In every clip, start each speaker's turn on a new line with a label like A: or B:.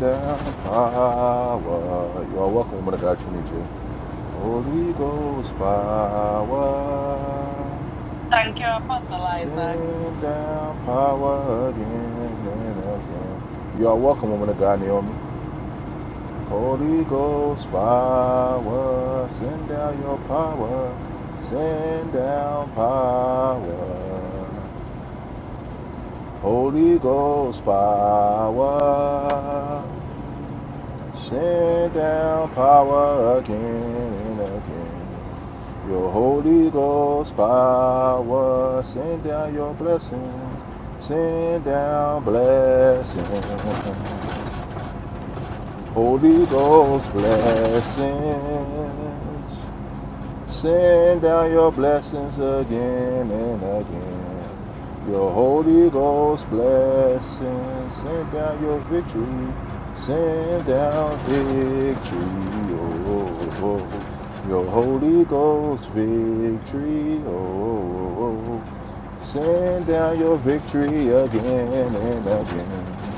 A: Down power. You are welcome, woman of God, to meet you. Holy Ghost power.
B: Thank you, Apostle Isaac.
A: Send down power again and again. You are welcome, woman of God, Naomi. Holy Ghost power. Send down your power. Send down power. Holy Ghost power. Send down power again and again. Your Holy Ghost power. Send down your blessings. Send down blessings. Holy Ghost blessings. Send down your blessings again and again. Your Holy Ghost blessings. Send down your victory. Send down victory. Oh, oh, oh. Your Holy Ghost victory. Oh, oh, oh. Send down your victory again and again.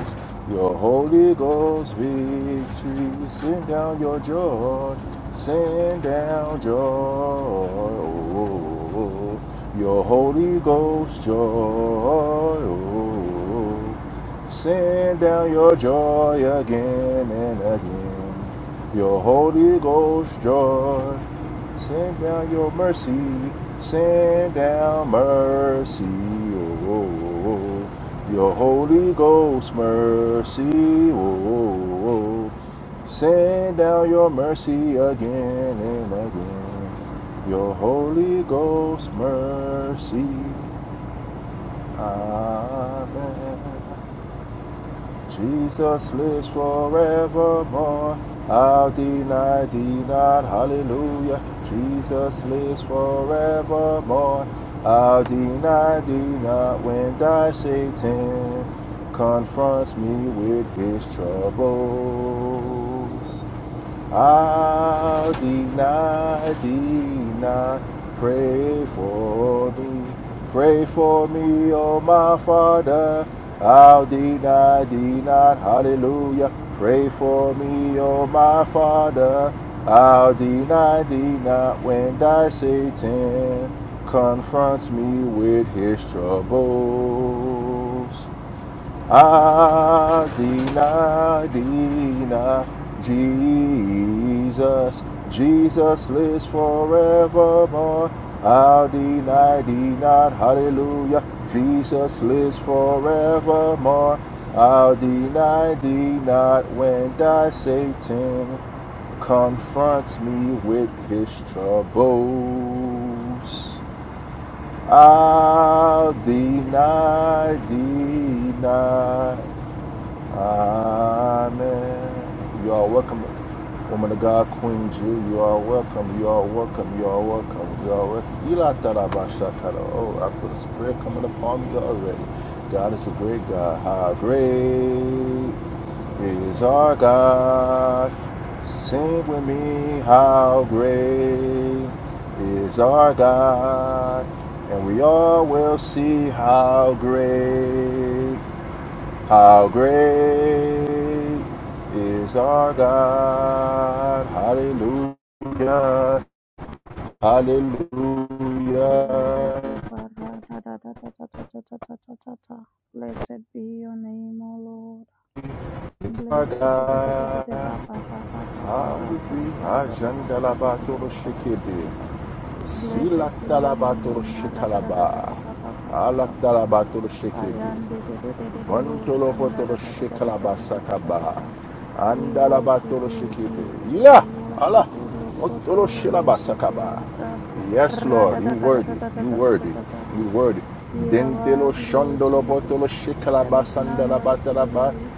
A: Your Holy Ghost victory, send down your joy, send down joy. Oh, your Holy Ghost joy, oh, send down your joy again and again. Your Holy Ghost joy, Send down your mercy. Send down mercy. Oh, oh, oh. oh. Your Holy Ghost mercy. Oh, oh, oh. oh. Send down your mercy again and again. Your Holy Ghost mercy. Amen. Jesus lives forevermore. I'll deny thee not. Hallelujah. Jesus lives forevermore. I'll deny thee not when thy Satan confronts me with his troubles. Adonai, Adonai, pray for me. Pray for me, oh my Father. Adonai, Adonai, hallelujah. Pray for me, oh my Father. Adonai, Adonai, when thy Satan confronts me with his troubles. Adina, Dina, Jesus, Jesus lives forevermore. Adina, Dina, hallelujah, Jesus lives forevermore. I'll deny thee not when thy Satan confronts me with his troubles. I'll deny thee not. Amen. You are welcome, woman of God, Queen Jew. You are welcome. You are welcome. You are welcome. You are welcome. Ila tarabashakara. Oh, I feel the spirit coming upon me already. God is a great God. How great is our God? Sing with me. How great is our God? And we all will see how great how great is our God? Hallelujah. Hallelujah.
C: Re da de ba ra da da da da da da da da da da da. Blessed be your name, O Lord.
A: Our
C: Blessed da da da da da da
A: God.
C: ba ba ba ba ba ba ba haraka da
A: Hallelujah.
C: da da da da da da da
A: Jandalabatoro
C: da da da da da
A: shekebe.
C: da da. Blessed be your
A: Zilatalabatoro
C: name, haraka da da da
A: shekalaba.
C: da ba ba ba ba ba ba ba.
A: Alatalabatoro shekebe.
C: Kayan de de de de de de bo
A: Vantolo potolo
C: shanda
A: Vantolopotolo
C: da da da da da da da da da da da
A: shekalabasakaba.
C: da. We worship
A: Andalabatolo
C: you,
A: shekipe.
C: Jesus.
A: Yeah.
C: We
A: Allah.
C: worship you, Lokoto
A: Otolo
C: Lobosite
A: shelabasakaba.
C: Libra
A: Yes, Lord. You
C: Radadaka da da
A: worthy.
C: da da
A: You
C: da da da
A: worthy.
C: da da.
A: You worthy.
C: You are
A: Dentelo
C: worthy, Lord
A: shondolo potolo
C: Jesus. There is none like you,
A: shekalabasandalabatalaba.
C: Lord.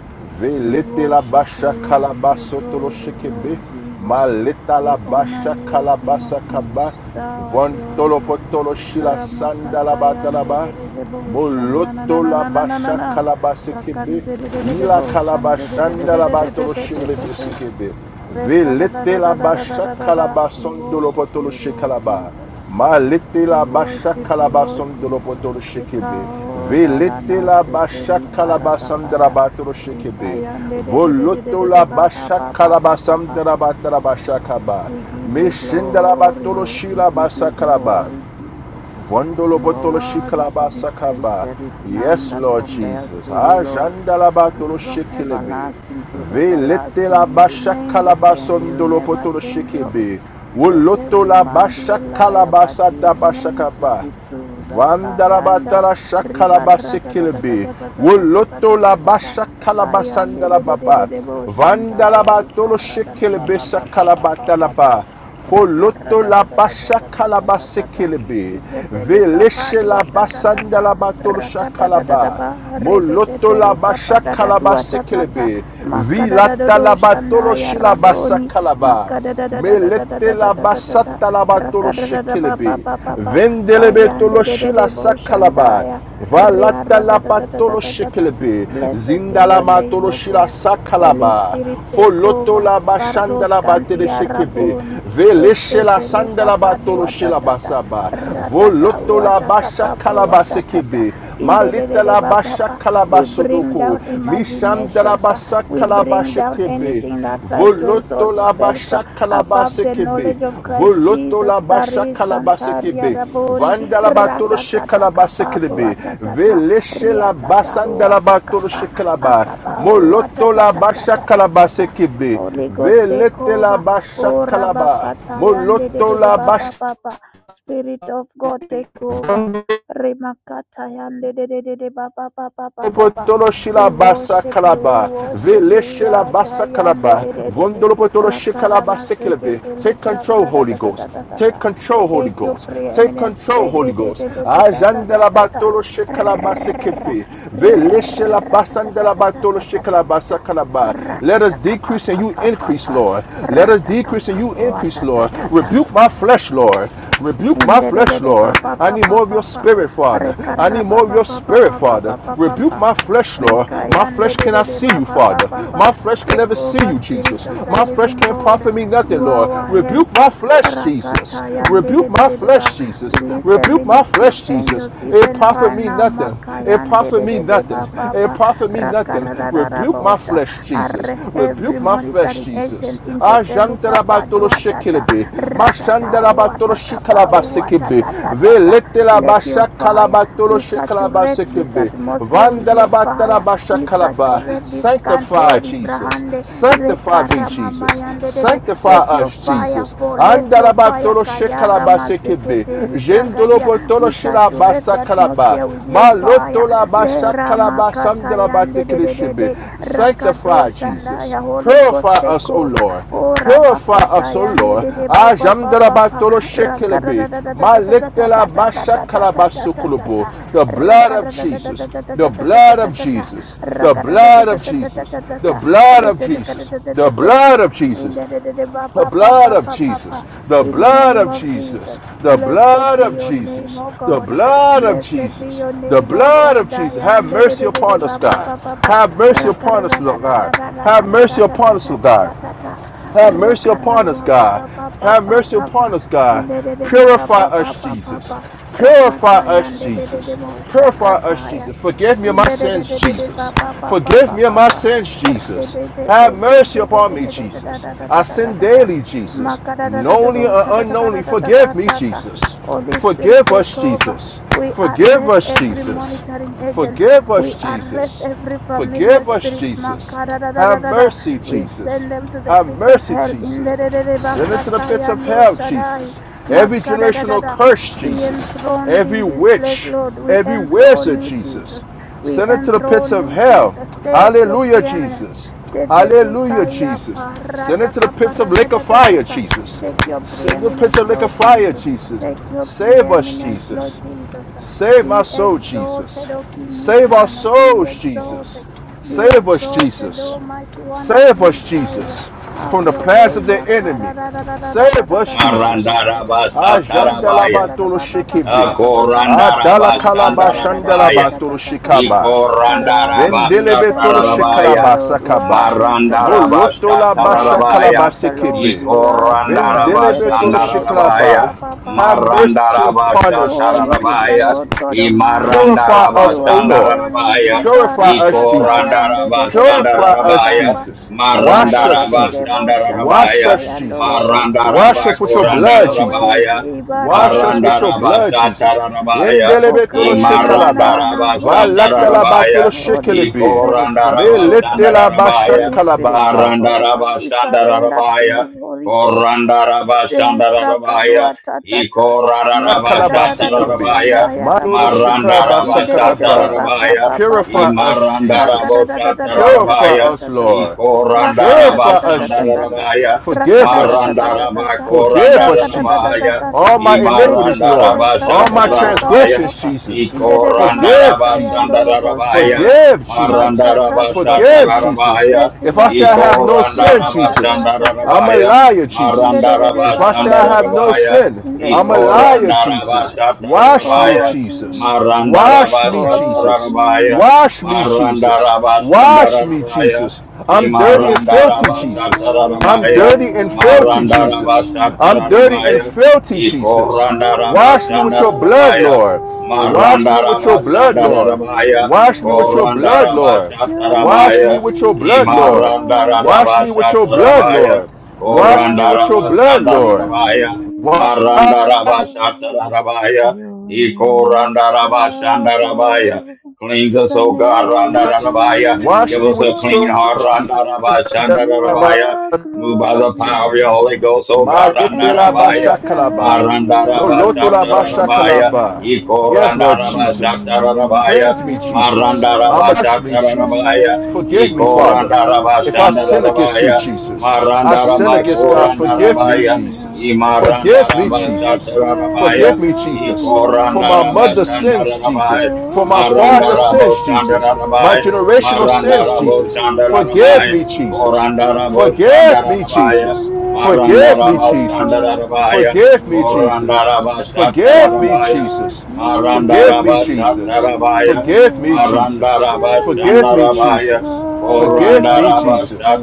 C: We
A: Velete la
C: worship
A: basha
C: you. We give you
A: kalabasotolo
C: glory,
A: shekebe.
C: Lord Jesus.
A: Maleta la
C: We honor
A: basha
C: you, O King of
A: kalabasakaba.
C: Kings. Thou art
A: Vantolo
C: worthy.
A: potolo shila
C: Ramakata yande de
A: sandalabatalaba.
C: de de bo shana na na na
A: Moloto
C: na
A: la
C: na na na na
A: basha
C: na.
A: kalabase kebe.
C: Rakante de de de de
A: Ila
C: bo shante de de de
A: kalabashanda
C: de
A: la
C: de de de
A: batolo
C: de de
A: shele
C: de
A: bese
C: de.
A: kebe.
C: Reka da da
A: Velete
C: da
A: la
C: da da da da
A: basha
C: da da da. We
A: kalabason dolo
C: worship
A: potolo
C: you,
A: she
C: Lord
A: kalaba
C: Jesus.
A: Malete la
C: We
A: basha
C: worship you, Lord
A: kalabason dolo
C: Jesus.
A: potolo shekebe.
C: Tekao
A: Velete
C: darana
A: la
C: sete
A: basha kalabasan de la
C: libaratakaya.
A: batolo shekebe.
C: Ikayande de de de de de
A: Voloto
C: de de
A: la
C: ba ba
A: basha
C: ba ba ba ba
A: kalabasam de
C: ba.
A: la batala basha kaba.
C: We give you
A: Meshendala
C: glory,
A: batolo
C: Lord. We
A: shila
C: give
A: basa
C: you
A: kalaba.
C: glory, Jesus.
A: Vondolo
C: You are
A: botolo
C: worthy to
A: shikalaba
C: be praised.
A: sakaba.
C: There is none
A: Yes,
C: that
A: Lord
C: compares
A: Jesus.
C: to you, Lord.
A: Ajandalabatolo
C: From
A: shikilebe.
C: everlasting to
A: Velete
C: everlasting,
A: la
C: you
A: basha
C: remain the
A: kalaba
C: same. You
A: sondolo
C: never
A: potolo
C: change, Lord.
A: shikebe.
C: Let
A: Woloto
C: every
A: la
C: man be
A: basha
C: a liar,
A: kalaba
C: but you
A: sata basha
C: remain to be
A: kaba.
C: true. Rakayanda
A: Vandarabatara
C: riba
A: Shakalabasikilibi. Woloto la
C: ratatatatatatatatatatatata.
A: basha
C: Kayande de
A: kalabasandala
C: de de de
A: baba.
C: de bo shanta ya
A: Vandarabatolo
C: rika radada ba
A: shikilibi
C: ba ba ba ba ba ba ba.
A: sakalabatalaba.
C: Raka
A: Foloto la basha
C: radadadadadadadadadadadadada.
A: kalabasikilibi.
C: Itete luka
A: Velishe la
C: padua tatatata.
A: basandala batolo shakalaba.
C: ba
A: Moloto
C: redete
A: la
C: luka
A: basha
C: pada da dua ta ta padadadua tatata.
A: kalabasikilibi. Vilata
C: Makadadadodo
A: la batolo
C: shanda ya
A: shilabasa
C: raboni.
A: kalaba.
C: Makada da da da da da da da
A: Melete
C: da
A: la
C: da da da da,
A: basata la batolo
C: Rakada da da ba ba
A: shekelebe.
C: ba ba ba.
A: Vendelebe tolo
C: Kayande de de
A: shila
C: de bo
A: sakalaba.
C: shandaya. Ria
A: Valata
C: da
A: la
C: da ria da da da da,
A: batolo
C: da da.
A: shekelebe.
C: Blessed be
A: Zindala la
C: your name,
A: matolo
C: O
A: shila
C: God. Holy
A: sakalaba.
C: Spirit, take
A: Foloto
C: over.
A: la bashanda
C: Sparros
A: la batele
C: cantia
A: shekebe.
C: raboni.
A: Veleshe la
C: Restete
A: sanda
C: luca
A: la batolo
C: padua
A: shila
C: tatata.
A: basaba.
C: Ratata
A: Voloto la
C: wataka
A: basha
C: papa
A: kalaba
C: watatata.
A: sekebe. Malita la basha
C: Indedededebababa.
A: kalaba
C: We bring
A: sodoko.
C: down
A: Mishanda la
C: imaginations. uh,
A: basha
C: we
A: kalaba
C: bring down
A: shekebe.
C: anything that tries to
A: Voloto
C: exalt
A: la
C: itself uh,
A: basha bashakalaba
C: above the
A: sekebe.
C: knowledge of Christ
A: Voloto
C: Jesus.
A: la basha
C: Tari
A: bashakalaba
C: shantari
A: kebe.
C: araboni
A: Vanda la batolo
C: ratakata
A: shekalaba
C: kapabu
A: sekebe.
C: atatata
A: Veleshe la
C: riatata
A: basanda la batolo
C: watakapa
A: shekalaba.
C: akapa
A: Moloto la basha bashakalaba
C: watatatatatatatata.
A: sekebe.
C: Holy Ghost take
A: Velete la
C: over.
A: basha
C: Oh
A: bashakalaba.
C: rabakata yande de
A: Moloto
C: de de
A: la basha.
C: baba baba. Spirit of God take over. Remakata yande de de de de baba baba baba.
A: Potolo
C: We
A: shila basa
C: worship you, we
A: kalaba,
C: worship
A: vele
C: you, we
A: shila
C: are
A: basa
C: Tayande
A: kalaba,
C: de de de de
A: vondolo potolo shikala
C: Rakarama
A: basa kelebe.
C: Sekete
A: Take
C: Libra
A: control,
C: ra- da
A: Holy
C: da da da
A: Ghost.
C: da da
A: Take control, Holy
C: Take your
A: Ghost. Take
C: preeminence.
A: control,
C: de-
A: Holy
C: de- de-
A: Ghost.
C: de- de- de- da- da- da-
A: Ajandela
C: da- da.
A: batolo shikala basa
C: Ra-
A: kepe, vele shila
C: ra- da- da- da-
A: basandela
C: da- da-
A: batolo
C: da- da-
A: shikala
C: da- da-
A: basa
C: da.
A: kalaba. Let us
C: Rakataka pa
A: decrease and
C: pa
A: you
C: pa pa
A: increase,
C: pa.
A: Lord. Let us
C: Rataka
A: decrease and
C: pa
A: you
C: pa wa-
A: increase,
C: da-
A: Lord.
C: da- da-
A: Rebuke my flesh, Lord. Lord. Rebuke
C: in
A: my
C: de de
A: flesh,
C: de de ba
A: Lord.
C: ba
A: I
C: ba
A: need
C: ba
A: more of your
C: ba ba.
A: spirit, Father.
C: Rika
A: I need
C: ba
A: more of
C: ba
A: your
C: ba ba
A: spirit,
C: ba ba ba
A: Father.
C: ba ba
A: Rebuke
C: ba.
A: my flesh, Lord.
C: Rika
A: My
C: de
A: flesh
C: de de
A: cannot
C: de
A: see
C: ba
A: you,
C: ba ba
A: Father.
C: ba ba.
A: My flesh can
C: Take
A: never see
C: over,
A: you,
C: Spirit
A: Jesus.
C: of the
A: My flesh
C: Living
A: can't
C: God.
A: profit me nothing,
C: You
A: Lord.
C: are our
A: Rebuke my
C: helper.
A: flesh, Jesus.
C: rakatayan de de
A: Rebuke
C: de
A: my
C: de de
A: flesh,
C: ba.
A: Jesus.
C: Release the
A: Rebuke my
C: ministry of
A: flesh, Jesus.
C: angels
A: It
C: even
A: profit
C: right
A: me
C: now.
A: nothing. It
C: Makayan de
A: profit
C: de
A: me
C: de de
A: nothing.
C: ba ba
A: It
C: ba.
A: profit me
C: Raka
A: nothing. Rebuke my flesh, Jesus.
C: Arrest
A: Rebuke
C: every
A: my flesh,
C: monitoring
A: Jesus.
C: agent in Teteluka
A: Ajantarabatolo
C: Padua
A: shekelebi.
C: Ratata
A: Mashandarabatolo
C: watakapa
A: shikalabasekebe.
C: watatatatata. Let your fire.
A: Veletelabashakalabatolo
C: We saturate this
A: shekalabasekebe.
C: atmosphere with your fire. We
A: Vandalabatalabashakalaba.
C: saturate this
A: Sanctify,
C: kantori
A: Jesus.
C: brahande
A: Sanctify me,
C: rekara
A: Jesus.
C: mamayande dede. Let
A: Sanctify
C: your
A: us,
C: fire
A: Jesus.
C: fall. Let your fire
A: Andarabatolo
C: kayara
A: shekalabasekebe.
C: maseketeri bragadia.
A: Jendolobotolo
C: We saturate the atmosphere
A: shilabasakalaba.
C: with your fire. Le makata yande dede dede. Rakado
A: Sanctify Jesus.
C: shandaya. Holy
A: Purify
C: Ghost take
A: us, O
C: over.
A: Lord.
C: O
A: Purify
C: rabakata
A: us, O
C: yande
A: Lord.
C: de de ba ba ba
A: Ajamdra
C: ba ba
A: batoro
C: rakada da da da da da da da
A: Malitela
C: da da da da
A: basakala
C: da da da da da da da
A: The blood of
C: rakada da da da da
A: Jesus.
C: da
A: The
C: da da da da
A: blood
C: da
A: of
C: da da
A: Jesus. The
C: rakada da da
A: blood
C: da
A: of
C: da da da
A: Jesus.
C: da da
A: The
C: da
A: blood of
C: rete da da
A: Jesus.
C: da da
A: The
C: da da da
A: blood of
C: in
A: Jesus
C: the de de de ba
A: the
C: ba ba
A: blood
C: ba
A: of
C: ba ba
A: Jesus.
C: ba
A: The
C: in the
A: blood
C: name
A: of
C: of
A: Jesus.
C: Jesus
A: The
C: blessed
A: blood
C: be
A: of
C: your name
A: Jesus.
C: O
A: The
C: God
A: blood of
C: blessed be
A: Jesus.
C: your
A: The
C: name O
A: blood of
C: God
A: Jesus. Have
C: yande de de
A: mercy
C: de de de
A: upon us,
C: ba ba
A: God.
C: ba ba ba
A: Have mercy
C: rakada
A: upon
C: da
A: us,
C: da
A: Lord
C: da da
A: God.
C: da da
A: Have
C: da da da
A: mercy upon
C: da
A: us, Lord
C: da da
A: God.
C: da da
A: Have mercy upon us, God. Have mercy upon
C: Rakarabababababababa.
A: us, God.
C: Indedede
A: Purify us, Jesus.
C: babababababa.
A: Purify
C: Rakataya
A: us,
C: ndedede
A: Jesus. Purify us,
C: moshakataya.
A: Jesus. Forgive me of my sins,
C: Undedede
A: Jesus. Forgive me of my
C: babababababa.
A: sins, Jesus. Have mercy upon me, Jesus. I sin daily, Jesus. Knowingly or unknowingly, forgive me, Jesus.
C: Holy Spirit,
A: Forgive
C: take
A: us,
C: over.
A: Jesus.
C: We
A: Forgive
C: arrest
A: us,
C: every
A: Jesus.
C: monitoring agent.
A: Forgive
C: We
A: us,
C: arrest
A: Jesus.
C: every familiar
A: Forgive us,
C: spirit.
A: Jesus.
C: Makara da da da
A: Have
C: da da.
A: mercy,
C: We
A: Jesus.
C: send them to the
A: Have
C: pits of
A: mercy,
C: hell. In
A: Jesus.
C: the de- de- de-
A: Send it to the pits of
C: Bakatayando
A: hell,
C: Shaddai.
A: Jesus. Every generational
C: Makadadadada.
A: curse,
C: Be
A: Jesus.
C: enthroned
A: Every
C: in this place,
A: witch,
C: Lord. We
A: every
C: enthrone
A: wizard,
C: you,
A: Jesus.
C: Jesus. We
A: Send it to the pits
C: enthrone
A: of
C: you,
A: hell.
C: Jesus. Take your
A: Hallelujah,
C: preeminence.
A: Jesus.
C: Te- te- te-
A: Hallelujah,
C: kaya
A: Jesus. Send it to the
C: paradaka
A: pits of lake of fire,
C: paradadadadata.
A: Jesus.
C: Take your
A: Send it to the pits
C: preeminence,
A: of lake of
C: Lord
A: fire,
C: Jesus.
A: Jesus.
C: Take your
A: Save us,
C: preeminence, Lord
A: Jesus.
C: Jesus.
A: Save my
C: Be
A: soul, Jesus.
C: exalted, O King
A: Save our
C: eternal. Be
A: souls,
C: exalted.
A: Jesus.
C: Be
A: Save us,
C: exalted,
A: Jesus.
C: O mighty one of
A: Save us,
C: Israel!
A: Jesus,
C: Have
A: from the
C: your
A: plans
C: way,
A: of the
C: Yah!
A: enemy. Save us, Jesus.
D: Marandarabashatarabaya.
A: Ajandalabatolo shekebe.
D: Akorandarabashandarabaya.
A: Adalakalabashandalabatolo shikaba.
C: What is
A: Vendelebe
C: the
A: tolo
C: name of
D: Ikorandarabashatarabaya.
C: the
A: shekalaba
C: Lord?
A: sakaba.
C: What is the Lord?
A: Moloto laba
C: What
D: Marandarabashatarabaya.
A: shakalaba
C: is the Lord?
A: sekebe.
C: You are
A: Vendelebe tolo
D: Ikorandarabashandarabaya.
A: shekalaba.
C: Yah.
A: Have mercy upon us,
C: Holy is the
D: Marandarabashatarabaya.
A: Jesus.
C: Lord God Almighty.
A: Purify us,
C: You
A: O
C: are
A: Lord.
C: holy.
D: Imarandarabashandarabaya.
A: Purify us, Jesus.
C: Ibarakataya ndedede
A: Purify
C: baba
A: us,
D: Ikorandarabashandarabaya.
C: baba.
A: Jesus. Wash us,
C: Makadedede
A: Jesus. Wash
D: Marandarabashandarabaya.
A: us,
C: boshakataya
A: Jesus.
C: ndorobosaya.
A: Wash us with your
C: Have
A: blood,
C: your
A: Jesus.
C: way.
D: Marandarabakorandarabaya.
A: Wash us with your blood,
C: Ibaradadadadadadadada.
A: Jesus.
D: Marandarabashatarabaya.
A: Endelebe
C: Okaya na na na na
A: shekalaba.
C: na. Holy Spirit.
A: Valatalaba
D: Imarandarabashatarabaya.
A: tolo
C: Holy
A: shekelebe.
C: Spirit take over.
A: Meletela
D: Ikorandarabashandarabaya,
C: Holy Spirit, take
A: shakalaba.
C: over. We surrender to
D: Marandarabashandarabaya,
C: you, Holy Ghost. Deli
D: Korandarabashandarabaya,
C: prakadua tatata. Makadadadado
A: Shakalabasikebe.
D: Ikorarabashatarabaya,
C: shandaya
A: Madolo
C: raboni. Indedede
A: shikalabasakaraba.
C: papa
D: Marandarabashatarabaya,
C: papa
A: Purify
C: papa.
A: us, Jesus. Purify
D: Imarandarabashatarabaya,
A: us,
C: Rakadadadadadadadadadadadada.
A: Lord. Purify us,
C: Rakadadadadadadadada.
A: Jesus.
D: Ikorandarabashandarabaya,
A: Forgive us, Jesus.
C: Rakadadadadadadada.
A: Forgive us, Jesus.
D: Marandarabakorandarabaya,
A: All my iniquities, Lord.
C: Reketekele
A: All my
C: prakadada papa
D: Imarandarabashatarabaya,
A: transgressions,
C: papa.
A: Jesus.
C: Indedede
A: Forgive,
C: makata
A: Jesus.
C: ndolo
D: Ikorandarabashandarabahaya.
C: bosaya.
A: Forgive,
C: Maska
A: Jesus. Forgive,
C: praskotalia.
A: Jesus.
D: Marandarabashatarabahaya.
A: If I
C: Retia
A: say I have
C: kabe
A: no sin, Jesus,
C: ikapadua ta ta
A: I'm
C: ta
A: a
D: Ikorandarabashandarabahaya.
C: ta.
A: liar,
C: In the
A: Jesus.
C: de- de- de-
A: If
C: ba
A: I say
C: ba
A: I
C: ba
A: have no
D: Marandarabashandarabahaya.
A: sin,
C: In the
A: I'm a
C: name of
A: liar,
C: Jesus
A: Jesus.
C: Christ.
A: Wash me,
D: Ikorandarabashatarabahaya.
C: Oh
A: Jesus.
C: Jesus.
A: Wash me,
C: Oh
A: Jesus.
D: Marandarabashatarabahaya.
A: Wash
C: Jesus.
A: me, Jesus. Wash me,
D: Marandarabashandarabahaya.
A: Jesus. I'm dirty and filthy, Jesus. I'm
D: Imarandarabashatarabahaya.
A: dirty and
C: Oh
A: filthy, Jesus.
C: Jesus.
A: I'm dirty and
D: Marandarabashatarabahaya.
A: filthy, Jesus. Wash me with your blood,
D: Ikorandarabashandarabahaya.
A: Lord.
C: Oh
A: Wash
D: Maranda
A: me with your
D: Raba
A: blood, Lord.
D: Shandarabaya,
A: Wash me with your
D: Koranda
C: Jesus.
A: blood,
D: Raba
A: Lord.
C: Your
A: Wash me
D: Shatarabaya,
A: with your
C: name is
A: blood, Lord.
D: Imaranda
A: Wash
D: Raba
A: me with your
C: powerful.
A: blood,
D: Shatarabaya,
A: Lord. Wash me
D: Koranda
A: with your
D: Raba
C: Oh,
A: blood, Lord.
D: Shandarabaya,
A: Wash,
C: Jesus,
D: Maranda Korandarabashatarabaya, Imarandarabashatarabaya,
C: your name
D: Ikoranda
C: is
D: Marandarabashatarabaya, Ikorandarabashandarabaya.
C: powerful
D: Cleanse us, O
C: than
D: God, Randa rabaya.
C: anything in
D: Give
C: this
A: me
D: us
A: with
D: a clean
A: your blood,
D: heart,
A: Jesus.
C: world. You
D: Randarabashandarabaya.
C: are
D: Move by the power of your Holy
C: glorious
D: Ghost, O God, Randa
A: Malete
C: and
A: la basha
D: rabaya.
A: kalaba.
C: excellent in
D: Marandaraba
C: all
A: Moloto la
C: your
A: basha
D: Shatarabaya,
A: kalaba.
C: ways.
A: Yes, Lord
D: Ikorandaraba
C: Your
A: Jesus.
C: name is
D: Shatarabaya,
A: Cleanse me, Jesus.
D: Marandaraba
C: powerful
A: Wash me,
C: than
A: Jesus.
D: Shatarabaya,
A: Forgive me, Father.
C: anything in this
D: Ikorandaraba
A: If I sin against you,
D: Shandarabaya,
C: world.
A: Jesus, I
C: You
A: sin
D: Marandaraba
A: against God.
C: are
A: Forgive me,
D: Korandarabaya,
A: Jesus.
C: glorious
A: Forgive me,
C: and
D: Imarandaraba
A: Jesus.
C: excellent
D: Shatarabaya,
A: Forgive
C: in
A: me,
C: all
A: Jesus. For
C: your
A: my
D: Ikorandaraba
A: mother's
C: ways.
A: sins, Jesus.
D: Shandarabaya,
A: For my
D: Maranda
C: Oh,
A: father's
D: Rabo
A: sins, Jesus. My
D: Shandarabai,
A: generational
D: Maranda
A: sins,
D: Rabo
A: Jesus. Forgive
D: Shandarabai,
A: me, Jesus.
D: Koranda Rabo
C: Jesus,
A: Forgive me,
D: Shandarabai,
C: your
A: Jesus.
C: name
D: Maranda
C: is
A: Forgive me,
D: Rabo
A: Jesus.
D: Shandarabai,
A: Forgive me,
C: powerful.
D: Koranda
A: Jesus.
D: Rabo
A: Forgive me,
D: Shatarabai,
C: Oh,
A: Jesus.
C: Jesus,
D: Maranda
A: Forgive me,
D: Rabo
A: Jesus.
D: Shatarabai,
A: Forgive me,
D: Maranda
A: Jesus.
D: Rabo
C: your
A: Forgive me,
C: name is
D: Shandarabai,
A: Jesus. Forgive
D: Koranda
A: me,
D: Rabo
A: Jesus.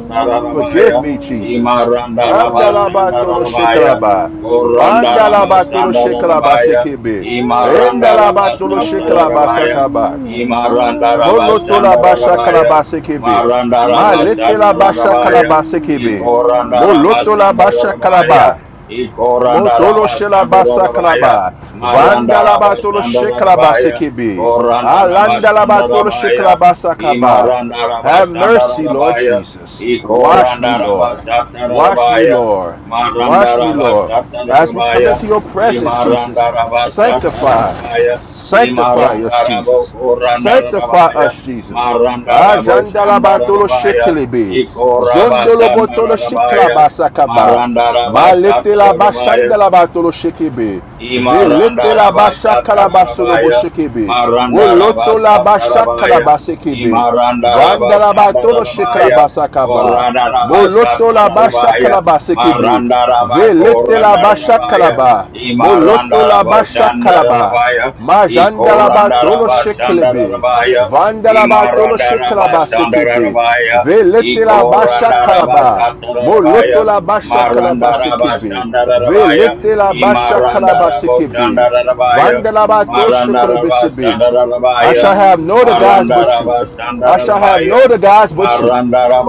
A: Forgive me, Jesus.
D: Imaranda Rabo
A: Andalabatolo
C: Oh,
D: Shandarabai,
A: shekalaba.
D: Koranda
A: Vandalabatolo
D: Rabashandara
C: Jesus,
A: shekalaba
D: rabaya.
A: sekebe.
C: your name is
A: Endalabatolo
D: Korandarabashandarabaya,
A: shekalaba
D: rabaya.
A: sakaba.
D: Imaranda
A: Moloto
D: Rabashanda
A: la basha
C: glorious.
D: Rabaya,
A: kalabase kebe.
D: Maranda
A: Malete
D: Rabashata
A: la basha
D: Rabaya,
A: kalabase kebe.
D: Ikoranda
A: Moloto la
C: Jesus.
D: Rabashanda
A: basha
D: Rabaya,
A: kalaba.
D: Ikoranda
A: Motolo
D: Rabashanda
A: shelaba
D: Rabaya,
A: sakalaba.
D: Maranda
A: Vandalaba tolo
D: Rabashanda
A: shekalaba
D: Rabaya,
A: sekibi.
D: Koranda
A: Alandalaba
D: Rabashanda
A: tolo
D: Rabaya,
A: shekalaba sakaba.
D: Imaranda
A: Have
D: Rabashanda
A: mercy, Lord
D: Rabaya,
A: Jesus. Wash
D: Ikoranda
A: me, Lord.
D: Rabashata
A: Wash me,
D: Rabaya,
A: Lord.
D: Maranda
A: Wash me, Lord.
D: Rabashata
A: As we come
D: Rabaya,
A: into your presence, Jesus,
D: Imaranda Rabashata
A: sanctify.
D: Rabaya,
A: Sanctify us,
D: Imarandarabo
A: Jesus. Sanctify
D: Korandarabaya,
A: us, Jesus.
D: Marandarabo
A: Ajandalaba tolo
D: Shandarabaya,
A: shekelebe.
D: Ikoraba
A: Zondolo botolo
D: Sandarabaya,
A: shiklaba sakaba.
D: Marandaraba
A: Malete la
D: Shatarabaya,
A: bashanda la batolo shekebe.
D: Imaranda Imaranda
A: Velete la basha
D: rabasa,
A: kalabasolo
D: Tarabaya,
A: boshekebe.
D: Maranda
A: Woloto la
D: rabasa,
A: basha
D: Tarabaya,
A: kalabasekebe.
D: Imaranda
A: Vanda la
D: rabasa,
A: batolo shekla
D: Tarabaya,
A: shekalabasakaba.
D: Koranda rabasa,
A: Moloto la basha
D: Maranda
A: kalabasekebe.
D: Maranda Koranda
A: Velete la
D: rabakoranda
A: basha
D: rabaya.
A: kalaba. Moloto
D: Imaranda
A: la basha
D: rabasa,
C: Mm.
A: kalaba.
D: Korandarabashatarabaya,
C: Mm-hmm.
D: Ikoranda
A: Majandalabatolo
D: rabasa,
A: shekelebe.
D: Ikorandarabashandarabaya,
A: Vandalaba tolo shekalaba sekebe.
D: Imarandarabashandarabaya,
A: Velete la basha kalaba.
D: Ikorandarabashatarabaya,
A: Moloto la basha kalaba sekebe.
D: Marandarabashandarabaya,
A: Velete la basha kalaba sekebe.
D: Imarandarabashandarabaya,
A: Vandalabato shekelebe sebe. I shall
D: Marandarabashandarabaya,
A: have no other gods but you. I shall have no
D: Marandarabashandarabaya,
A: other gods but you.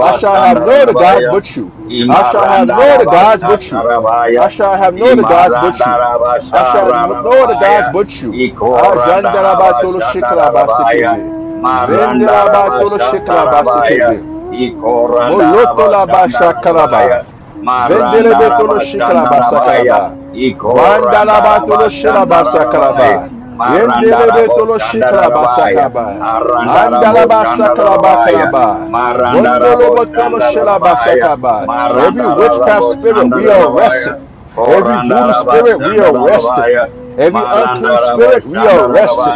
A: I shall have no other gods but you. I shall have no other gods but you.
D: Imarandarabashatarabaya.
A: I shall have no other gods but you. I shall no no other
D: Imarandarabashararabaya.
A: gods but you. Ah, Jandaraba Tolo Shikalaba
C: I
D: Ikorandarabashandarabaya.
A: Sekebe.
C: wewe
A: Vendelaba Tolo Shikalaba
D: Marandarabashatarabaya.
A: Sekebe.
C: nawe
A: Molotolaba
D: Ikorandarabashandarabaya.
A: shakalaba. Vendelebe tolo
C: kutembea
A: shikalaba
D: Marandarabashandarabaya.
A: sakalaba.
C: nawe
A: Vandalaba tolo shilaba
D: Ikorandarabashandarabaya.
C: kutembea
A: sakalaba.
C: nawe
A: Yendelebe tolo shikalaba
C: na
D: Marandarabashandarabaya.
A: sakaba.
C: wewe
A: Andalaba sakalaba
D: Arandarabashandarabaya.
C: na
A: kalaba.
D: Maranda
A: Vondolobo tolo
D: Maranda
C: wewe
A: shilaba sakaba. Every
D: Maranda Maranda Maranda rabo
A: witchcraft
C: kutembea
A: spirit,
D: rabo
A: we
C: nawe
A: are arrested. Every
D: rabo
A: voodoo
D: rabo rabo
A: spirit, we are
C: kutembea
A: arrested. Every unclean
C: nawe
A: spirit, we are
C: Na
A: arrested.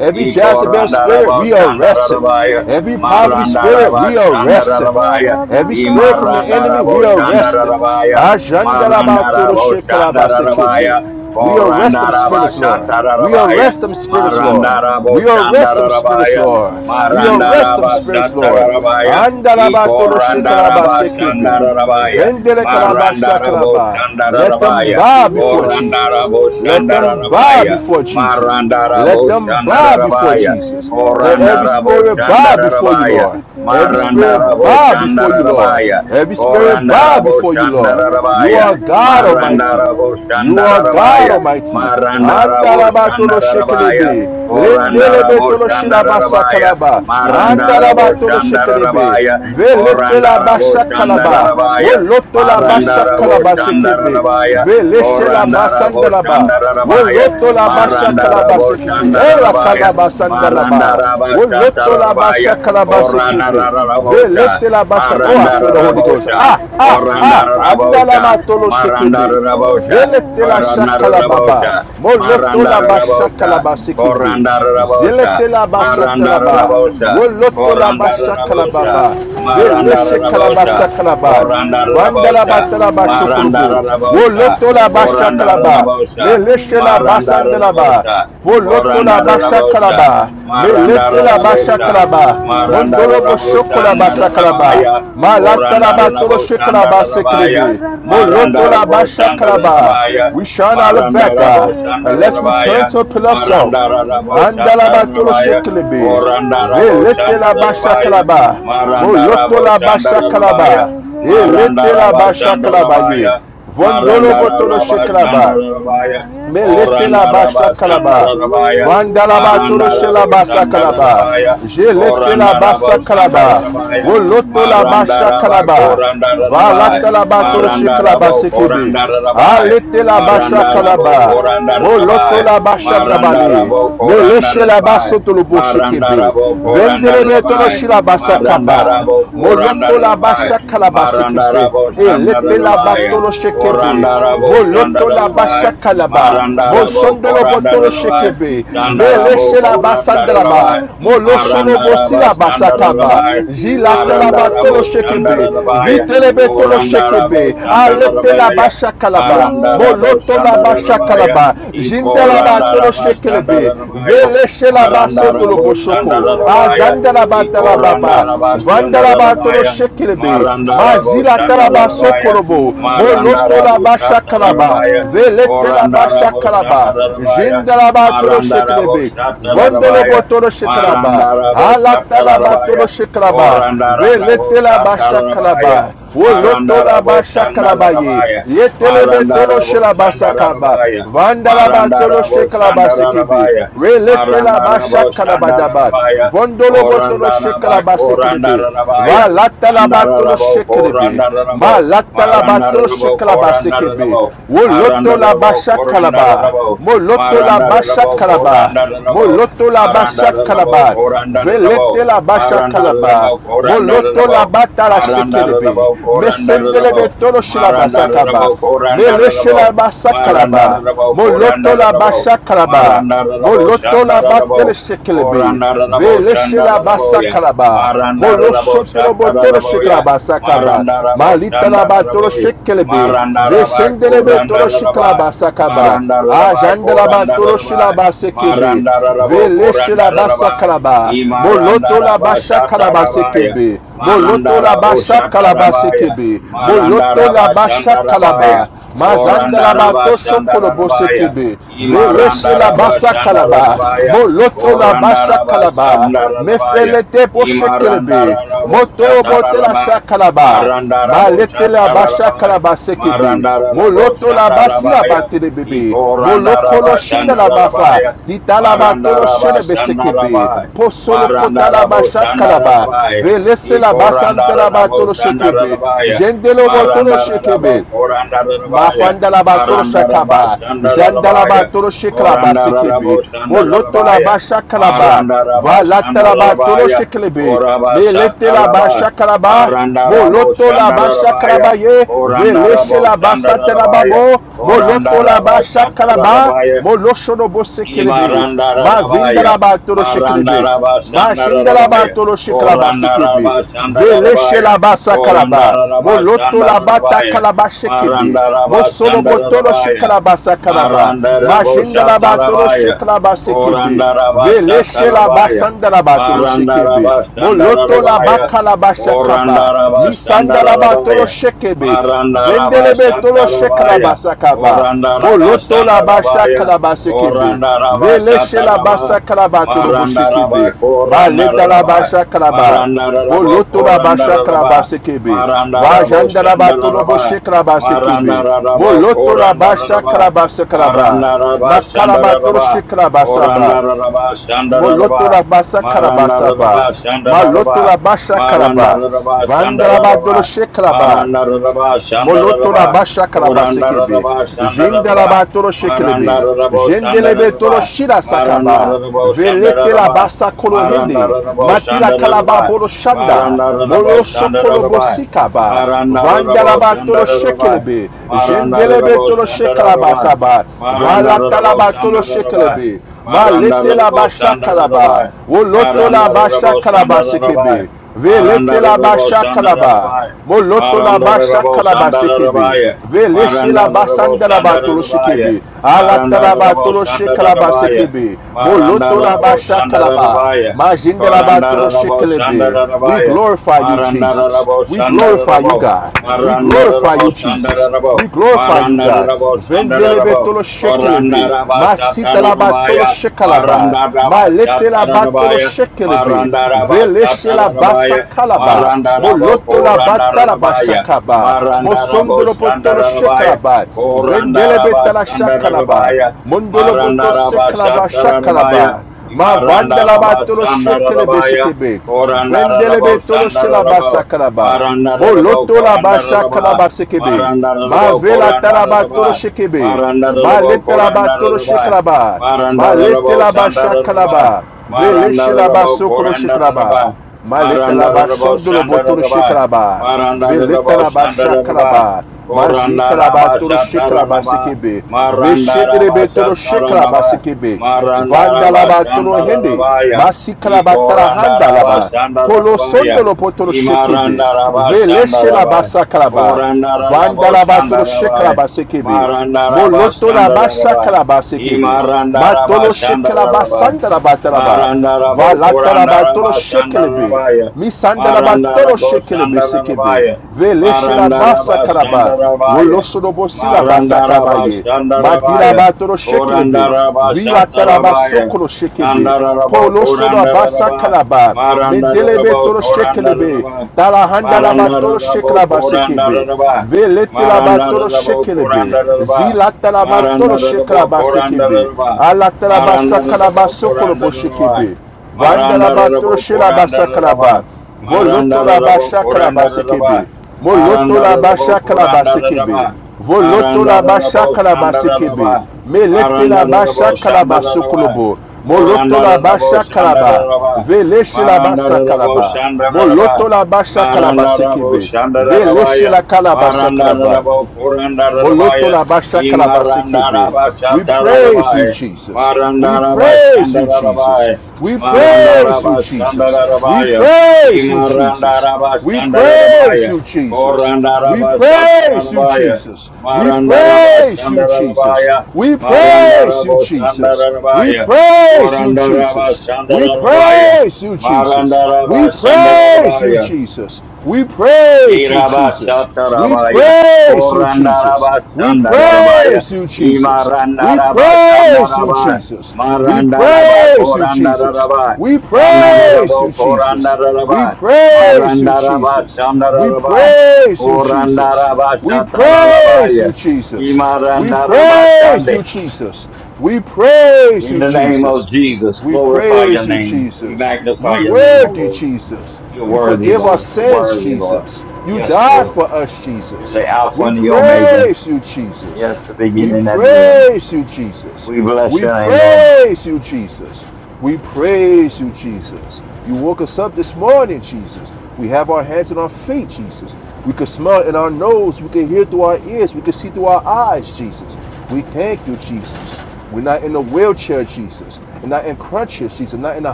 A: Every Jezebel
D: rabo
A: spirit,
D: rabo
A: we are
D: shanda shanda shanda shanda rabaya.
C: na
A: arrested. Every poverty
D: Maranda
A: spirit,
D: rabo
A: we
C: wewe,
A: are
D: shanda
A: arrested.
D: rabaya.
C: kayarama
A: Every
D: I
A: spirit from
C: kata
A: the
D: maranda
A: enemy,
D: rabo
A: we
C: yanderere
D: shanda
C: na
A: arrest it.
D: rabaya.
C: wewe,
D: Maranda rabo shanda
C: na
D: Marandaraboshandarabaya. Marandaraboshandarabaya. rabo Marandaraboshandarabaya. Ikorandaraboshandarabaya. Marandarabashandarabaya. Imarandaraboshandarabaya. Marandaraboshandarabaya.
C: wewe,
A: We arrest them spirits, Lord. We
C: na
D: Korandarabashatarabaya.
A: arrest them spirits, Lord.
D: Marandara
C: wewe,
A: We arrest
D: Boshandara
A: them spirits,
D: rabaya.
A: Lord. We arrest
D: Marandara
A: them
C: kutembea na
A: spirits,
D: Bashatara
A: Lord.
D: rabaya.
C: wewe
D: Marandarabo
C: kutembea nawe
D: Shandarabaya,
C: na
A: Vendele
C: Yesu,
A: kalabasha kalaba
D: Marandaraba
A: shakalaba.
C: na
A: Let them
D: Shatarabaya,
C: Yesu,
A: bow before Jesus.
D: Ikorandaraba
A: Let them bow
C: na
D: Shandarabaya,
A: before
C: Yesu,
D: rabaya.
A: Jesus. Let
D: Shandarabaya, Korandarabo Shandarabaya, Marandarabo
A: them bow before
D: Shandarabaya,
A: Jesus.
C: kutembea
A: Let every
D: Korandarabo
C: nawe,
A: spirit bow before you,
D: Shandarabaya,
A: Lord. Every spirit
D: Marandarabo
A: bow
C: kutembea
A: before you,
C: naye
A: Lord.
C: na
D: rabaya.
A: Every spirit
D: Korandara
A: bow
C: wewe,
A: before you,
C: na na
A: Lord.
D: Boshandara
C: na na na
A: You
C: na
D: rabaya,
A: are
C: na na na na na
A: God
C: na na
A: Almighty.
D: Marandara
C: na na
A: You are
D: Boshandara
A: God
D: rabaya,
C: kayane
A: Almighty.
C: de de de de
D: Marandara
C: de de de,
A: Andalabatolo
D: Boshandara rabaya,
A: shekelebe,
C: kutembea
A: lendelebe
D: Korandarabo
A: tolo
C: nawe
A: shilabasa
D: Shandarabaya.
A: kalaba,
D: Marandarabo
A: andalabatolo
C: kutembea na na na na
A: shekelebe,
C: na
D: Shandarabaya.
C: na na
D: Marandarabo rabaya,
C: na na na
A: veletela
D: Korandarabo
C: kaya
A: basha
C: da da da da
A: kalaba,
C: da da da
D: Shandarabaya.
A: wolotola
C: da da
A: basha
C: da da
D: Marandarabo
A: kalaba
C: da da da da da ra
A: sekebe,
D: Shandarabaya.
C: ra ra
A: veleshela
C: ra
D: Korandarabo
A: basandalaba,
D: Shandarabaya.
A: wolotola basha kalaba
D: Marandarabo Shandarabaya. Korandarabo Shandarabaya.
A: sekebe,
D: Marandarabo
A: ela
C: kutembea
D: rabaya.
A: kalaba
D: Maranda
A: sandalaba,
C: nawe
D: Rabasha
A: wolotola
D: Tarabaya,
A: basha kalaba
C: kutembea
D: Korana
A: sekebe,
C: nawe
D: Rabosha,
A: veletela basha.
C: da
A: Oh,
C: da
A: I
D: Maranda
C: da
A: feel
C: da
A: the
C: da
A: Holy
C: da da
A: Ghost.
C: da
D: Rabosha,
A: Ah,
C: da da da ra
A: ah,
C: ra
D: Koranda
A: ah,
C: ra ra
D: Rabosha,
C: ra
A: andalamatolo
C: ra
D: Maranda
A: shekebe.
D: Rabosha,
A: Velete la
C: kutembea
D: Korana
C: nawe
A: shakalababa.
D: Rabosha,
A: Moloto
D: Maranda
A: la ba
D: Rabosha,
C: kutembea
A: shakalaba
C: nawe
A: sikibi.
D: Koranda Rabosha,
A: Zelete la ba
D: Maranda
A: satalaba.
D: Rabosha,
A: Woloto
C: natamani
A: la ba
D: Koranda Rabosha,
A: shakalababa. Vele
C: kutembea
D: Maranda
C: na
A: shakalaba
D: Rabosha,
A: sakalaba.
C: wewe
D: Koranda
A: Vandalaba
D: Rabosha,
C: ewe
A: talaba
C: Yesu,
D: Maranda
A: shokulubu.
D: Rabosha,
A: Woloto la ba
D: Koranda
A: shakalaba.
C: kutembea
D: Rabosha,
C: na
A: Meleshe la ba
D: Maranda
C: wewe
A: sandalaba.
D: Rabosha,
A: Volotola
D: Korandara
A: basha
C: natamani
D: Rabosha,
A: kalaba.
D: Marandara
A: Meletela basha
D: Rabosha,
A: kalaba.
C: kutembea na
D: Marandara
A: Mondolobo
D: Rabosha,
A: shokola basha
D: Andara
A: kalaba.
D: Rabaya,
C: wewe Yesu,
A: Malatala
D: Korandara
A: batolo
D: Rabosha,
A: shekalaba
D: Andara Rabaya,
A: seklebe.
D: Marandara
A: Molotola basha
D: Rabosha, Andara
A: kalaba.
C: Kararararararabashetete,
D: Rabaya,
A: We shall not look back,
D: Marandara
A: God,
D: Rabosha, Andara
C: kutetetembea
A: unless we turn
D: Rabaya,
A: to a
C: nawe
A: pillar of
C: na
A: salt.
D: Marandara
C: wewe
D: Rabosha,
A: Andala batolo
C: na na
D: Tarabaya,
A: sheklebe.
C: wewe
D: Korandara Rabosha,
A: Veletela
D: Andara
A: basha
D: Rabaya,
C: na
A: kalaba.
C: wewe
D: Marandara
A: Molotola
D: Rabosha,
A: basha
D: Andara Rabaya,
A: kalaba.
C: kutembea
D: Marandara
A: Eletela
C: nawe
D: Rabosha,
A: basha
D: Andara
A: kalaba ye.
D: Rabaya,
A: Vondolo
D: Marandara
A: botolo
C: kutembea
D: Rabosha,
A: shekalaba.
C: nawe
D: Andara
C: na
D: Rabaya,
C: Yesu
A: Melete la ba shakalaba.
C: Yesu
D: Korandarabashandarabaya,
A: Vandalaba tolo shelaba
C: na
A: sakalaba.
C: Yesu,
D: Marandaraboshandarabaya,
A: Jelete la ba sakalaba.
D: Korandaraboshandarabaya,
C: kutembea
A: Woloto la
C: nawe,
A: ba
D: Maranda Rabba
A: shakalaba.
D: Koranda Rabbi,
A: Valata la ba tolo
C: kutembea
D: Maranda
A: shekalaba
C: nawe.
D: rabo rabo rabo
A: sekebe. Alete la
C: My
A: ba
C: desire
A: shakalaba.
D: Koranda
A: Moloto
D: Rabbi,
A: la ba
C: is to
D: Maranda
A: shadabale.
D: rabo
C: walk with
D: Koranda
A: Meleshe la ba
D: Rabbi,
C: you,
A: sotolo bo
D: Maranda
A: shekebe.
C: to
D: Rabo
C: walk
D: Koranda
C: with
A: Vendelebe tolo
D: Rabbi,
A: shilaba
D: Maranda
C: you,
A: sakaba.
C: is
D: rabo
C: to
D: Koranda
A: Moloto la
C: walk
D: korandarabai.
C: with
A: basha kalaba
C: you.
D: Maranda
A: sekebe.
D: rabo Marandarabo
C: My
A: Elete la
C: desire
A: batolo
D: korandarabai.
A: shekebe.
D: Marandarabo rabo
C: is
A: Voloto
C: to
A: la basha
C: walk
D: Marandarabo korandarabai.
C: with
A: kalaba.
D: Maranda rabo
C: you
A: Moshondolo
D: Koranda
C: to
A: botolo
C: walk
A: shekebe.
C: with
D: shandarabai. Marandarabo
A: Veleshe
D: rabo
A: la
C: you,
D: Koranda
C: to
A: basandraba.
D: korandarabai.
C: walk with
A: Molosholo bosi
C: you,
A: la basha kaba.
D: Marandarabashandarabai,
C: with you,
A: Jilata la batolo shekebe.
D: Marandaraboshandarabaya,
A: Vitele
C: with
A: betolo shekebe. Alete la
C: you, Lord,
D: Korandaraboshandarabaya,
A: basha
C: to
A: kalaba.
C: walk with
A: Moloto la basha
D: Marandaraboshandarabaya,
A: kalaba.
C: you,
A: Jinda
C: to
A: la batolo
C: walk with
A: shekelebe.
D: Ikorandarabashandarabaya,
C: you,
A: Veleshe la basotolo
C: with you,
A: boshoko.
D: Marandaraboshandarabaya,
A: Azanda la batala baba.
C: with
A: Vandalaba tolo
D: Ikorandarabashandarabaya,
A: shekelebe.
C: you, Lord,
D: Marandara
A: Mazila
C: to
A: talaba
C: walk
D: Boshandarabaya,
C: with
A: sokolobo. Moloto
D: Marandara
C: you,
A: laba
C: to
A: shakalaba.
D: Boshatarabaya,
C: walk with
A: Velete laba
D: Korandara
A: shakalaba.
D: Boshandarabaya,
C: you.
A: Jindalaba tolo
D: Marandara
A: shekelebe. Vondolobo
D: Boshatarabaya,
A: botolo shekalaba.
D: Marandara
A: Alatalaba
D: Boshatarabaya,
A: tolo shekalaba.
D: Korandara
A: Velete laba
D: Boshatarabaya,
A: shakalaba. Woloto
D: Marandara
A: laba shakalaba ye.
D: Boshandarabaya,
A: Yetelebe tolo
D: Marandara
A: shelaba sakaba.
D: Boshandarabaya,
A: Vandalaba tolo
D: Marandara
A: shekalaba sekebe.
D: Boshandarabaya,
A: Relete laba
D: Marandara
A: shakalaba daba.
D: Boshandarabaya,
A: Vondolo botolo
D: Koranda raba,
A: shekalaba
D: koranda
A: sekelebe.
D: rabaya,
A: Va latalaba
D: chandara
A: tolo
D: rabo,
A: shekelebe.
D: koranda
A: Ma
D: rabo,
A: latalaba
D: maranda
A: tolo
D: rabo,
A: shekalaba
D: koranda
A: sekebe.
D: rabo.
A: Wo
D: Maranda
A: loto laba
D: Rabo, Koranda
A: kalaba,
D: Rabo,
A: Mo loto
D: Maranda
A: laba
D: Rabo,
A: kalaba,
D: Koranda
A: Mo
D: Rabo,
A: loto laba
D: Maranda Rabo,
A: kalaba,
D: Koranda Rabo,
A: Velete la basha
D: Maranda
A: kalaba,
D: Rabo,
A: Mo
D: Koranda
A: loto
D: Rabo,
A: laba tala
D: Maranda
A: shekelebe.
D: Rabo, Koranda Rabo,
A: Mesendelebe tolo shilaba
D: Maranda
A: sakaba.
D: Rabo, Koranda
A: Meleshe
D: Rabo,
A: laba
D: Maranda
A: sakalaba.
D: Rabo,
A: Mo
D: Koranda
A: loto laba
D: Rabo,
A: kalaba.
D: Maranda Rabo, Shanda
A: Molotolaba
D: Rabo,
A: Shekelebi,
D: Koranda Rabo, Shanda
A: Veleshelaba
D: Raboya,
A: Sakalaba,
D: Maranda Rabo, Shata
A: Moloshotolobotolo
D: Raboya,
A: Shekalaba Sakaba,
D: Maranda Rabo, Shanda
A: Malitalaba Toro
D: Raboya,
A: Shekelebi,
D: Maranda Maranda rabai,
A: Veshendelebe
D: Koranda
A: Toro
D: rabai,
A: Shikalaba Sakaba,
D: Maranda rabai,
A: Ajandelaba
D: Koranda
A: Toro
D: Koranda
A: Shilaba Sekebe,
D: Marandarabai,
A: Veleshe la basa kalaba.
D: Maranda
A: Moloto la basha kalaba
D: Marandarabai, Korandarabai, Marandarabo, Korandarabai, Imarandaraba, Shatarabaya,
A: sekebe. Moloto la
D: Marandarabo,
A: basha kalaba
D: Shatarabaya,
A: sekebe. Moloto
D: Marandaraba,
A: la basha
D: Shandarabaya,
A: kalaba. Mazanda la
D: Korandaraba,
A: bato shokolobo
D: Shandarabaya,
A: sekebe. Veleshe la
D: Imarandaraba,
A: basa kalaba.
D: Shandarabaya,
A: Moloto la basha
D: Korandaraba,
A: kalaba.
D: Shandarabaya,
A: Mefelete bo shekelebe.
D: Imarandarabo,
A: Motorobo te la
D: Shatarabaya,
A: shakalaba.
D: Marandara
A: Malete la basha
D: Boshatarabai,
A: kalabasekebe.
D: Marandara
A: Moloto la basira
D: Boshandarabaya,
A: batele bebe.
D: Iko
A: Moloko
D: Randaraba
A: lo shinda la mafa.
D: Shandarabaya,
A: Dita la batolo
D: Marandaraba
A: shene besekebe.
D: Shandarabai,
A: Posolo kota la
D: Marandara
A: basha kalaba.
D: Boshandarabaya,
A: Velese la
D: Iko
A: basante la
D: Randaraba
A: batolo shekebe.
D: Shandarabaya,
A: Jendelo botolo
D: Marandaraba
A: shekebe.
D: Korandarabaya,
A: Mafandalaba
D: Marandaraba
A: Toroshakaba, Jandalaba
D: Shandarabaya,
A: Toroshiklaba Sekibi,
D: Korandaraba
A: Molotolaba
D: Shandarabaya,
A: Shakalaba,
D: Maranda raba shanda
A: Valatalaba
D: rabaya.
A: Toroshiklebe,
D: Koraba shata
A: Meletelaba
D: raba.
A: Shakalaba,
D: Maranda rabo shanda
A: Molotolaba
D: rabaya.
A: Shakalaba Ye,
D: Koranda rabo
A: Veleshelaba
D: shanda rabaya.
A: Satarababo,
D: Koranda raba
A: Molotolaba
D: shata
A: Shakalaba,
D: rabaya.
A: Moloshonobo Sekelebe,
D: Imaranda rabaya.
A: Mavindalaba
D: Maranda
A: Toroshiklebe.
D: raba shanda
A: Mashindelaba
D: rabaya.
A: tolo shikraba
D: Koranda
A: sekebe.
D: raba shanda
A: Veleche
D: rabaya.
A: la shelaba
D: Koranda
A: sakaraba.
D: raba
A: Moloto
D: shanda
A: laba
D: rabaya.
A: takalaba sekebe.
D: Maranda raba shanda
A: Mosolobo tolo
D: rabaya.
A: shikraba sakaraba. Mashindelaba tolo
D: Marandaraboshatarabaya.
A: shikraba sekebe. Vele shelaba
D: Korandarabashatarabaya.
A: sandelaba tolo shekebe. Moloto laba
D: Marandarabashandarabaya.
A: kalaba shakaba. Misandalaba tolo
D: Korandarabashandarabaya.
A: shekebe. Vendelebe tolo
D: Marandarabashatarabaya.
A: shekalabasakaba. Moloto la basha
D: Korandarabashandarabaya.
A: kalabase kebe. veleche Vele shelabasa
D: Korandarabashatarabaya.
A: kalabaturobo
D: Maranda Rabba
A: shekebe.
D: Koranda
A: Maleta la
D: Rabba
A: basha kalaba.
D: Maranda Rabba
A: Voloto la
D: Koranda
A: basha
D: Rabba
A: kalabase kebe
D: Maranda Rabba
A: Vajanda la
D: Shanda
A: baturobo
D: Rabba Maranda
A: shekalabasekebe.
D: Koranda
A: Moloto la
D: Koranda
A: basha
D: Rabba
A: kalabasekalaba.
D: Maranda Rabba Shanda
A: Makalabaturo
D: Rabba Koranda
A: shekalabasaba.
D: Rabba Shanda
A: Moloto
D: Korandaraba
A: la basa
D: Maranda
A: kalabasaba.
D: Korandaraba Shanda
A: Maloto
D: Shandaraba
A: la basha
D: Maranda
A: kalaba.
D: Korandaraba Shanda
A: Vandalabadolo
D: Shandaraba
A: shekalaba.
D: Maranda Shandaraba Shanda
A: Moloto la
D: Shandaraba
A: basha kalaba sekebe.
D: Marandaraba Shandaraba Shanda Shandaraba
A: Jindalaba tolo
D: Maranda
A: shekelebe.
D: Shandaraba Shanda
A: Jendelebe tolo
D: Shandaraba
A: shira sakaba.
D: Marandarabo
A: Velete la
D: Shandaraba,
A: basa kolo hende.
D: Marandarabo
A: Matila kalaba
D: Shandaraba,
A: bolo shanda.
D: Marandarabo
A: Molo shokolo
D: Shandaraba,
A: bosikaba.
D: Marandarabo
A: Vandalaba tolo
D: Shandaraba,
A: shekelebe. Jendelebe
D: Marandarabo Shandaraba, Marandarabo
A: tolo shekalaba
D: Shandaraba,
A: saba. Vala
D: Marandarabo
A: talaba tolo
D: Shandaraba,
A: shekelebe. Ma lete la
D: Marandarabo
A: basha
D: Shandaraba,
A: kalaba. Woloto la basha
D: Marandarabo
A: kalaba
D: Shandaraba,
A: sekebe. Velete la
D: Marandarabo
A: basha kalaba. Moloto la basha kalaba sekebe.
D: Shandaraba,
A: Veleche la
D: Marandarabo
A: basanda la batolo
D: Shandaraba,
A: shekebe. Alata
D: Maranda
A: la
D: Rabo
A: batolo
D: Shanda
A: shekalaba
D: Rabaya.
A: sekebe.
D: Maranda
A: Moloto la
D: Rabo
A: basha
D: Shanda
A: kalaba.
D: Rabaya.
A: Majinda la
D: Koranda
A: batolo
D: Rabo Shanda
A: shekelebe. We
D: Rabaya.
A: glorify you,
D: Maranda
A: Jesus.
D: Rabo
A: We
D: Shanda
A: glorify you,
D: Rabo.
A: God. We
D: Maranda Maranda Maranda Maranda
A: glorify
D: rabo,
A: you,
D: Sandara
A: Jesus.
D: rabo,
A: We glorify you,
D: Maranda
A: God.
D: rabo, Sandara
A: Vendelebe
D: rabo,
A: tolo
D: Coranda
A: shekelebe.
D: Raba
A: Masita
D: Satara
A: la batolo
D: Rabaya,
A: shekalaba.
D: Maranda Raba
A: Malete la
D: Satara
A: batolo
D: Rabaya,
A: shekelebe.
D: Maranda Raba
A: Veleshe la
D: Satara
A: basa
D: Rabaya,
A: kalaba.
D: Maranda rabo,
A: Moloto la batalaba shakaba.
D: Maranarabo
A: Mosondolo potolo
D: Sandarabo,
A: shekalaba.
D: Maranda
A: Vendelebe
D: rabo, Marandaraba
A: tala shakalaba.
D: Satarabaya,
A: Mondolo poto
D: Marandaraba
A: sekalaba
D: Satarabaya, Marandarabo Korandarabaya, Maranda Sandarabaya, Korandaraba Sandarabaya, Maranda Satarabaya,
A: shakalaba. Ma vandala
D: Marandaraba
A: batolo shekelebe
D: Sandarabaya,
A: sekebe.
D: Korandararabo,
A: Vendelebe tolo shelaba
D: Sandararabo,
A: sakalaba.
D: Marandararabo,
A: Moloto la basha
D: Korandararaba,
A: kalaba sekebe. Ma
D: Marandararabo,
A: vela tarabatoro
D: Korandararaba,
A: shekebe. Ma
D: Marandararabo,
A: letarabatoro
D: Korandararaba,
A: shekraba. Ma
D: Marandararabo,
A: letelaba
D: Sandararaba,
A: shakalaba. Vele shelaba
D: Marandararabo,
A: sokolo shekraba.
D: Korandararaba,
A: Ma letelaba
D: Marandararabo,
A: shondolo botoro
D: Sandararaba,
A: shekraba. Vele
D: Marandararabo,
A: taraba
D: Sandararaba,
A: shakalaba. Ma
D: Koranda
A: zikalaba
D: raba
A: toro
D: shatara
A: shekraba
D: raba
A: sekebe. Ve
D: maranda raba
A: shedrebe toro
D: shatara
A: shekraba
D: raba
A: sekebe.
D: maranda raba
A: Vandalaba toro
D: shandara
A: hende.
D: raba ya
A: Ma
D: i
A: sikalaba
D: koranda
A: tarahanda
D: raba
A: laba.
D: shandara
A: Polo
D: raba ya
A: sondolo potoro
D: i
A: shekebe.
D: maranda raba
A: Ve leshe
D: shandara
A: laba
D: raba
A: sakalaba.
D: koranda raba
A: Vandalaba tolo
D: shandara raba ya
A: shekalaba sekebe.
D: maranda raba
A: Moloto laba
D: shandara raba
A: shakalaba
D: i
A: sekebe.
D: maranda raba
A: Matolo
D: shandara
A: shekalaba
D: raba
A: sandalaba talaba.
D: Marandarabo
A: Valatalaba tolo
D: Korandaraba
A: shekelebe.
D: Sandarabaya.
A: Misandalaba tolo
D: Marandarabo
A: shekelebe sekebe.
D: Sandarabaya.
A: Veleshelaba
D: Marandaraba
A: sakalaba.
D: Sandarabaya.
A: Wolosodobo silaba
D: Marandaraba
A: sakabaye.
D: Sandarabaya.
A: Madilaba tolo shekelebe.
D: Korandaraba
A: Vila talaba
D: Satarabaya.
A: sokolo shekebe.
D: Sandarabo
A: Polo soda basa
D: Korandarabaya.
A: kalaba. Medelebe
D: Marandarabo
A: tolo shekelebe.
D: Korandarabaya.
A: Talahanda laba tolo
D: Marandarabo
A: shekalaba sekebe.
D: Korandarabaya.
A: Velete la batolo
D: Marandarabo
A: shekelebe.
D: Korandarabaya.
A: Zilata la matolo
D: Marandarabo
A: shekalaba sekebe.
D: Korandarabaya.
A: Alata la basa
D: Maranda
A: kalaba
D: Maranda
A: sokolobo
D: Maranda
A: shekebe. Vanda la
D: Maranda Maranda rabo,
A: batolo
D: rabo,
A: shelaba
D: rabo,
A: sakalaba. Voloto la
D: rabo,
A: basha
D: Koranda
A: kalaba
D: Rava,
A: sekebe. Moloto
D: Maranda
A: la
D: rabo,
A: basha kalaba
D: Koranda Rava,
A: sekebe. Voloto
D: Maranda
A: la
D: rabo,
A: basha kalaba
D: Shanda Rava,
A: sekebe. Melete
D: Maranda
A: la
D: Rabo
A: basha
D: Shanda
A: kalaba sokolobo. Moloto la
D: Korandaraba.
A: basha kalaba. Veleche la basa
D: Marandarabo rabo,
A: kalaba.
D: Shanda Korandaraba.
A: Moloto la basha kalaba
D: Maranda rabo,
A: sekebe.
D: Shanda Shandaraba.
A: Veleche la kalaba
D: Maranda rabo, Shanda Shandaraba. Maranda rabo,
A: sakalaba.
D: Marandarabo Shandarabaya. Imaranda Korandarabaya. Imarandaraba
A: We praise you,
D: Shatarabaya.
A: Jesus. We
D: Marandaraba
A: praise you, Jesus.
D: Shandarabai,
A: We praise you,
D: Marandaraba
A: Jesus. We
D: Shandarabaya,
A: praise you, Jesus.
D: Imarandaraba
A: We praise
D: Shandarabaya,
A: you, Jesus. We
D: Korandaraba
A: praise you,
D: Shatarabaya,
A: Jesus. We
D: Marandaraba
A: praise you, Jesus.
D: Shandarabaya,
A: We praise you,
D: Marandarabo
A: Jesus. We
D: Shandarabaya,
A: praise you,
D: Korandaraba
A: Jesus. We
D: Shandarabaya,
A: praise you, Jesus.
D: Marandaraba
A: We praise you,
D: Shandarabaya,
A: Jesus. We praise you, Jesus. We
D: Yerabashatarabaya,
A: praise you, Jesus. We
D: Korandarabashandarabaya,
A: praise you, Jesus. We praise you,
D: Imarandarabashandaraba,
A: Jesus. We
D: Marandaraba,
A: praise you, Jesus.
D: Korandaraba,
A: We
D: Shandarabo,
A: praise you, Jesus.
D: Korandaraba,
A: We praise you,
D: Marandaraba,
A: Jesus. We
D: Shandaraba,
A: praise you, Jesus.
D: Korandaraba,
A: We praise
D: Shatarabaya,
A: you, Jesus. We
D: Imarandaraba,
A: praise
D: Shande.
A: you, Jesus. We praise
D: In
A: you,
D: the name of
A: Jesus.
D: Jesus,
A: We
D: glorify
A: praise
D: your
A: you,
D: name. We
A: Jesus. You
D: magnify your name, O
A: worthy,
D: Lord.
A: Jesus.
D: You're
A: You
D: worthy,
A: forgive our
D: Lord. You're
A: sins,
D: worthy, Lord.
A: Jesus. You
D: Yes,
A: died
D: Lord.
A: for us,
D: You're
A: Jesus.
D: the Alpha
A: We
D: and the Omega.
A: praise you, Jesus.
D: Yes, the
A: We
D: beginning and the end.
A: praise you, Jesus.
D: We bless
A: We
D: your name, Lord.
A: praise you, Jesus. We praise you,
D: Yes. Lord.
A: Jesus. You woke us up this morning, Jesus. We have our hands and our feet, Jesus. We can smell in our nose. We can hear through our ears. We can see through our eyes, Jesus. We thank you, Jesus. We're not in a wheelchair, Jesus. We're not in crutches, Jesus. Not in a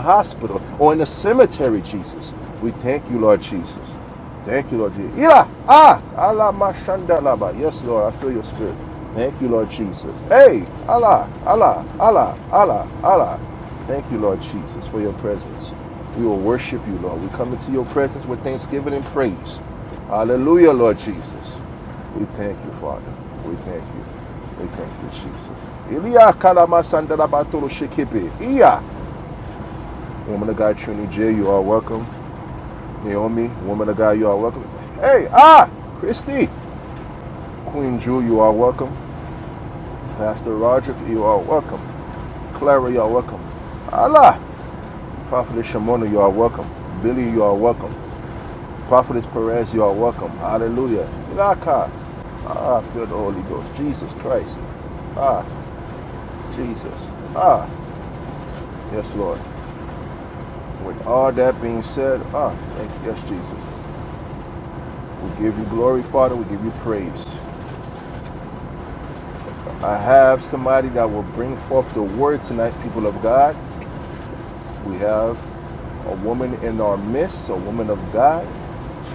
A: hospital or in a cemetery, Jesus. We thank you, Lord Jesus. Thank you, Lord Jesus. Yeah. Ah. Allah mashandalaba. Yes, Lord. I feel your spirit. Thank you, Lord Jesus. Hey. Allah. Allah. Allah. Allah. Allah. Thank you, Lord Jesus, for your presence. We will worship you, Lord. We come into your presence with thanksgiving and praise. Hallelujah, Lord Jesus. We thank you, Father. We thank you. We thank you, Jesus. Ilya kalama sandalabatoro shekipe. Iya. Woman of God, Trinity J, you are welcome. Naomi, woman of God, you are welcome. Hey, ah, Christy, Queen Drew, you are welcome. Pastor Roger, you are welcome. Clara, you are welcome. Allah, Prophetess Shimona, you are welcome. Billy, you are welcome. Prophetess Perez, you are welcome. Hallelujah. Ilaka. Ah, feel the Holy Ghost. Jesus Christ. Ah, Jesus. Ah, yes, Lord. With all that being said, ah, thank you, yes, Jesus. We give you glory, Father. We give you praise. I have somebody that will bring forth the word tonight, people of God. We have a woman in our midst, a woman of God,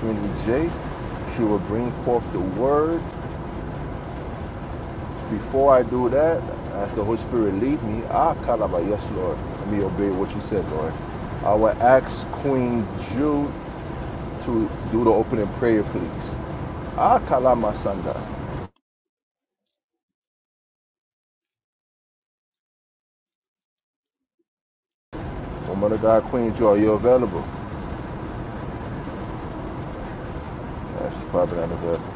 A: Trinity J. She will bring forth the word. Before I do that, as the Holy Spirit lead me, I call about, yes, Lord, let me obey what you said, Lord. I will ask Queen Jude to do the opening prayer, please. I call out my son, God. Woman of God, Queen Jude, are you available? Yes, she's probably not available.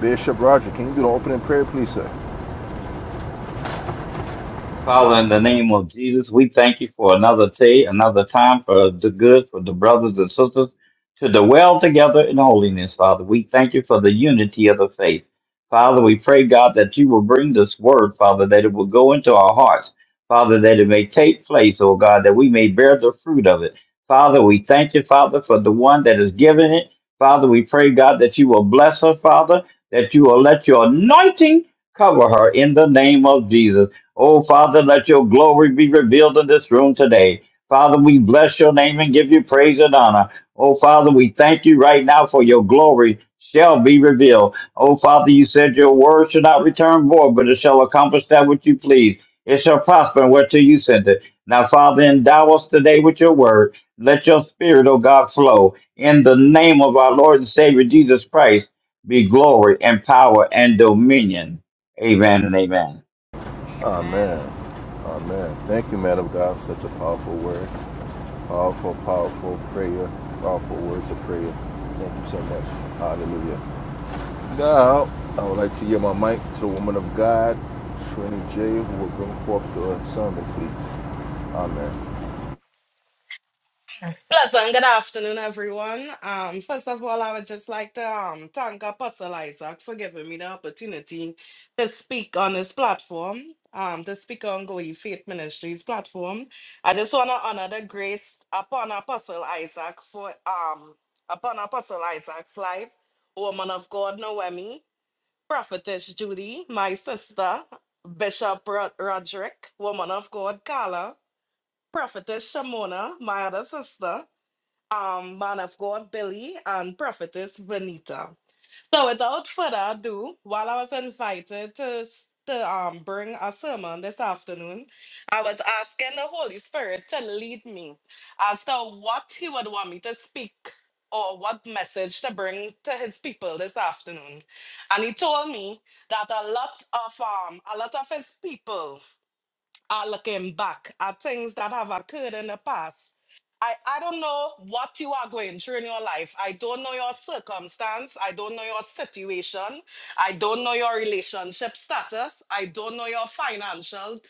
A: Bishop Roger, can you do the opening prayer, please, sir?
D: Father, in the name of Jesus, we thank you for another day, another time for the good, for the brothers and sisters to dwell together in holiness, Father. We thank you for the unity of the faith. Father, we pray, God, that you will bring this word, Father, that it will go into our hearts, Father, that it may take place, oh God, that we may bear the fruit of it. Father, we thank you, Father, for the one that is giving it. Father, we pray, God, that you will bless her, Father, that you will let your anointing cover her in the name of Jesus. Oh, Father, let your glory be revealed in this room today. Father, we bless your name and give you praise and honor. Oh, Father, we thank you right now for your glory shall be revealed. Oh, Father, you said your word shall not return void, but it shall accomplish that which you please. It shall prosper and whereto you send it. Now, Father, endow us today with your word. Let your spirit, O God, flow. In the name of our Lord and Savior Jesus Christ, be glory and power and dominion. Amen and amen.
A: Amen.
B: Amen.
A: Amen. Thank you, man of God, for such a powerful word. Powerful, powerful prayer. Powerful words of prayer. Thank you so much. Hallelujah. Now, I would like to yield my mic to the woman of God, Trini J, who will bring forth the sermon, please. Amen.
B: Pleasant good afternoon, everyone. Um, first of all, I would just like to um thank Apostle Isaac for giving me the opportunity to speak on this platform, um, to speak on Going Faith Ministries platform. I just want to honor the grace upon Apostle Isaac for um upon Apostle Isaac's life, woman of God Noemi, prophetess Judy, my sister, Bishop Rod- Roderick, woman of God Carla. Prophetess Shamona, my other sister, um, man of God Billy, and Prophetess Venita. So without further ado, while I was invited to s- to um bring a sermon this afternoon, I was asking the Holy Spirit to lead me as to what he would want me to speak or what message to bring to his people this afternoon. And he told me that a lot of um a lot of his people are looking back at things that have occurred in the past. I, I don't know what you are going through in your life. I don't know your circumstance. I don't know your situation. I don't know your relationship status. I don't know your financial.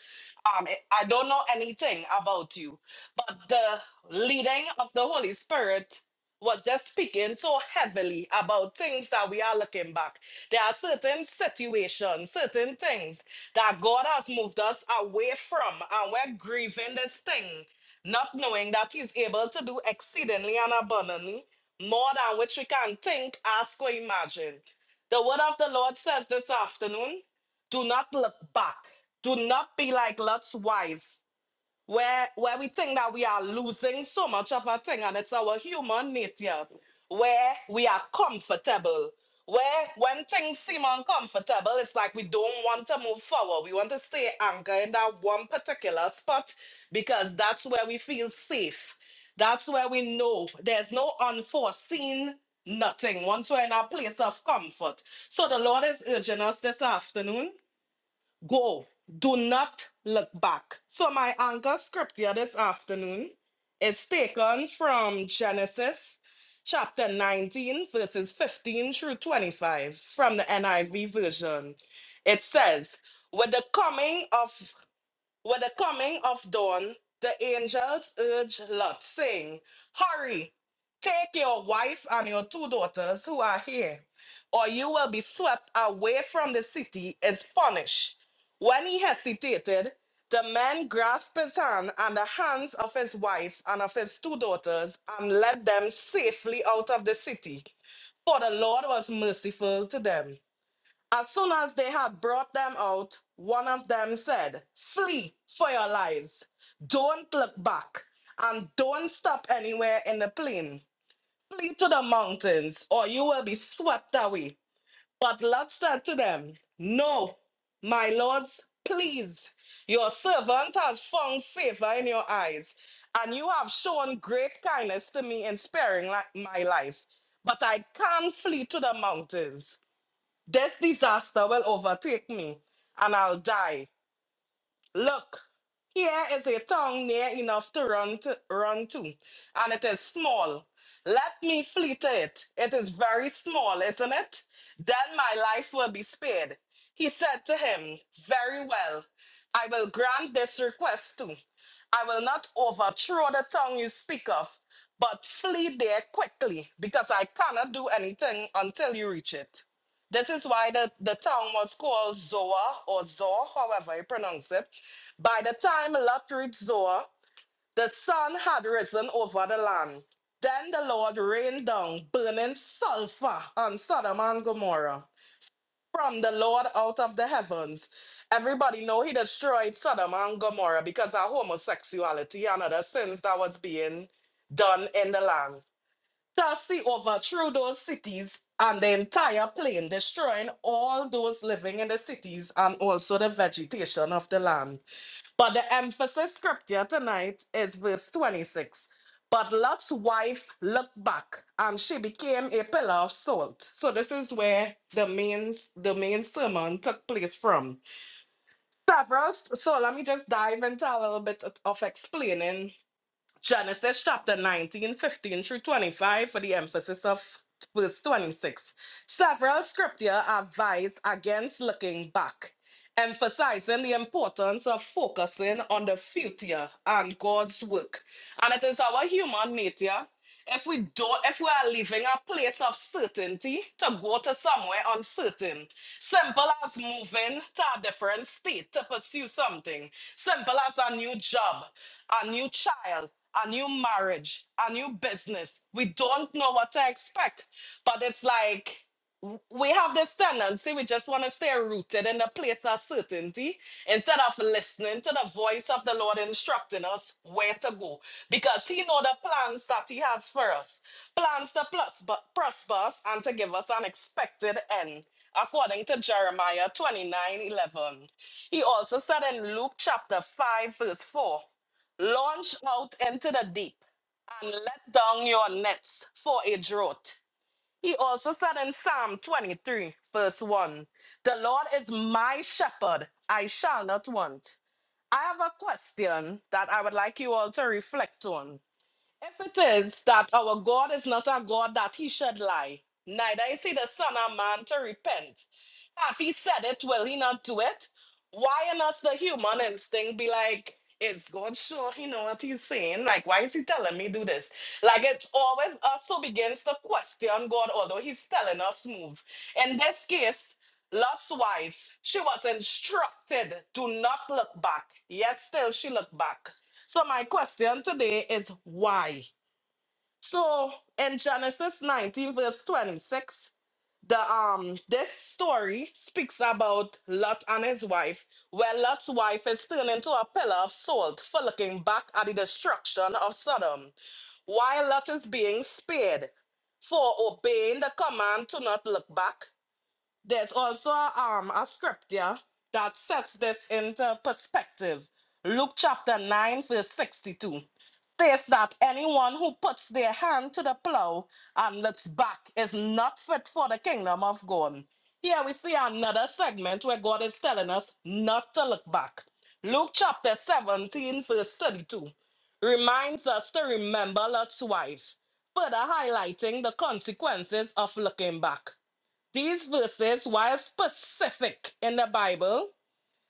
B: Um, I I don't know anything about you. But the leading of the Holy Spirit was just speaking so heavily about things that we are looking back. There are certain situations, certain things that God has moved us away from, and we're grieving this thing, not knowing that He's able to do exceedingly and abundantly more than which we can think, ask, or imagine. The word of the Lord says this afternoon do not look back, do not be like Lot's wife where where we think that we are losing so much of a thing and it's our human nature where we are comfortable where when things seem uncomfortable it's like we don't want to move forward we want to stay anchored in that one particular spot because that's where we feel safe that's where we know there's no unforeseen nothing once we're in a place of comfort so the lord is urging us this afternoon Go. Do not look back. So my anchor script here this afternoon is taken from Genesis chapter 19, verses 15 through 25 from the NIV version. It says, With the coming of with the coming of dawn, the angels urged Lot, saying, Hurry, take your wife and your two daughters who are here, or you will be swept away from the city as punished. When he hesitated, the men grasped his hand and the hands of his wife and of his two daughters and led them safely out of the city, for the Lord was merciful to them. As soon as they had brought them out, one of them said, Flee for your lives. Don't look back and don't stop anywhere in the plain. Flee to the mountains or you will be swept away. But Lot said to them, No, my lords, please. Your servant has found favor in your eyes, and you have shown great kindness to me in sparing li- my life. But I can't flee to the mountains. This disaster will overtake me and I'll die. Look, here is a town near enough to run to, run to, and it is small. Let me flee to it. It is very small, isn't it? Then my life will be spared. He said to him, Very well, I will grant this request too. I will not overthrow the town you speak of, but flee there quickly, because I cannot do anything until you reach it. This is why the, the town was called Zoa or Zor, however you pronounce it. By the time Lot reached Zoa, the sun had risen over the land. Then the Lord rained down burning sulfur on Sodom and Gomorrah from the Lord out of the heavens. Everybody know he destroyed Sodom and Gomorrah because of homosexuality and other sins that was being done in the land. Tassi over through those cities and the entire plain, destroying all those living in the cities and also the vegetation of the land. But the emphasis scripture tonight is verse 26. But Lot's wife looked back and she became a pillar of salt. So this is where the main the main sermon took place from. Several so let me just dive into a little bit of explaining Genesis chapter 19 15 through 25 for the emphasis of verse 26. Several scripture advise against looking back emphasizing the importance of focusing on the future and God's work. And it is our human nature. If we don't, if we are leaving a place of certainty to go to somewhere uncertain, simple as moving to a different state to pursue something, simple as a new job, a new child, a new marriage, a new business. We don't know what to expect, but it's like w- we have this tendency, we just want to stay rooted in the place of certainty instead of listening to the voice of the Lord instructing us where to go. Because He know the plans that He has for us. Plans to plus, but prosper us and to give us an expected end. According to Jeremiah 29 11. He also said in Luke chapter 5, verse 4 Launch out into the deep and let down your nets for a draught. He also said in Psalm 23, verse 1, The Lord is my shepherd, I shall not want. I have a question that I would like you all to reflect on. If it is that our God is not a God that he should lie, neither is he the Son of Man to repent. If he said it, will he not do it? Why in us the human instinct be like, is God sure he know what he's saying? Like, why is he telling me do this? Like, it's always us who begins to question God, although he's telling us move. In this case, Lot's wife, she was instructed to not look back, yet still she looked back. So my question today is why? So in Genesis 19 verse 26, the um this story speaks about Lot and his wife, where Lot's wife is turned into a pillar of salt for looking back at the destruction of Sodom, while Lot is being spared for obeying the command to not look back there's also a, um, a scripture that sets this into perspective. Luke chapter 9, verse 62 states that anyone who puts their hand to the plow and looks back is not fit for the kingdom of God. Here we see another segment where God is telling us not to look back. Luke chapter 17, verse 32 reminds us to remember Lot's wife, further highlighting the consequences of looking back. These verses, while specific in the Bible,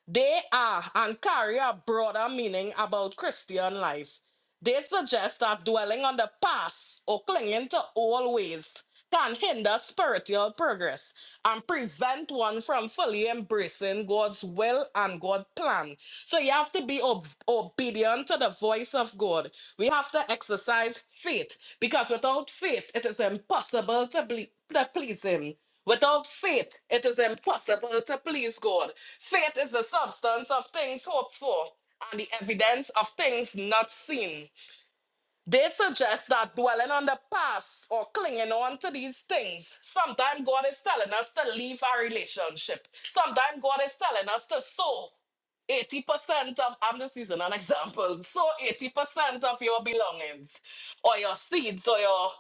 B: they are and carry a broader meaning about Christian life. They suggest that dwelling on the past or clinging to old ways can hinder spiritual progress and prevent one from fully embracing God's will and God's plan. So you have to be ob- obedient to the voice of God. We have to exercise faith because without faith, it is impossible to, ble- to please Him. Without faith, it is impossible to please God. Faith is the substance of things hoped for and the evidence of things not seen. They suggest that dwelling on the past or clinging on to these things, sometimes God is telling us to leave our relationship. Sometimes God is telling us to sow 80% of, I'm just using an example, sow 80% of your belongings or your seeds or your,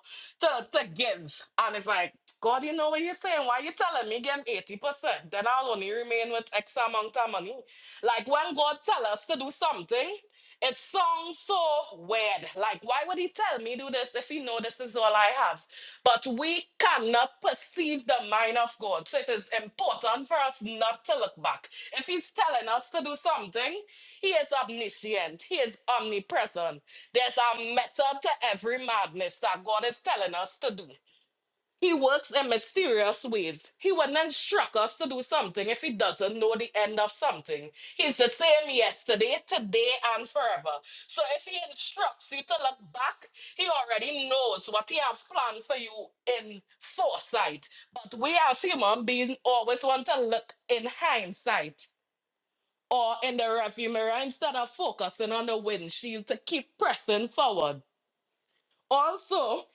B: to, to give. And it's like, God, you know what you're saying. Why you telling me give 80%? Then I'll only remain with X amount of money. Like when God tell us to do something, it sounds so weird. Like, why would he tell me do this if he know this is all I have? But we cannot perceive the mind of God. So it is important for us not to look back. If he's telling us to do something, he is omniscient. He is omnipresent. There's a method to every madness that God is telling us to do. He works in mysterious ways. He wouldn't instruct us to do something if he doesn't know the end of something. He's the same yesterday, today, and forever. So if he instructs you to look back, he already knows what he has planned for you in foresight. But we as human beings always want to look in hindsight or in the rearview mirror instead of focusing on the windshield to keep pressing forward. Also,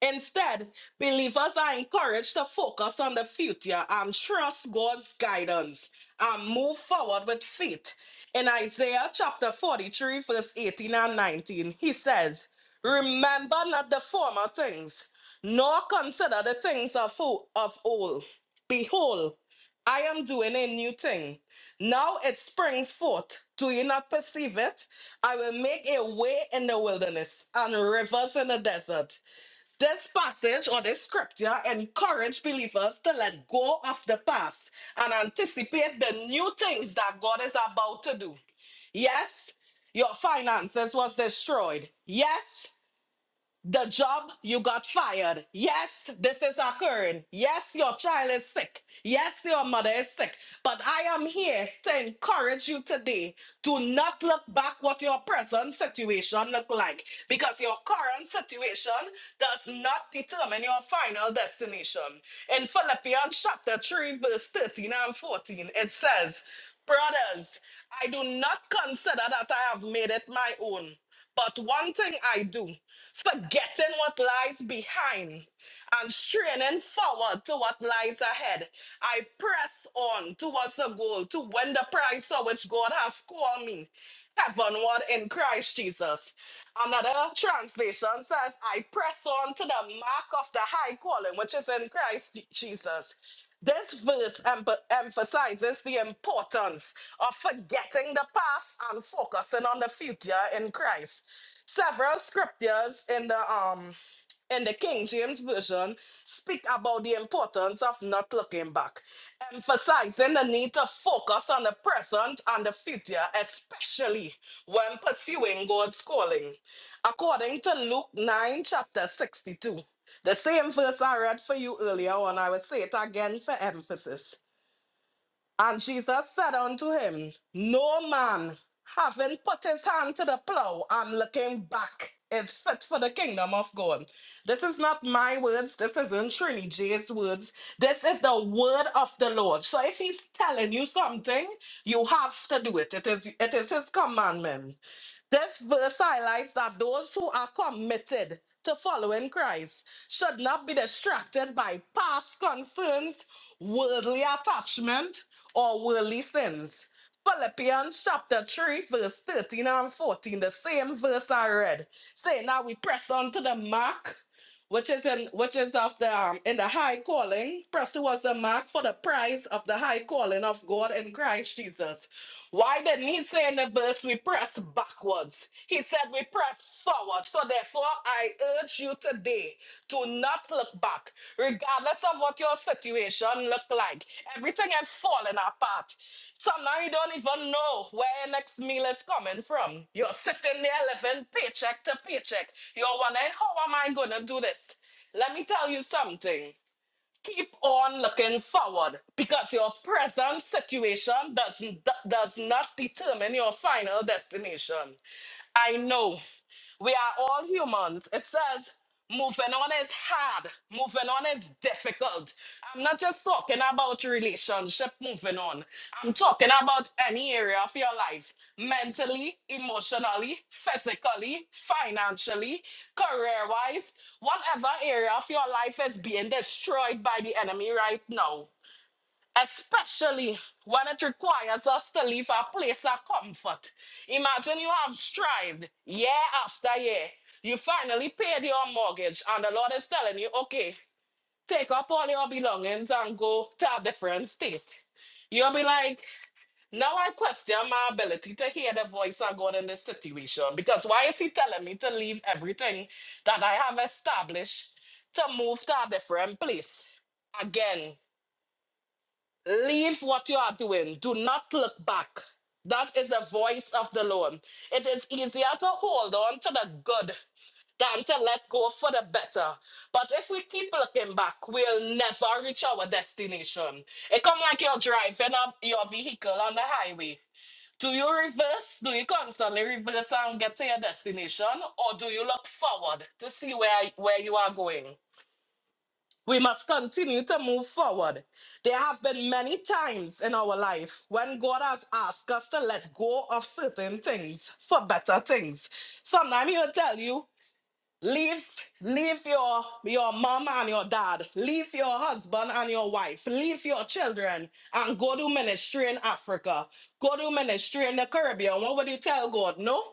B: Instead, believers are encouraged to focus on the future and trust God's guidance and move forward with faith. In Isaiah chapter 43, verse 18 and 19, he says, Remember not the former things, nor consider the things of, o- of old. Behold, I am doing a new thing. Now it springs forth. Do you not perceive it? I will make a way in the wilderness and rivers in the desert. This passage or this scripture encourage believers to let go of the past and anticipate the new things that God is about to do. Yes, your finances was destroyed. Yes, the job you got fired. Yes, this is occurring. Yes, your child is sick. Yes, your mother is sick. But I am here to encourage you today. Do not look back what your present situation look like because your current situation does not determine your final destination. In Philippians chapter 3 verse 13 and 14, it says, "Brothers, I do not consider that I have made it my own." But one thing I do, forgetting what lies behind and straining forward to what lies ahead, I press on towards the goal to win the prize for which God has called me heavenward in Christ Jesus. Another translation says, I press on to the mark of the high calling which is in Christ Jesus. This verse emph- emphasizes the importance of forgetting the past and focusing on the future in Christ. Several scriptures in the um in the King James Version speak about the importance of not looking back, emphasizing the need to focus on the present and the future, especially when pursuing God's calling. According to Luke 9, chapter 62, the same verse I read for you earlier on, I will say it again for emphasis. And Jesus said unto him, No man, having put his hand to the plow and looking back, is fit for the kingdom of God. This is not my words. This isn't Trinity J's words. This is the word of the Lord. So if he's telling you something, you have to do it. It is it is his commandment. This verse highlights that those who are committed to following Christ should not be distracted by past concerns, worldly attachment, or worldly sins. Philippians chapter 3, verse 13 and 14, the same verse I read, saying that we press on to the mark which is in which is of the um, in the high calling. Pressed towards the mark for the prize of the high calling of God in Christ Jesus. Why didn't he say in the verse we press backwards? He said we press forward. So therefore, I urge you today, to not look back, regardless of what your situation look like. Everything is falling apart. Sometimes you don't even know where your next meal is coming from. You're sitting there living paycheck to paycheck. You're wondering, how am I gonna do this? Let me tell you something. Keep on looking forward because your present situation does, does not determine your final destination. I know we are all humans. It says moving on is hard, moving on is difficult. I'm not just talking about relationship moving on, I'm talking about any area of your life mentally, emotionally, physically, financially, career wise, whatever area of your life is being destroyed by the enemy right now especially when it requires us to leave our place of comfort. Imagine you have strived year after year. You finally paid your mortgage, and the Lord is telling you, okay, take up all your belongings and go to a different state. You'll be like, now I question my ability to hear the voice of God in this situation because why is He telling me to leave everything that I have established to move to a different place? Again, Leave what you are doing. Do not look back. That is the voice of the Lord. It is easier to hold on to the good than to let go for the better. But if we keep looking back, we'll never reach our destination. It come like you're driving up your vehicle on the highway. Do you reverse? Do you constantly reverse and get to your destination? Or do you look forward to see where, where you are going? We must continue to move forward. There have been many times in our life when God has asked us to let go of certain things for better things. Sometimes He'll tell you, leave, leave your, your mom and your dad, leave your husband and your wife, leave your children, and go to ministry in Africa. Go to ministry in the Caribbean. What would you tell God? No?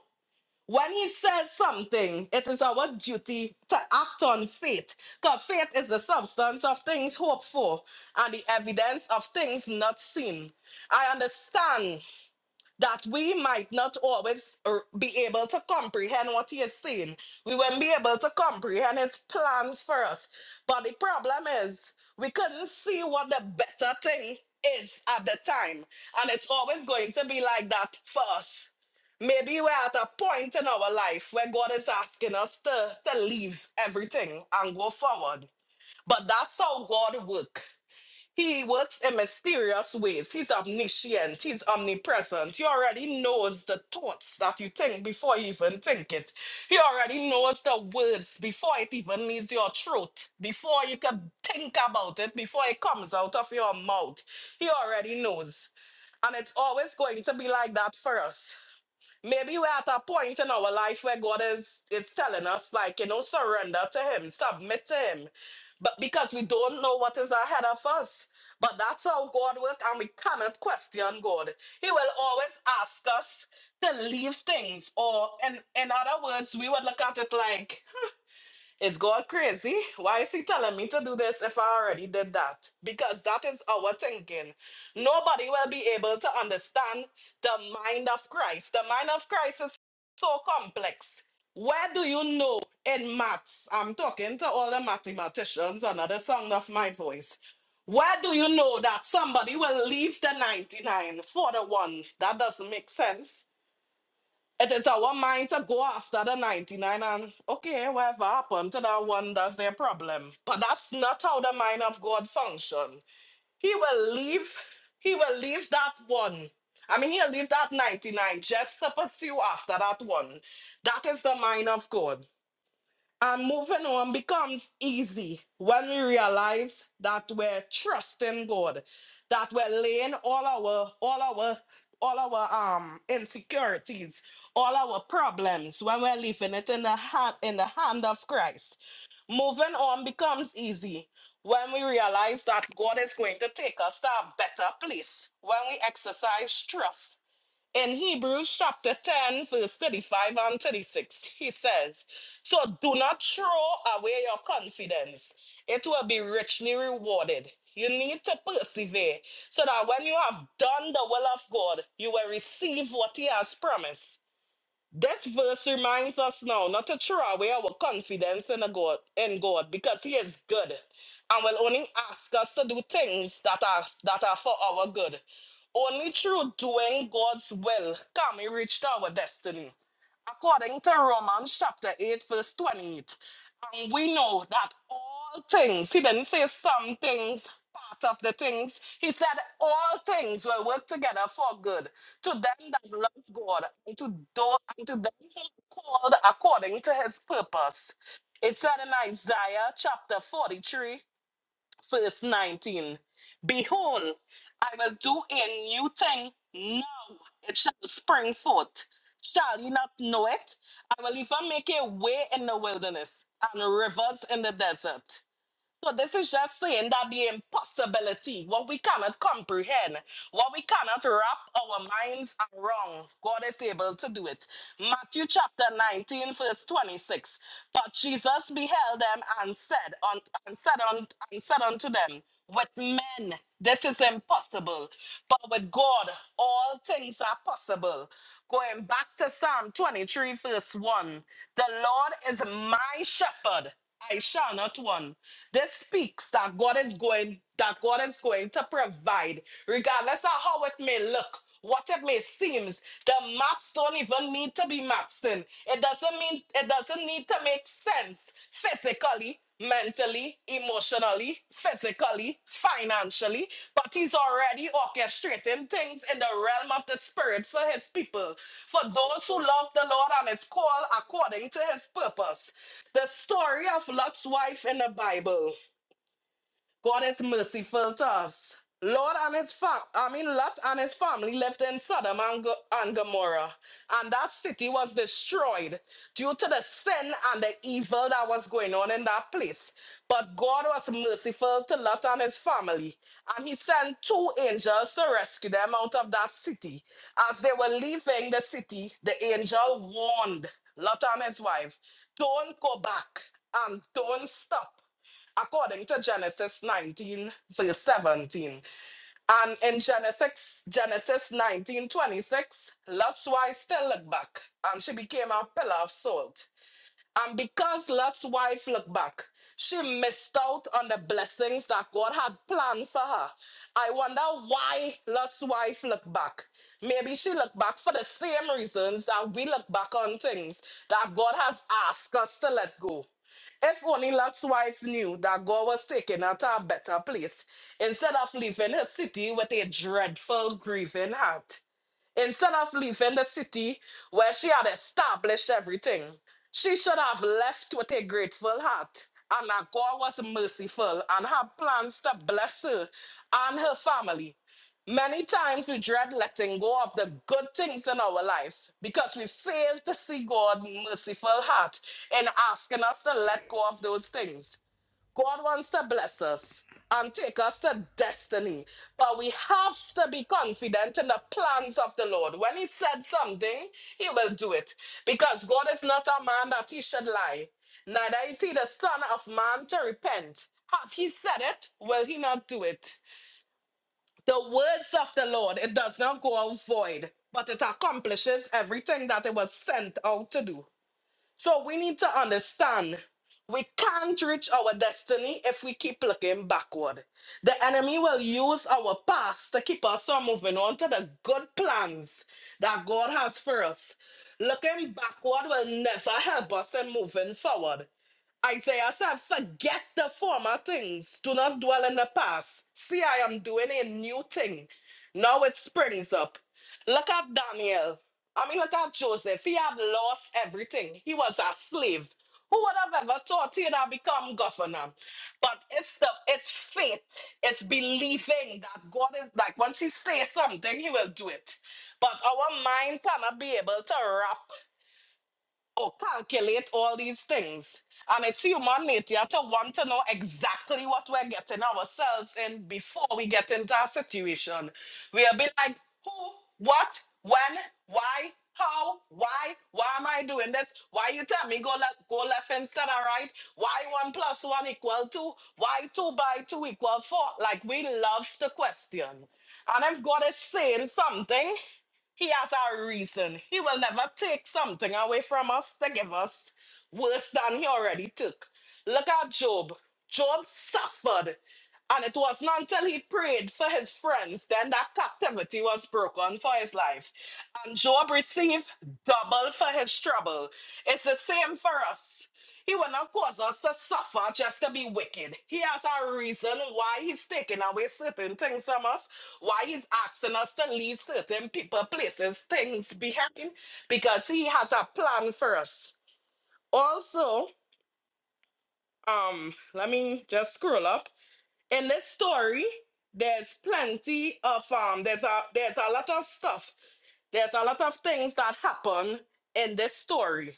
B: When he says something, it is our duty to act on faith, because faith is the substance of things hoped for and the evidence of things not seen. I understand that we might not always er, be able to comprehend what he is saying. We won't be able to comprehend his plans for us. But the problem is, we couldn't see what the better thing is at the time. And it's always going to be like that for us. Maybe we're at a point in our life where God is asking us to, to leave everything and go forward. But that's how God works. He works in mysterious ways. He's omniscient. He's omnipresent. He already knows the thoughts that you think before you even think it. He already knows the words before it even leaves your throat, before you can think about it, before it comes out of your mouth. He already knows. And it's always going to be like that for us. Maybe we're at a point in our life where God is, is telling us, like, you know, surrender to Him, submit to Him. But because we don't know what is ahead of us. But that's how God works, and we cannot question God. He will always ask us to leave things, or in, in other words, we would look at it like is God crazy. Why is he telling me to do this if I already did that? Because that is our thinking. Nobody will be able to understand the mind of Christ. The mind of Christ is so complex. Where do you know in maths? I'm talking to all the mathematicians, another sound of my voice. Where do you know that somebody will leave the 99 for the one? That doesn't make sense. It is our mind to go after the 99 and okay, whatever happened to that one, that's their problem. But that's not how the mind of God function. He will leave, he will leave that one. I mean, he'll leave that 99 just to pursue after that one. That is the mind of God. And moving on becomes easy when we realize that we're trusting God, that we're laying all our all our all our um insecurities, all our problems when we're leaving it in the hand in the hand of Christ. Moving on becomes easy when we realize that God is going to take us to a better place when we exercise trust in Hebrews chapter 10, verse 35 and 36, he says, So do not throw away your confidence, it will be richly rewarded. You need to persevere so that when you have done the will of God, you will receive what He has promised. This verse reminds us now not to throw away our confidence in a God in God because He is good and will only ask us to do things that are that are for our good. Only through doing God's will can we reach our destiny. According to Romans chapter 8, verse 28. And we know that all things, he didn't say some things, part of the things. He said all things will work together for good to them that love God and to, do, and to them who are called according to his purpose. It said in Isaiah chapter 43 verse 19. Behold, I will do a new thing now, it shall spring forth. Shall you not know it? I will even make a way in the wilderness and rivers in the desert. So this is just saying that the impossibility, what we cannot comprehend, what we cannot wrap our minds around, God is able to do it. Matthew chapter 19, verse 26. But Jesus beheld them and said, on, and said, on, and said unto them, With men this is impossible, but with God all things are possible. Going back to Psalm 23, verse 1. The Lord is my shepherd. I shall not want. This speaks that God is going, that God is going to provide, regardless of how it may look, what it may seems. The maps don't even need to be maps in. It doesn't mean it doesn't need to make sense physically mentally, emotionally, physically, financially, but he's already orchestrating things in the realm of the spirit for his people, for those who love the Lord and his call according to his purpose. The story of Lot's wife in the Bible. God is merciful to us. Lord and his fam- I mean Lot and his family lived in Sodom and, Go- and Gomorrah, and that city was destroyed due to the sin and the evil that was going on in that place. But God was merciful to Lot and his family, and he sent two angels to rescue them out of that city. As they were leaving the city, the angel warned Lot and his wife, "Don't go back and don't stop." according to Genesis 19, verse 17. And in Genesis, Genesis nineteen twenty six, 26, Lot's wife still looked back, and she became a pillar of salt. And because Lot's wife looked back, she missed out on the blessings that God had planned for her. I wonder why Lot's wife looked back. Maybe she looked back for the same reasons that we look back on things that God has asked us to let go. If only Lot's wife knew that God was taking her to a better place instead of leaving her city with a dreadful, grieving heart. Instead of leaving the city where she had established everything. She should have left with a grateful heart, and that God was merciful and had plans to bless her and her family. Many times we dread letting go of the good things in our life because we fail to see God's merciful heart in asking us to let go of those things. God wants to bless us and take us to destiny. But we have to be confident in the plans of the Lord. When He said something, He will do it. Because God is not a man that He should lie, neither is He the Son of Man to repent. Have He said it? Will He not do it? The words of the Lord, it does not go out void, but it accomplishes everything that it was sent out to do. So we need to understand we can't reach our destiny if we keep looking backward. The enemy will use our past to keep us from moving on to the good plans that God has for us. Looking backward will never help us in moving forward. Isaiah said, Forget the former things. Do not dwell in the past. See, I am doing a new thing. Now it springs up. Look at Daniel. I mean, look at Joseph. He had lost everything. He was a slave. Who would have ever thought he'd have become governor? But it's the it's faith. It's believing that God is like once he says something, he will do it. But our mind cannot be able to wrap or calculate all these things. And it's human nature to want to know exactly what we're getting ourselves in before we get into a situation. We'll be like, who, what, when, why, how, why, why am I doing this? Why you tell me go left, go left instead of right? Why one plus one equal two? Why two by two equal four? Like we love the question. And if God is saying something, he has a reason. He will never take something away from us to give us worse than he already took. Look at Job. Job suffered. And it was not until he prayed for his friends then that captivity was broken for his life. And Job received double for his trouble. It's the same for us. He will not cause us to suffer just to be wicked. He has a reason why he's taking away certain things from us, why he's asking us to leave certain people, places, things behind, because he has a plan for us. Also, um, let me just scroll up. In this story, there's plenty of um, there's a there's a lot of stuff. There's a lot of things that happen in this story.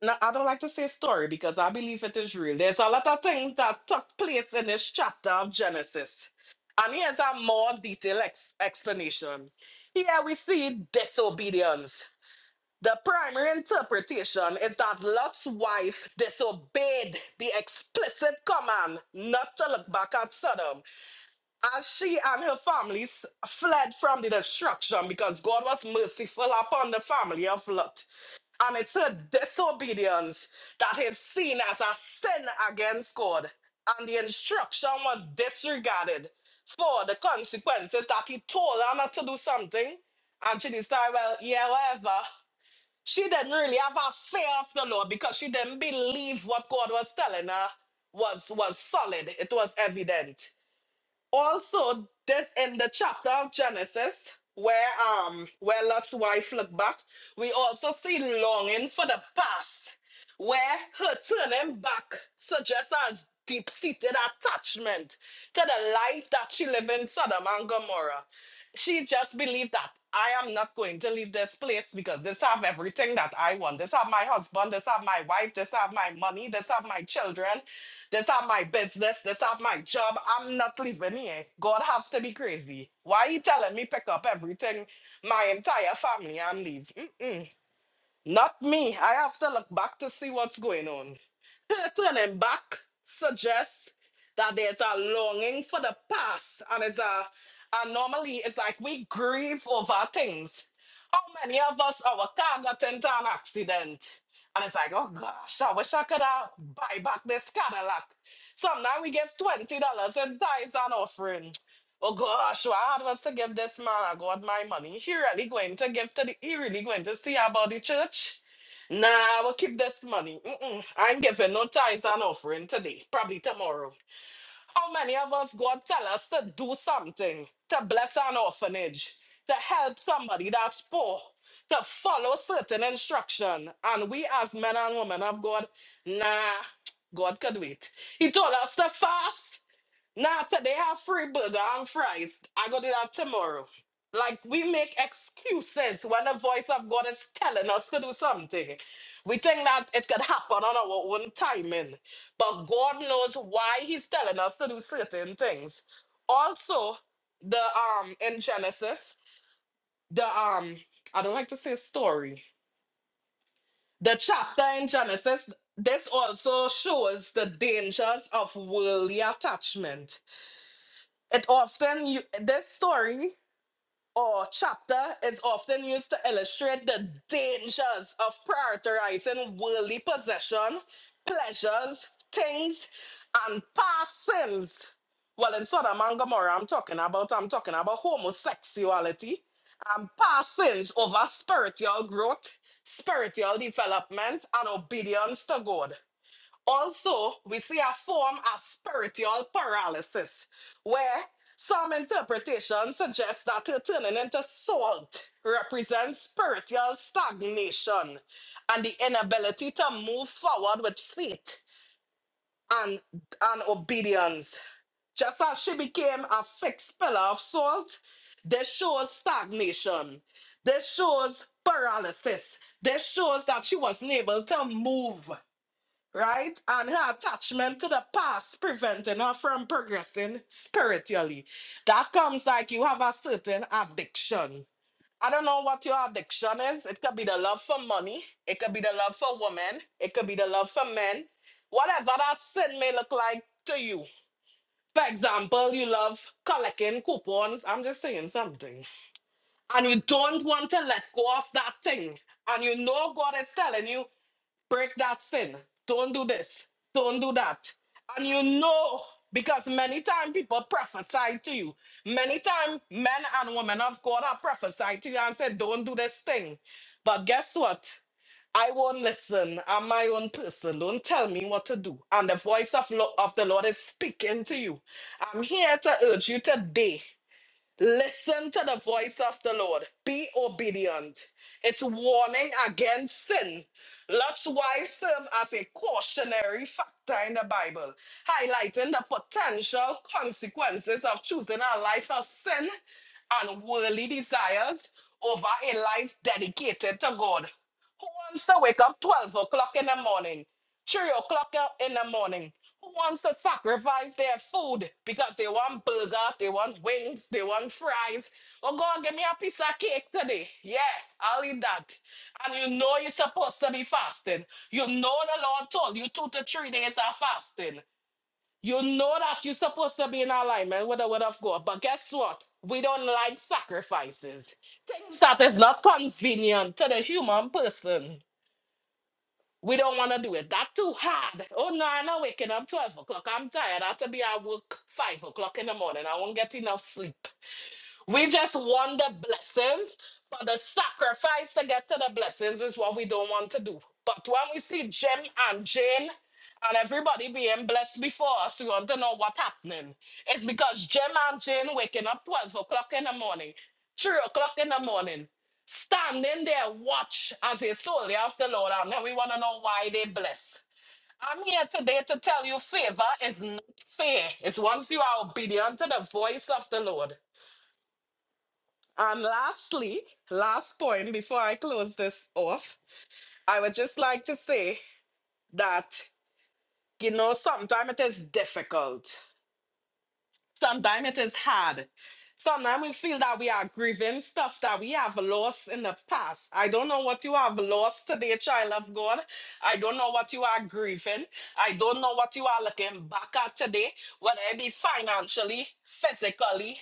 B: No, I don't like to say story because I believe it is real. There's a lot of things that took place in this chapter of Genesis. And here's a more detailed ex- explanation. Here we see disobedience. The primary interpretation is that Lot's wife disobeyed the explicit command not to look back at Sodom as she and her families fled from the destruction because God was merciful upon the family of Lot and it's her disobedience that is seen as a sin against God. And the instruction was disregarded for the consequences that he told her not to do something. And she decided, well, yeah, whatever. She didn't really have a fear of the Lord because she didn't believe what God was telling her was, was solid. It was evident also this in the chapter of genesis where um where lot's wife looked back we also see longing for the past where her turning back suggests as deep-seated attachment to the life that she lived in sodom and gomorrah she just believed that i am not going to leave this place because this have everything that i want this have my husband this have my wife this have my money this have my children that's not my business. That's not my job. I'm not living here. God have to be crazy. Why you telling me pick up everything, my entire family, and leave? Mm-mm. Not me. I have to look back to see what's going on. Turning back suggests that there's a longing for the past, and it's a and normally it's like we grieve over things. How many of us our car got into an accident? And it's like, oh gosh, I wish I could have buy back this Cadillac. Sometimes we give twenty dollars in tithes and offering. Oh gosh, what was to give this man I got my money? He really going to give to the he really going to see about the church? Nah, I will keep this money. Mm-mm. I'm giving no tithes and offering today, probably tomorrow. How many of us God tell us to do something, to bless an orphanage, to help somebody that's poor, to follow certain instruction? And we as men and women of God, nah, God could wait. He told us to fast. Nah, today I have free burger and fries. I go do that tomorrow. Like we make excuses when the voice of God is telling us to do something. We think that it could happen on our own timing. But God knows why He's telling us to do certain things. Also, the um in Genesis, the um, I don't like to say story. The chapter in Genesis, this also shows the dangers of worldly attachment it often you, this story or chapter is often used to illustrate the dangers of prioritizing worldly possession, pleasures, things, and past sins. Well, in Sodom and Gomorrah, I'm talking about I'm talking about homosexuality and past sins over spiritual growth, spiritual development, and obedience to God. Also, we see a form of spiritual paralysis, where some interpretation suggests that her turning into salt represents spiritual stagnation and the inability to move forward with faith and, and obedience. Just as she became a fixed pillar of salt, this shows stagnation. This shows paralysis. This shows that she wasn't able to move right? And her attachment to the past preventing her from progressing spiritually. That comes like you have a certain addiction. I don't know what your addiction is. It could be the love for money, it could be the love for women, it could be the love for men, whatever that sin may look like to you. For example, you love collecting coupons. I'm just saying something. And you don't want to let go of that thing. And you know God is telling you break that sin. Don't do this. Don't do that. And you know, because many times people prophesy to you. Many times men and women of God are prophesy to you and said, don't do this thing. But guess what? I won't listen. I'm my own person. Don't tell me what to do. And the voice of, lo- of the Lord is speaking to you. I'm here to urge you today. Listen to the voice of the Lord. Be obedient. It's warning against sin. That's why it serves as a cautionary factor in the Bible, highlighting the potential consequences of choosing a life of sin and worldly desires over a life dedicated to God. Who wants to wake up 12 o'clock in the morning? Three o'clock out in the morning. Who wants to sacrifice their food because they want burger, they want wings, they want fries? Oh, go and give me a piece of cake today. Yeah, I'll eat that. And you know you're supposed to be fasting. You know the Lord told you two to three days of fasting. You know that you're supposed to be in alignment with the word of God. But guess what? We don't like sacrifices. Things that is not convenient to the human person. We don't want to do it. That's too hard. Oh no, I'm not waking up 12 o'clock. I'm tired. I have to be at work 5 o'clock in the morning. I won't get enough sleep. We just want the blessings, but the sacrifice to get to the blessings is what we don't want to do. But when we see Jim and Jane and everybody being blessed before us, we want to know what's happening. It's because Jim and Jane waking up 12 o'clock in the morning, 3 o'clock in the morning, standing there, watch as a soldier of the Lord, and then we want to know why they bless. I'm here today to tell you favor is not fair. It's once you are obedient to the voice of the Lord. And lastly, last point before I close this off, I would just like to say that, you know, sometimes it is difficult, sometimes it is hard. Sometimes we feel that we are grieving stuff that we have lost in the past. I don't know what you have lost today, child of God. I don't know what you are grieving. I don't know what you are looking back at today, whether it be financially, physically,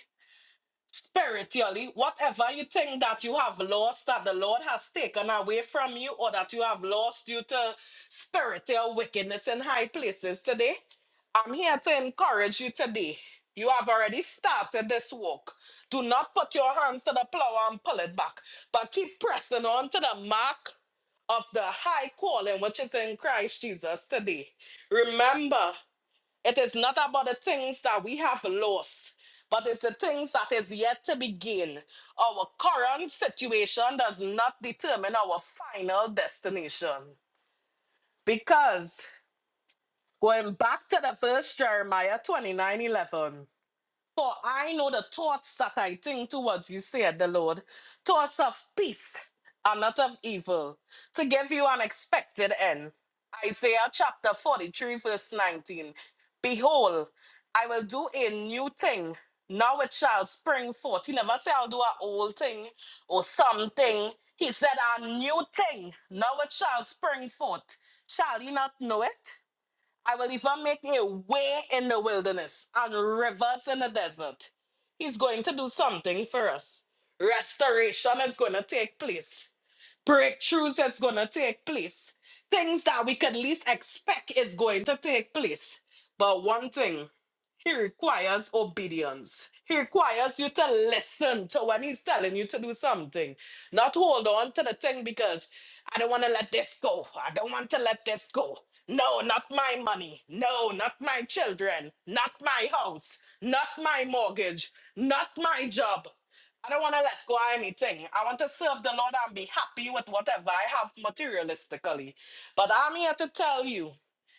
B: spiritually, whatever you think that you have lost, that the Lord has taken away from you, or that you have lost due to spiritual wickedness in high places today, I'm here to encourage you today. You have already started this walk. Do not put your hands to the plow and pull it back, but keep pressing on to the mark of the high calling which is in Christ Jesus today. Remember, it is not about the things that we have lost, but it's the things that is yet to begin. Our current situation does not determine our final destination. Because going back to the first Jeremiah 29 11. For I know the thoughts that I think towards you, said the Lord, thoughts of peace and not of evil, to give you an expected end. Isaiah chapter 43, verse 19. Behold, I will do a new thing. Now it shall spring forth. He never said, I'll do an old thing or something. He said, A new thing. Now it shall spring forth. Shall you not know it? I will even make a way in the wilderness and rivers in the desert. He's going to do something for us. Restoration is going to take place breakthroughs that's going to take place. Things that we could least expect is going to take place. But one thing, he requires obedience. He requires you to listen to when he's telling you to do something. Not hold on to the thing because I don't want to let this go. I don't want to let this go. No, not my money. No, not my children. Not my house. Not my mortgage. Not my job. I don't want to let go of anything. I want to serve the Lord and be happy with whatever I have materialistically. But I'm here to tell you,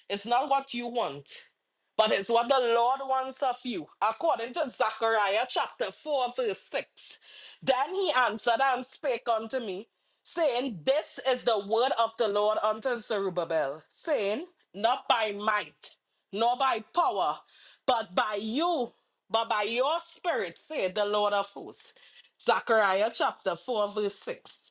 B: it's not what you want, but it's what the Lord wants of you. According to Zechariah chapter 4, verse 6. Then he answered and spake unto me, saying, This is the word of the Lord unto Zerubbabel, saying, Not by might, nor by power, but by you, but by your spirit, said the Lord of hosts. Zechariah chapter 4, verse 6.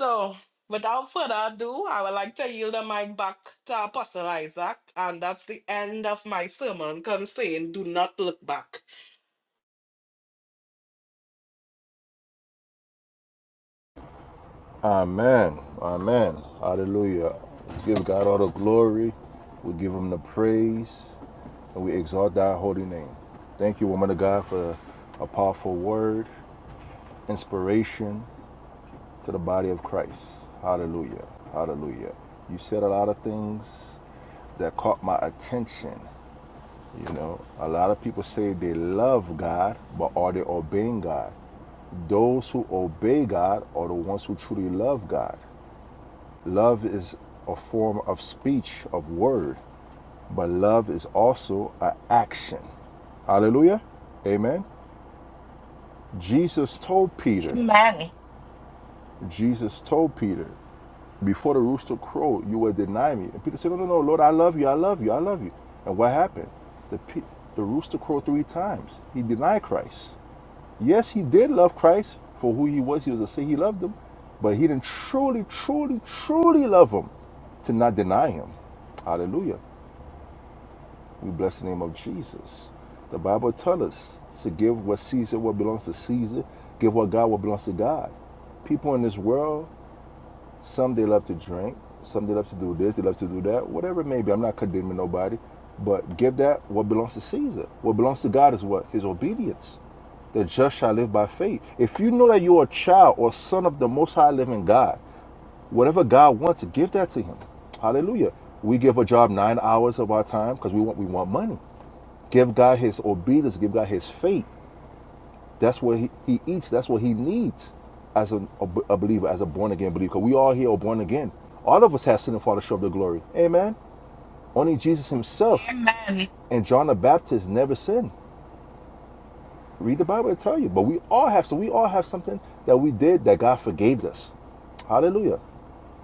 B: So, without further ado, I would like to yield the mic back to Apostle Isaac, and that's the end of my sermon concerning Do Not Look Back.
A: Amen. Amen. Hallelujah. Give God all the glory. We give him the praise. and we exalt thy holy name. Thank you, woman of God, for a powerful word, inspiration to the body of Christ. Hallelujah. Hallelujah. You said a lot of things that caught my attention. You know, a lot of people say they love God, but are they obeying God? Those who obey God are the ones who truly love God. Love is a form of speech, of word. But love is also an action. Hallelujah. Amen. Jesus told Peter,
B: Amen.
A: Jesus told Peter, before the rooster crowed, you will deny me. And Peter said, No, no, no, Lord, I love you, I love you, I love you. And what happened? The, pe- the rooster crowed three times. He denied Christ. Yes, he did love Christ for who he was. He was to say he loved him, but he didn't truly, truly, truly love him to not deny him. Hallelujah. We bless the name of Jesus. The Bible tells us to give what Caesar what belongs to Caesar, give what God what belongs to God. People in this world, some they love to drink, some they love to do this, they love to do that, whatever it may be. I'm not condemning nobody, but give that what belongs to Caesar. What belongs to God is what? His obedience. The just shall live by faith. If you know that you're a child or son of the most high living God, whatever God wants, give that to him. Hallelujah. We give a job nine hours of our time because we want we want money. Give God his obedience, give God his faith. That's what he, he eats, that's what he needs as a a, b- a believer, as a born again believer. Because we all here are born again. All of us have sinned and fallen short of the glory. Amen. Only Jesus himself
B: Amen.
A: and John the Baptist never sinned. Read the Bible, it'll tell you. But we all have, so we all have something that we did that God forgave us. Hallelujah.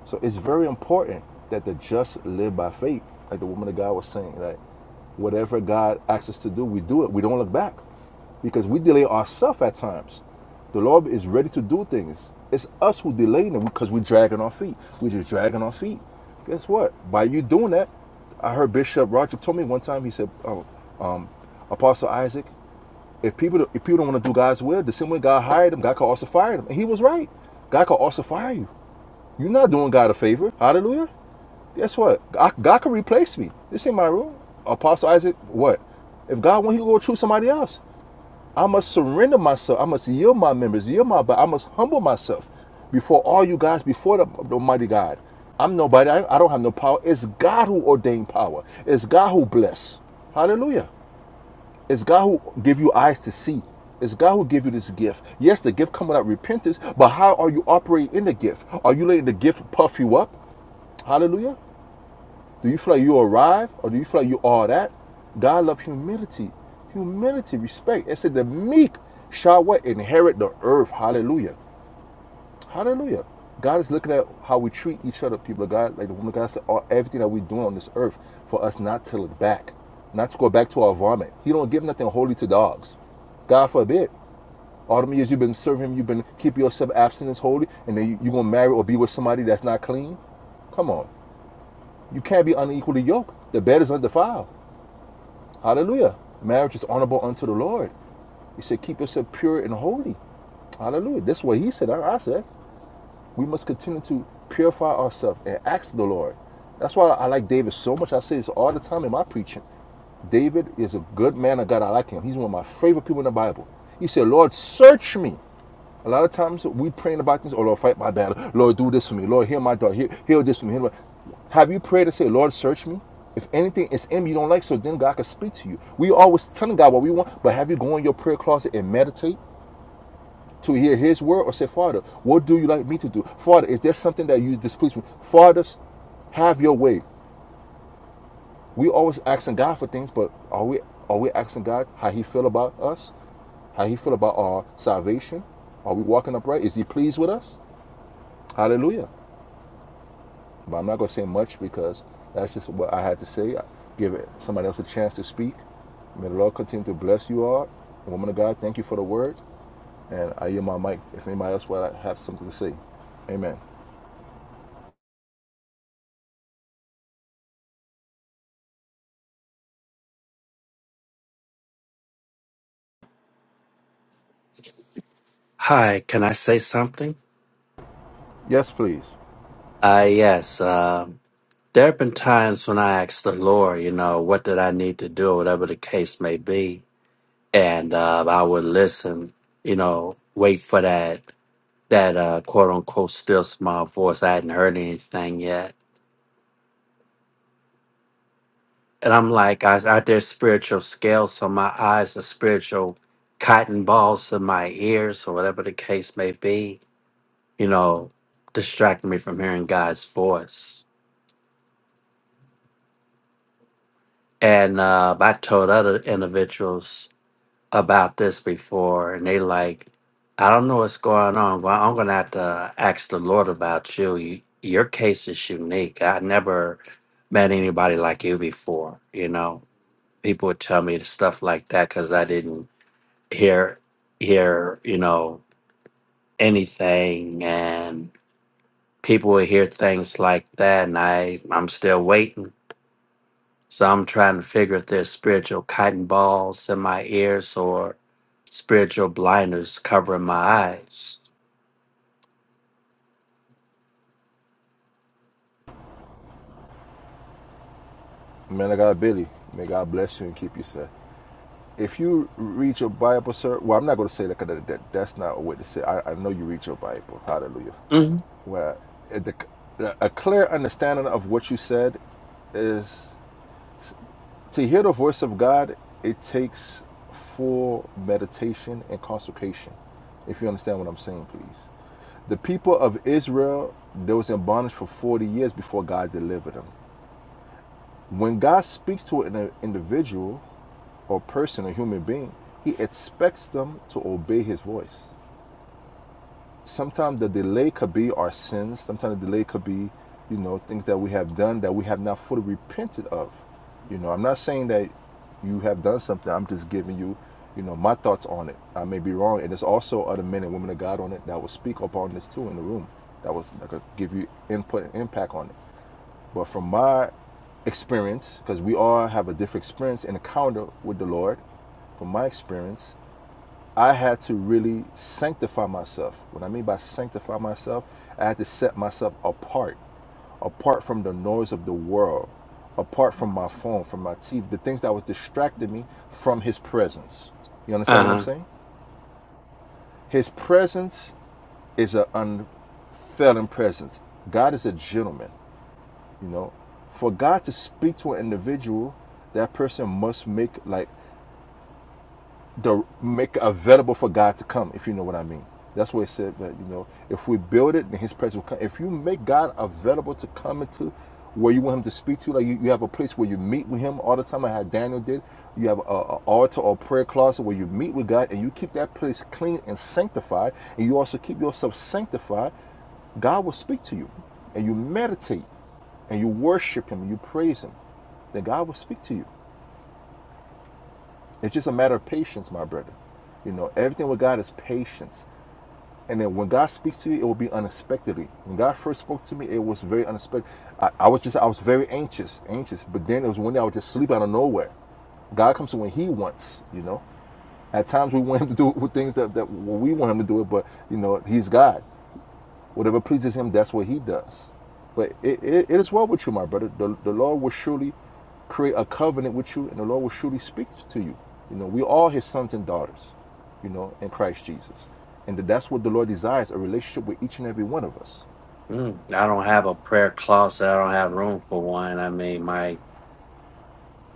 A: So it's very important that the just live by faith, like the woman of God was saying, Like whatever God asks us to do, we do it. We don't look back because we delay ourselves at times. The Lord is ready to do things. It's us who delaying it because we're dragging our feet. We're just dragging our feet. Guess what? By you doing that, I heard Bishop Roger told me one time. He said, oh, um, "Apostle Isaac, if people if people don't want to do God's will, the same way God hired him, God could also fire them." And he was right. God could also fire you. You're not doing God a favor. Hallelujah. Guess what? God, God can replace me. This ain't my room. Apostle Isaac, what? If God wants, he will go choose somebody else. I must surrender myself. I must yield my members, yield my body. I must humble myself before all you guys, before the, the Almighty God. I'm nobody. I, I don't have no power. It's God who ordained power. It's God who bless. Hallelujah. It's God who give you eyes to see. It's God who give you this gift. Yes, the gift come without repentance, but how are you operating in the gift? Are you letting the gift puff you up? Hallelujah. Do you feel like you arrive or do you feel like you are that? God loves humility. Humility, respect. It said the meek shall what? Inherit the earth. Hallelujah. Hallelujah. God is looking at how we treat each other, people of God. Like the woman of God said, all, everything that we're doing on this earth for us not to look back, not to go back to our vomit. He don't give nothing holy to dogs. God forbid. All them years you've been serving him, you've been keeping yourself abstinence holy, and then you're going to marry or be with somebody that's not clean? Come on. You can't be unequally yoked. The bed is undefiled. Hallelujah. Marriage is honorable unto the Lord. He said, keep yourself pure and holy. Hallelujah. That's what he said. I said. We must continue to purify ourselves and ask the Lord. That's why I like David so much. I say this all the time in my preaching. David is a good man of God. I like him. He's one of my favorite people in the Bible. He said, Lord, search me. A lot of times we praying about things, oh Lord, fight my battle. Lord, do this for me. Lord, heal my daughter. Heal, heal this for me. Heal Have you prayed to say, Lord, search me? If anything is in me you don't like, so then God can speak to you. We always telling God what we want, but have you go in your prayer closet and meditate? to hear his word or say, Father, what do you like me to do? Father, is there something that you displease me? Fathers, have your way. We always asking God for things, but are we are we asking God how he feel about us? How he feel about our salvation? Are we walking upright? Is he pleased with us? Hallelujah. But I'm not gonna say much because that's just what I had to say. I give it somebody else a chance to speak. May the Lord continue to bless you all. Woman of God, thank you for the word. And I hear my mic if anybody else would have something to say. Amen.
E: Hi, can I say something?
A: Yes, please.
E: Uh, yes. Um there have been times when I asked the Lord, you know, what did I need to do, whatever the case may be, and uh, I would listen, you know, wait for that that uh, quote unquote still small voice. I hadn't heard anything yet, and I'm like, I, I there's spiritual scales, so my eyes are spiritual cotton balls in my ears, or whatever the case may be, you know, distracting me from hearing God's voice And uh, I told other individuals about this before, and they like, I don't know what's going on. Well, I'm gonna have to ask the Lord about you. you your case is unique. I never met anybody like you before. You know, people would tell me stuff like that because I didn't hear hear you know anything, and people would hear things like that, and I I'm still waiting. So I'm trying to figure if there's spiritual cotton balls in my ears or spiritual blinders covering my eyes.
A: Man of God, Billy, may God bless you and keep you, sir. If you read your Bible, sir, well, I'm not going to say that, that that's not a way to say. it. I, I know you read your Bible. Hallelujah.
E: hmm
A: Well, the, a clear understanding of what you said is to hear the voice of God. It takes full meditation and consecration. If you understand what I'm saying, please. The people of Israel, they was in bondage for 40 years before God delivered them. When God speaks to an individual, or person or human being, he expects them to obey his voice. Sometimes the delay could be our sins. Sometimes the delay could be, you know, things that we have done that we have not fully repented of. You know, I'm not saying that you have done something. I'm just giving you, you know, my thoughts on it. I may be wrong, and there's also other men and women of God on it that will speak upon this too in the room. That was that could give you input and impact on it. But from my experience, because we all have a different experience and encounter with the Lord, from my experience, I had to really sanctify myself. What I mean by sanctify myself, I had to set myself apart, apart from the noise of the world, apart from my phone, from my TV, the things that was distracting me from His presence. You understand
E: Uh
A: what I'm
E: huh.
A: saying? His presence is an unfailing presence. God is a gentleman. You know, for God to speak to an individual, that person must make like the make available for God to come, if you know what I mean. That's what it said. But you know, if we build it, then His presence will come. If you make God available to come into where you want Him to speak to, like you, you have a place where you meet with Him all the time, like how Daniel did. You have a, a altar or prayer closet where you meet with God, and you keep that place clean and sanctified, and you also keep yourself sanctified. God will speak to you, and you meditate, and you worship Him, and you praise Him. Then God will speak to you. It's just a matter of patience, my brother. You know, everything with God is patience. And then when God speaks to you, it will be unexpectedly. When God first spoke to me, it was very unexpected. I, I was just, I was very anxious, anxious. But then it was one day I would just sleep out of nowhere. God comes to when He wants, you know. At times we want Him to do things that, that we want Him to do it, but, you know, He's God. Whatever pleases him, that's what he does. But it, it, it is well with you, my brother. The, the Lord will surely create a covenant with you, and the Lord will surely speak to you. You know, we all his sons and daughters, you know, in Christ Jesus. And that's what the Lord desires, a relationship with each and every one of us.
E: Mm. I don't have a prayer closet. I don't have room for one. I mean, my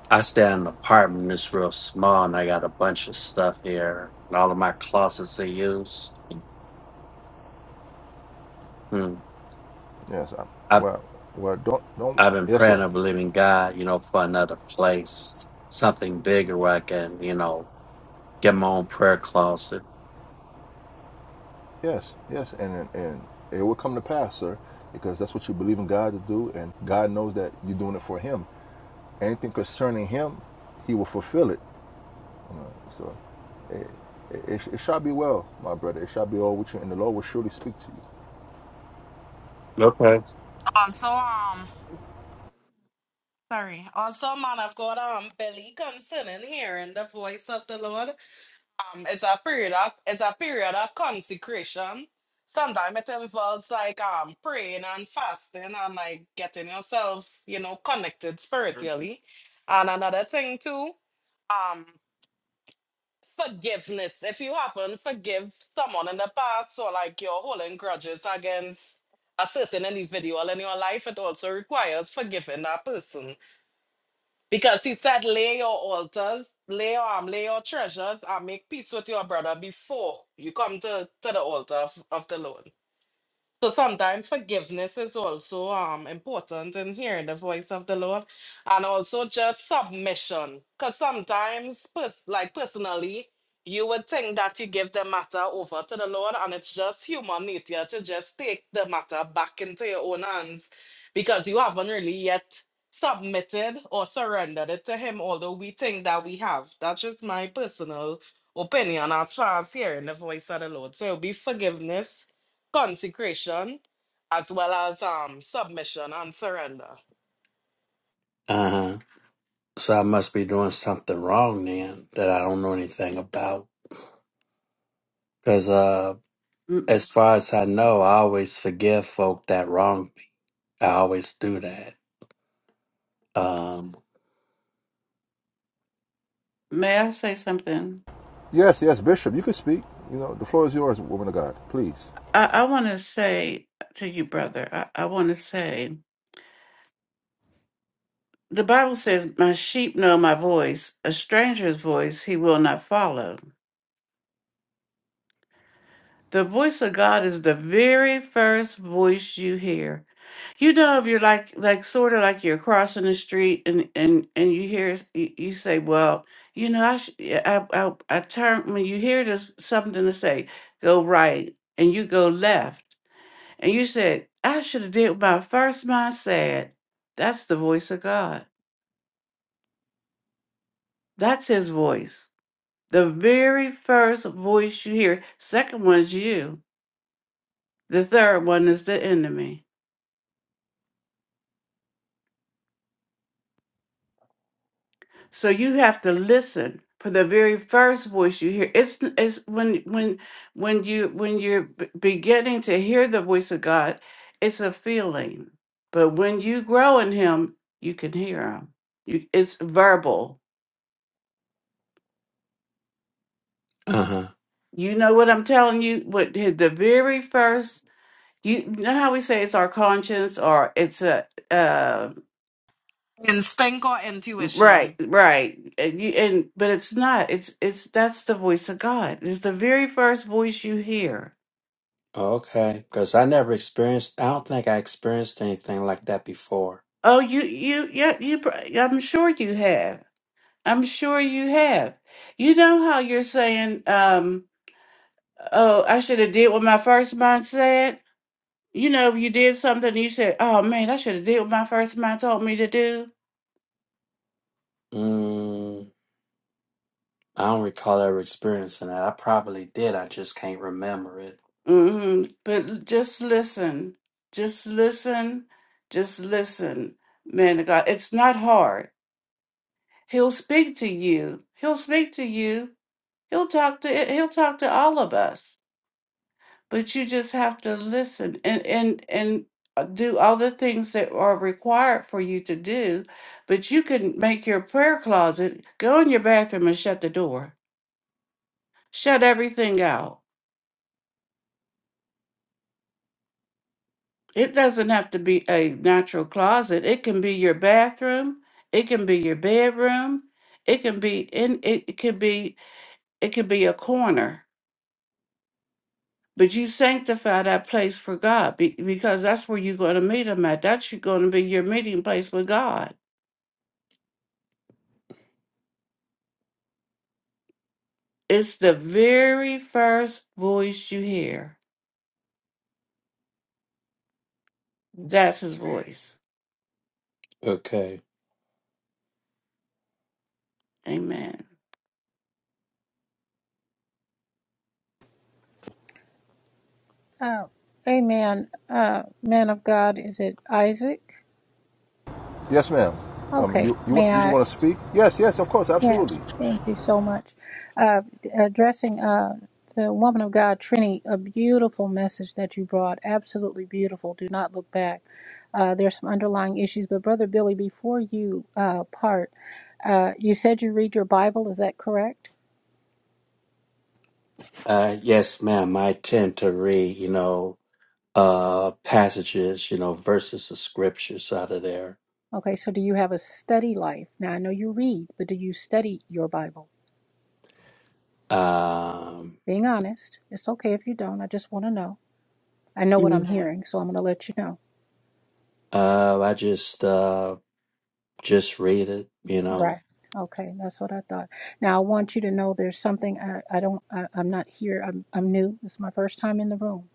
E: I stay in an apartment that's real small, and I got a bunch of stuff here. All of my closets are used. Mm.
A: Yes. I,
E: I've
A: well, well, don't, don't.
E: I've been
A: Yes,
E: praying
A: sir.
E: and believing God, you know, for another place, something bigger where I can, you know, get my own prayer closet.
A: Yes, yes. And, and and it will come to pass, sir, because that's what you believe in God to do. And God knows that you're doing it for him. Anything concerning him, he will fulfill it. So It, it, it shall be well, my brother. It shall be all with you, and the Lord will surely speak to you.
E: Okay.
B: Also, um, sorry. Also, man of God, I'm Billy concerning hearing the voice of the Lord. um, it's a period of it's a period of consecration. Sometimes it involves like um praying and fasting and like getting yourself, you know, connected spiritually. And another thing too, um, forgiveness. If you haven't forgive someone in the past, or like you're holding grudges against a certain individual in your life, it also requires forgiving that person. Because he said, lay your altars, lay your arm, lay your treasures, and make peace with your brother before you come to, to the altar of, of the Lord. So sometimes forgiveness is also um important in hearing the voice of the Lord, and also just submission. Because sometimes, pers- like personally, you would think that you give the matter over to the Lord, and it's just human nature to just take the matter back into your own hands because you haven't really yet submitted or surrendered it to Him. Although we think that we have. That's just my personal opinion as far as hearing the voice of the Lord. So it'll be forgiveness consecration as well as um submission and surrender.
E: Uh huh. So I must be doing something wrong then that I don't know anything about. Because uh,
F: M-
E: as far as I know, I always forgive folk that wrong me. I always do that. Um.
F: May I say something?
A: Yes, yes, Bishop, you can speak. You know, the floor is yours, woman of God. Please.
F: I, I want to say to you, brother, I, I want to say the Bible says, My sheep know my voice, a stranger's voice he will not follow. The voice of God is the very first voice you hear. You know, if you're like, like sort of like you're crossing the street and, and, and you hear, you, you say, well, you know, I, sh- yeah, I, I, I turn, when you hear this, something to say, go right and you go left And you said, I should have did my first mindset. That's the voice of God. That's his voice. The very first voice you hear, second one's you. The third one is the enemy. So you have to listen for the very first voice you hear. It's it's when when when you when you're b- beginning to hear the voice of God, it's a feeling. But when you grow in him, you can hear him. You, it's verbal
E: Uh huh.
F: You know what I'm telling you? What the the very first you know how we say it's our conscience or it's a uh
B: Instinct or
F: right
B: intuition.
F: right and, you, and but it's not it's it's that's the voice of God it's the very first voice you hear
E: Okay. Because I never experienced. I don't think I experienced anything like that before.
F: oh you you yeah you pr- I'm sure you have I'm sure you have you know how you're saying um oh I should have did what my first mind said you know you did something you said oh man I should have did what my first mind told me to do
E: Mm. I don't recall ever experiencing that. I probably did. I just can't remember it.
F: Mm-hmm. But just listen. Just listen. Just listen, man of God. It's not hard. He'll speak to you. He'll speak to you. He'll talk to he'll talk to all of us. But you just have to listen and and and uh, do all the things that are required for you to do. But you can make your prayer closet, go in your bathroom and shut the door. Shut everything out It doesn't have to be a natural closet. It can be your bathroom. It can be your bedroom. It can be in it, it could be it could be a corner. But you sanctify that place for God be- because that's where you're going to meet him at. That's going to be your meeting place with God. It's the very first voice you hear. That's his voice.
E: Okay.
F: Amen.
G: Uh, amen. Uh, man of God, is it Isaac?
A: Yes, ma'am. Um,
G: Okay,
A: you you
G: may
A: want you
G: I?
A: want to speak? Yes, yes, of course,
G: Yeah,
A: absolutely.
G: thank you so much. Uh, addressing uh, the woman of God, Trini, a beautiful message that you brought. Absolutely beautiful. Do not look back. Uh, there's some underlying issues, but Brother Billy, before you uh, part, uh, you said you read your Bible. Is that correct?
E: Uh, yes, ma'am. I tend to read. You know. uh passages, you know, verses of scriptures out of there.
G: Okay, so do you have a study life? Now, I know you read, but do you study your Bible?
E: Um
G: Being honest, it's okay if you don't. I just want to know. I know what I'm
E: Mm.
G: hearing, so I'm going to let you know.
E: uh I just uh just read it, you know.
G: Right. Okay, that's what I thought. Now I want you to know there's something I, I don't I, I'm not here. I'm I'm new. It's my first time in the room,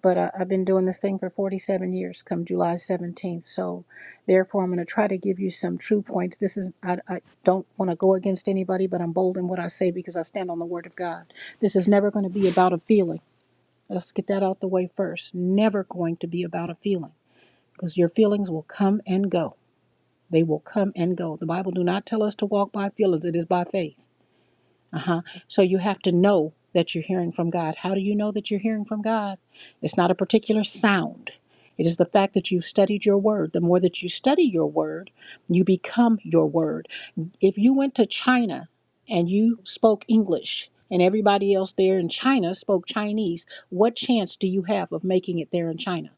G: but I, I've been doing this thing for 47 years. Come July 17th, so therefore I'm going to try to give you some true points. This is I, I don't want to go against anybody, but I'm bold in what I say because I stand on the Word of God. This is never going to be about a feeling. Let's get that out the way first. Never going to be about a feeling because your feelings will come and go They will come and go. The Bible do not tell us to walk by feelings. It is by faith. Uh-huh. So you have to know that you're hearing from God. How do you know that you're hearing from God? It's not a particular sound. It is the fact that you've studied your word. The more that you study your word, you become your word. If you went to China and you spoke English and everybody else there in China spoke Chinese, what chance do you have of making it there in China?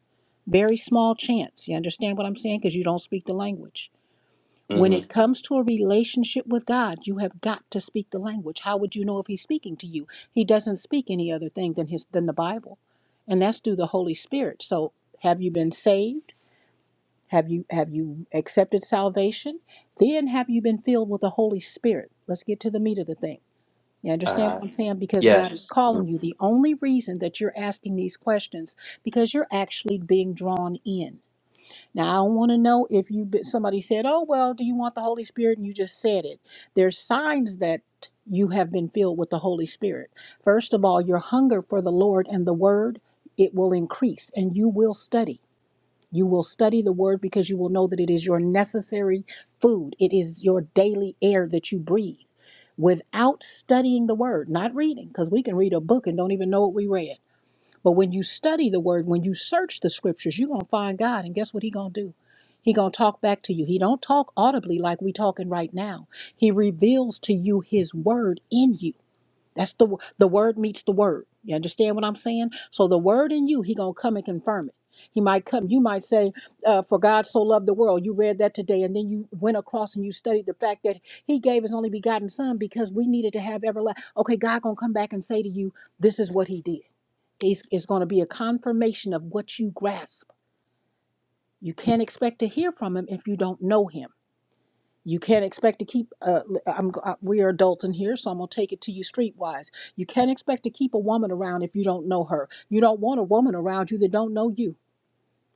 G: Very small chance. You understand what I'm saying? Because you don't speak the language. When
E: hmm
G: it comes to a relationship with God, you have got to speak the language. How would you know if he's speaking to you? He doesn't speak any other thing than his than the Bible. And that's through the Holy Spirit. So have you been saved? Have you have you accepted salvation? Then have you been filled with the Holy Spirit? Let's get to the meat of the thing. You understand
E: Uh
G: what I'm saying? Because God is
E: yes.
G: calling
E: Mm.
G: you. The only reason that you're asking these questions because you're actually being drawn in. Now, I don't want to know if you be- somebody said, "Oh, well, do you want the Holy Spirit?" and you just said it. There's signs that you have been filled with the Holy Spirit. First of all, your hunger for the Lord and the word, it will increase and you will study. You will study the word because you will know that it is your necessary food. It is your daily air that you breathe. Without studying the word, not reading, because we can read a book and don't even know what we read but when you study the word, when you search the scriptures, you're going to find God. And guess what he going to do? He going to talk back to you. He don't talk audibly like we talking right now. He reveals to you his word in you. That's the the word meets the word. You understand what I'm saying? So the word in you, he going to come and confirm it. He might come. You might say, uh, "For God so loved the world." You read that today, and then you went across and you studied the fact that He gave His only begotten Son because we needed to have everlasting. Okay, God gonna come back and say to you, "This is what He did." It's, it's going to be a confirmation of what you grasp. You can't expect to hear from him if you don't know him. You can't expect to keep. Uh, l- I'm, g- uh, we are adults in here, so I'm gonna take it to you streetwise. You can't expect to keep a woman around if you don't know her. You don't want a woman around you that don't know you,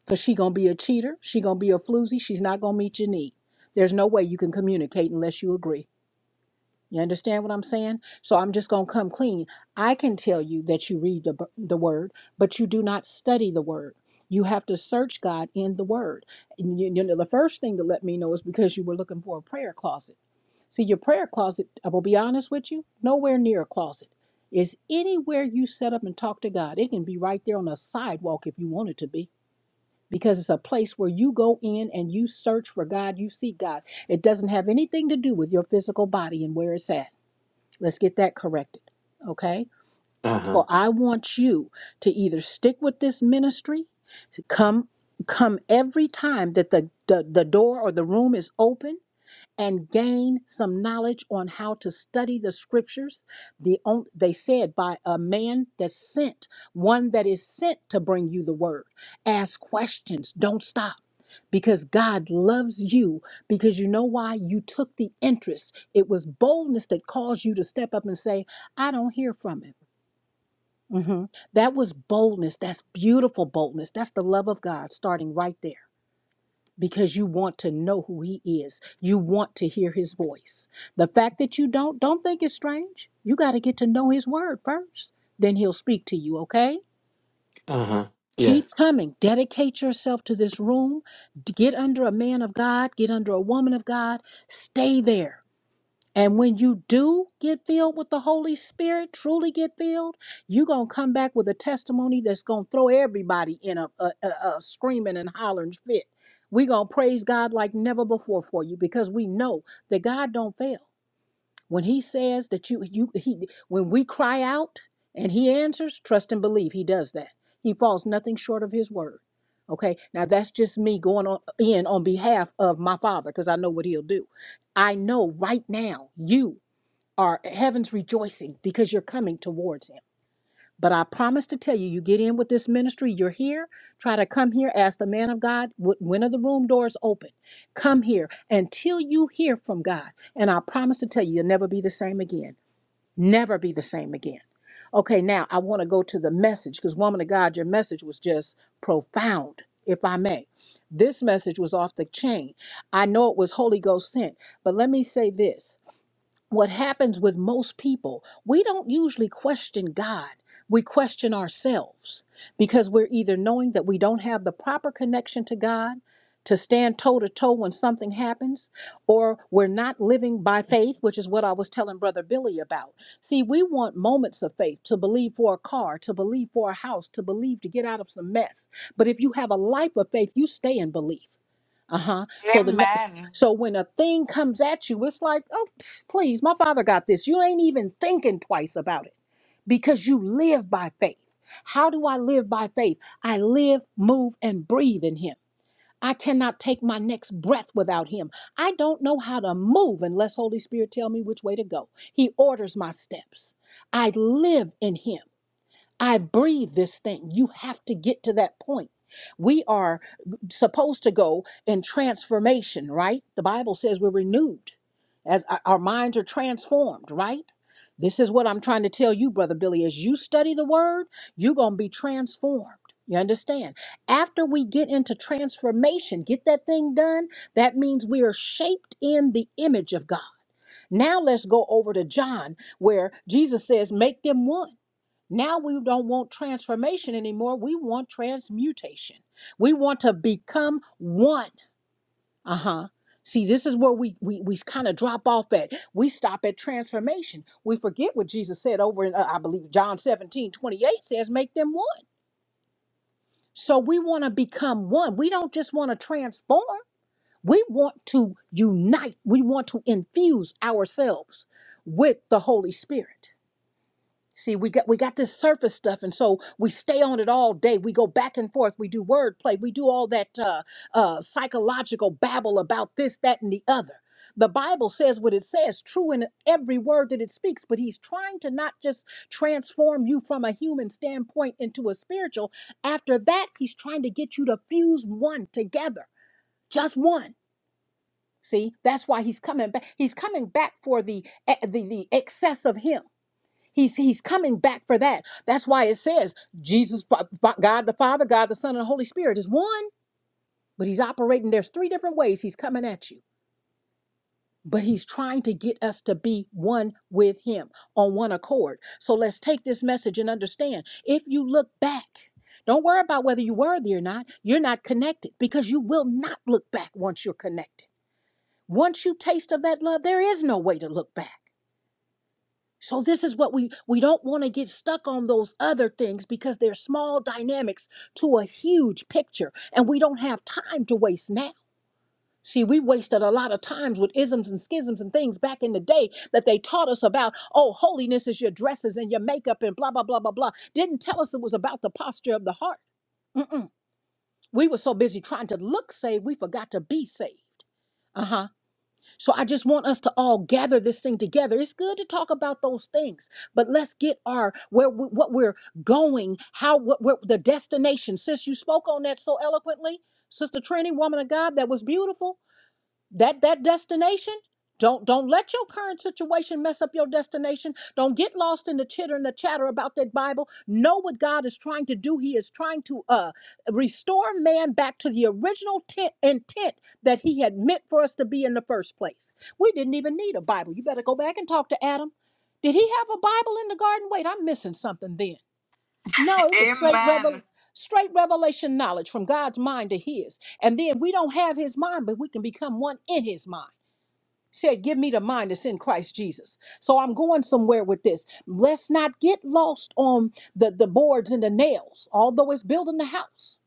G: cause she gonna be a cheater. She gonna be a floozy. She's not gonna meet your need. There's no way you can communicate unless you agree. You understand what I'm saying? So I'm just going to come clean. I can tell you that you read the, b- the word, but you do not study the word. You have to search God in the word. And you, you know, the first thing to let me know is because you were looking for a prayer closet. See, your prayer closet, I will be honest with you, nowhere near a closet. It's anywhere you set up and talk to God. It can be right there on a sidewalk if you want it to be, because it's a place where you go in and you search for God, you seek God. It doesn't have anything to do with your physical body and where it's at. Let's get that corrected. Okay?
E: Uh-huh.
G: For I want you to either stick with this ministry, come come every time that the, the, the door or the room is open and gain some knowledge on how to study the scriptures. The on, they said by a man that's sent, one that is sent to bring you the word. Ask questions. Don't stop. Because God loves you, because you know why you took the interest. It was boldness that caused you to step up and say, I don't hear from him. Mhm. That was boldness. That's beautiful boldness. That's the love of God starting right there because you want to know who he is. You want to hear his voice. The fact that you don't, don't think it's strange. You got to get to know his word first. Then he'll speak to you, okay?
E: Uh-huh.
G: Keep
E: Yes.
G: coming. Dedicate yourself to this room. Get under a man of God, get under a woman of God. Stay there. And when you do get filled with the Holy Spirit, truly get filled, you're going to come back with a testimony that's going to throw everybody in a, a, a, a screaming and hollering fit. We're going to praise God like never before for you because we know that God don't fail. When he says that you you he when we cry out and he answers, trust and believe he does that. He falls nothing short of his word. Okay? Now that's just me going on in on behalf of my father because I know what he'll do. I know right now you are heaven's rejoicing because you're coming towards him. But I promise to tell you, you get in with this ministry, you're here, try to come here, ask the man of God, wh- when are the room doors open? Come here until you hear from God. And I promise to tell you, you'll never be the same again. Never be the same again. Okay, now I want to go to the message because, woman of God, your message was just profound, if I may. This message was off the chain. I know it was Holy Ghost sent, but let me say this what happens with most people, we don't usually question God. We question ourselves because we're either knowing that we don't have the proper connection to God to stand toe to toe when something happens, or we're not living by faith, which is what I was telling Brother Billy about. See, we want moments of faith to believe for a car, to believe for a house, to believe to get out of some mess. But if you have a life of faith, you stay in belief. Uh-huh. So the next
B: Amen.
G: so when a thing comes at you, it's like, oh pff, please, my father got this. You ain't even thinking twice about it because you live by faith. How do I live by faith? I live, move, and breathe in him. I cannot take my next breath without him. I don't know how to move unless Holy Spirit tell me which way to go. He orders my steps. I live in him. I breathe this thing. You have to get to that point. We are supposed to go in transformation, right? The Bible says we're renewed as our our minds are transformed, right? This is what I'm trying to tell you, Brother Billy. As you study the word, you're going to be transformed. You understand? After we get into transformation, get that thing done, that means we are shaped in the image of God. Now let's go over to John, where Jesus says, Make them one. Now we don't want transformation anymore. We want transmutation. We want to become one. Uh huh. See, this is where we we, we kind of drop off at. We stop at transformation. We forget what Jesus said over in, uh, I believe, John 17 28 says, make them one. So we want to become one. We don't just want to transform. We want to unite. We want to infuse ourselves with the Holy Spirit. See, we got we got this surface stuff, and so we stay on it all day. We go back and forth. We do wordplay. We do all that uh, uh, psychological babble about this, that, and the other. The Bible says what it says, true in every word that it speaks. But He's trying to not just transform you from a human standpoint into a spiritual. After that, He's trying to get you to fuse one together, just one. See, that's why He's coming back. He's coming back for the eh, the the excess of Him. He's he's coming back for that. That's why it says Jesus, Fa- Fa- God the Father, God the Son, and the Holy Spirit is one, but he's operating. There's three different ways he's coming at you. But he's trying to get us to be one with him on one accord. So let's take this message and understand. If you look back, don't worry about whether you're worthy or not. You're not connected because you will not look back once you're connected. Once you taste of that love, there is no way to look back. So this is what we we don't want to get stuck on those other things because they're small dynamics to a huge picture and we don't have time to waste now. See, we wasted a lot of times with isms and schisms and things back in the day that they taught us about, oh, holiness is your dresses and your makeup and blah blah blah blah blah. Didn't tell us it was about the posture of the heart. Mm-mm. We were so busy trying to look saved, we forgot to be saved. Uh-huh. So I just want us to all gather this thing together. It's good to talk about those things, but let's get our where we, what we're going, how what, what the destination. Sis, you spoke on that so eloquently, Sister Trini, woman of God, that was beautiful that that destination don't don't let your current situation mess up your destination don't get lost in the chitter and the chatter about that bible know what god is trying to do he is trying to uh restore man back to the original tent, intent that he had meant for us to be in the first place we didn't even need a bible you better go back and talk to adam did he have a bible in the garden wait i'm missing something then no, it was straight
B: Amen.
G: revel straight revelation knowledge from God's mind to his. And then we don't have his mind, but we can become one in his mind. Said, give me the mind that's in Christ Jesus. So I'm going somewhere with this. Let's not get lost on the, the boards and the nails, although it's building the house.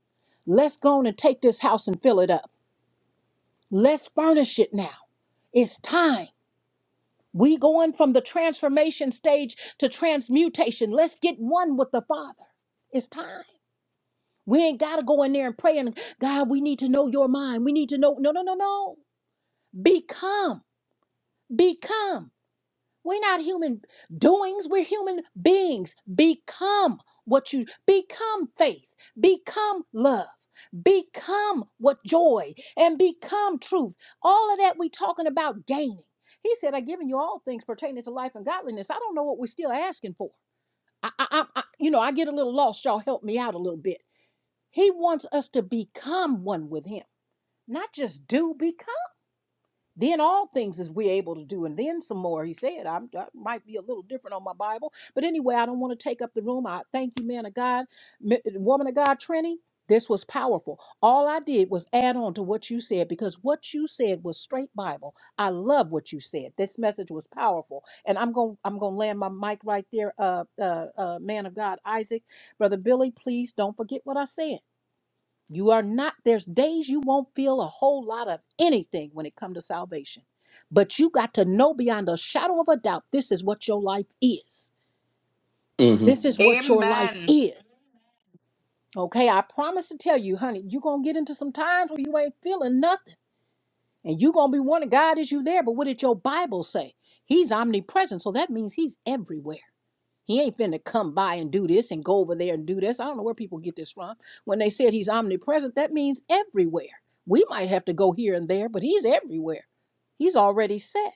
G: Let's go on and take this house and fill it up. Let's furnish it now. It's time. We going from the transformation stage to transmutation. Let's get one with the Father. It's time. We ain't got to go in there and pray and God, we need to know your mind. We need to know. No, no, no, no. Become. Become. We're not human doings, we're human beings. Become what you become faith, become love, become what joy and become truth. All of that we talking about gaining. He said, I've given you all things pertaining to life and godliness. I don't know what we're still asking for. I, I, I, I- you know, I get a little lost. Y'all help me out a little bit he wants us to become one with him, not just do become. Then all things is we able to do, and then some more. He said, I'm, I might be a little different on my Bible, but anyway, I don't want to take up the room. I thank you, man of God, mi- woman of God, Trini. This was powerful. All I did was add on to what you said because what you said was straight Bible. I love what you said. This message was powerful, and I'm going I'm gonna land my mic right there. Uh, uh, uh man of God, Isaac, brother Billy, please don't forget what I said. You are not, there's days you won't feel a whole lot of anything when it comes to salvation. But you got to know beyond a shadow of a doubt this is what your life is.
E: hmm
G: This is what your life
B: Amen.
G: is. Okay, I promise to tell you, honey, you're gonna get into some times where you ain't feeling nothing. And you're gonna be wondering, God, is you there? But what did your Bible say? He's omnipresent, so that means he's everywhere. He ain't finna come by and do this and go over there and do this. I don't know where people get this from. When they said he's omnipresent, that means everywhere. We might have to go here and there, but he's everywhere. He's already set.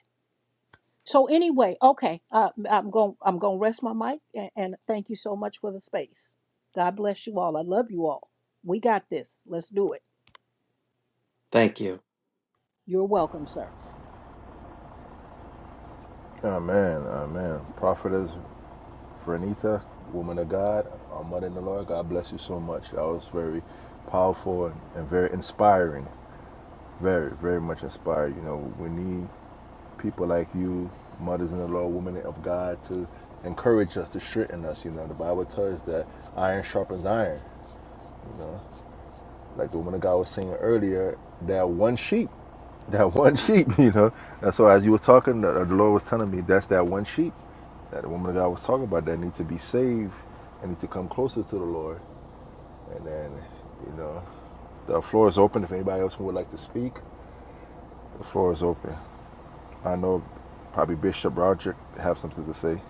G: So anyway, okay, uh, I'm going. I'm going to rest my mic and, and thank you so much for the space. God bless you all. I love you all. We got this. Let's do it.
E: Thank you.
G: You're welcome, sir.
A: Amen, amen. Prophetess Vernita, woman of God, our mother in the Lord. God bless you so much. That was very powerful and, and very inspiring. Very, very much inspired. You know, we need people like you, mothers in the Lord, women of God, to encourage us, to strengthen us. You know, the Bible tells us that iron sharpens iron. You know, like the woman of God was saying earlier, that one sheep, that one sheep. You know, and so as you were talking, the, the Lord was telling me that's that one sheep that the woman of God was talking about that need to be saved and need to come closer to the Lord. And then, you know, the floor is open. If anybody else would like to speak, the floor is open. I know probably Bishop Roderick have something to say.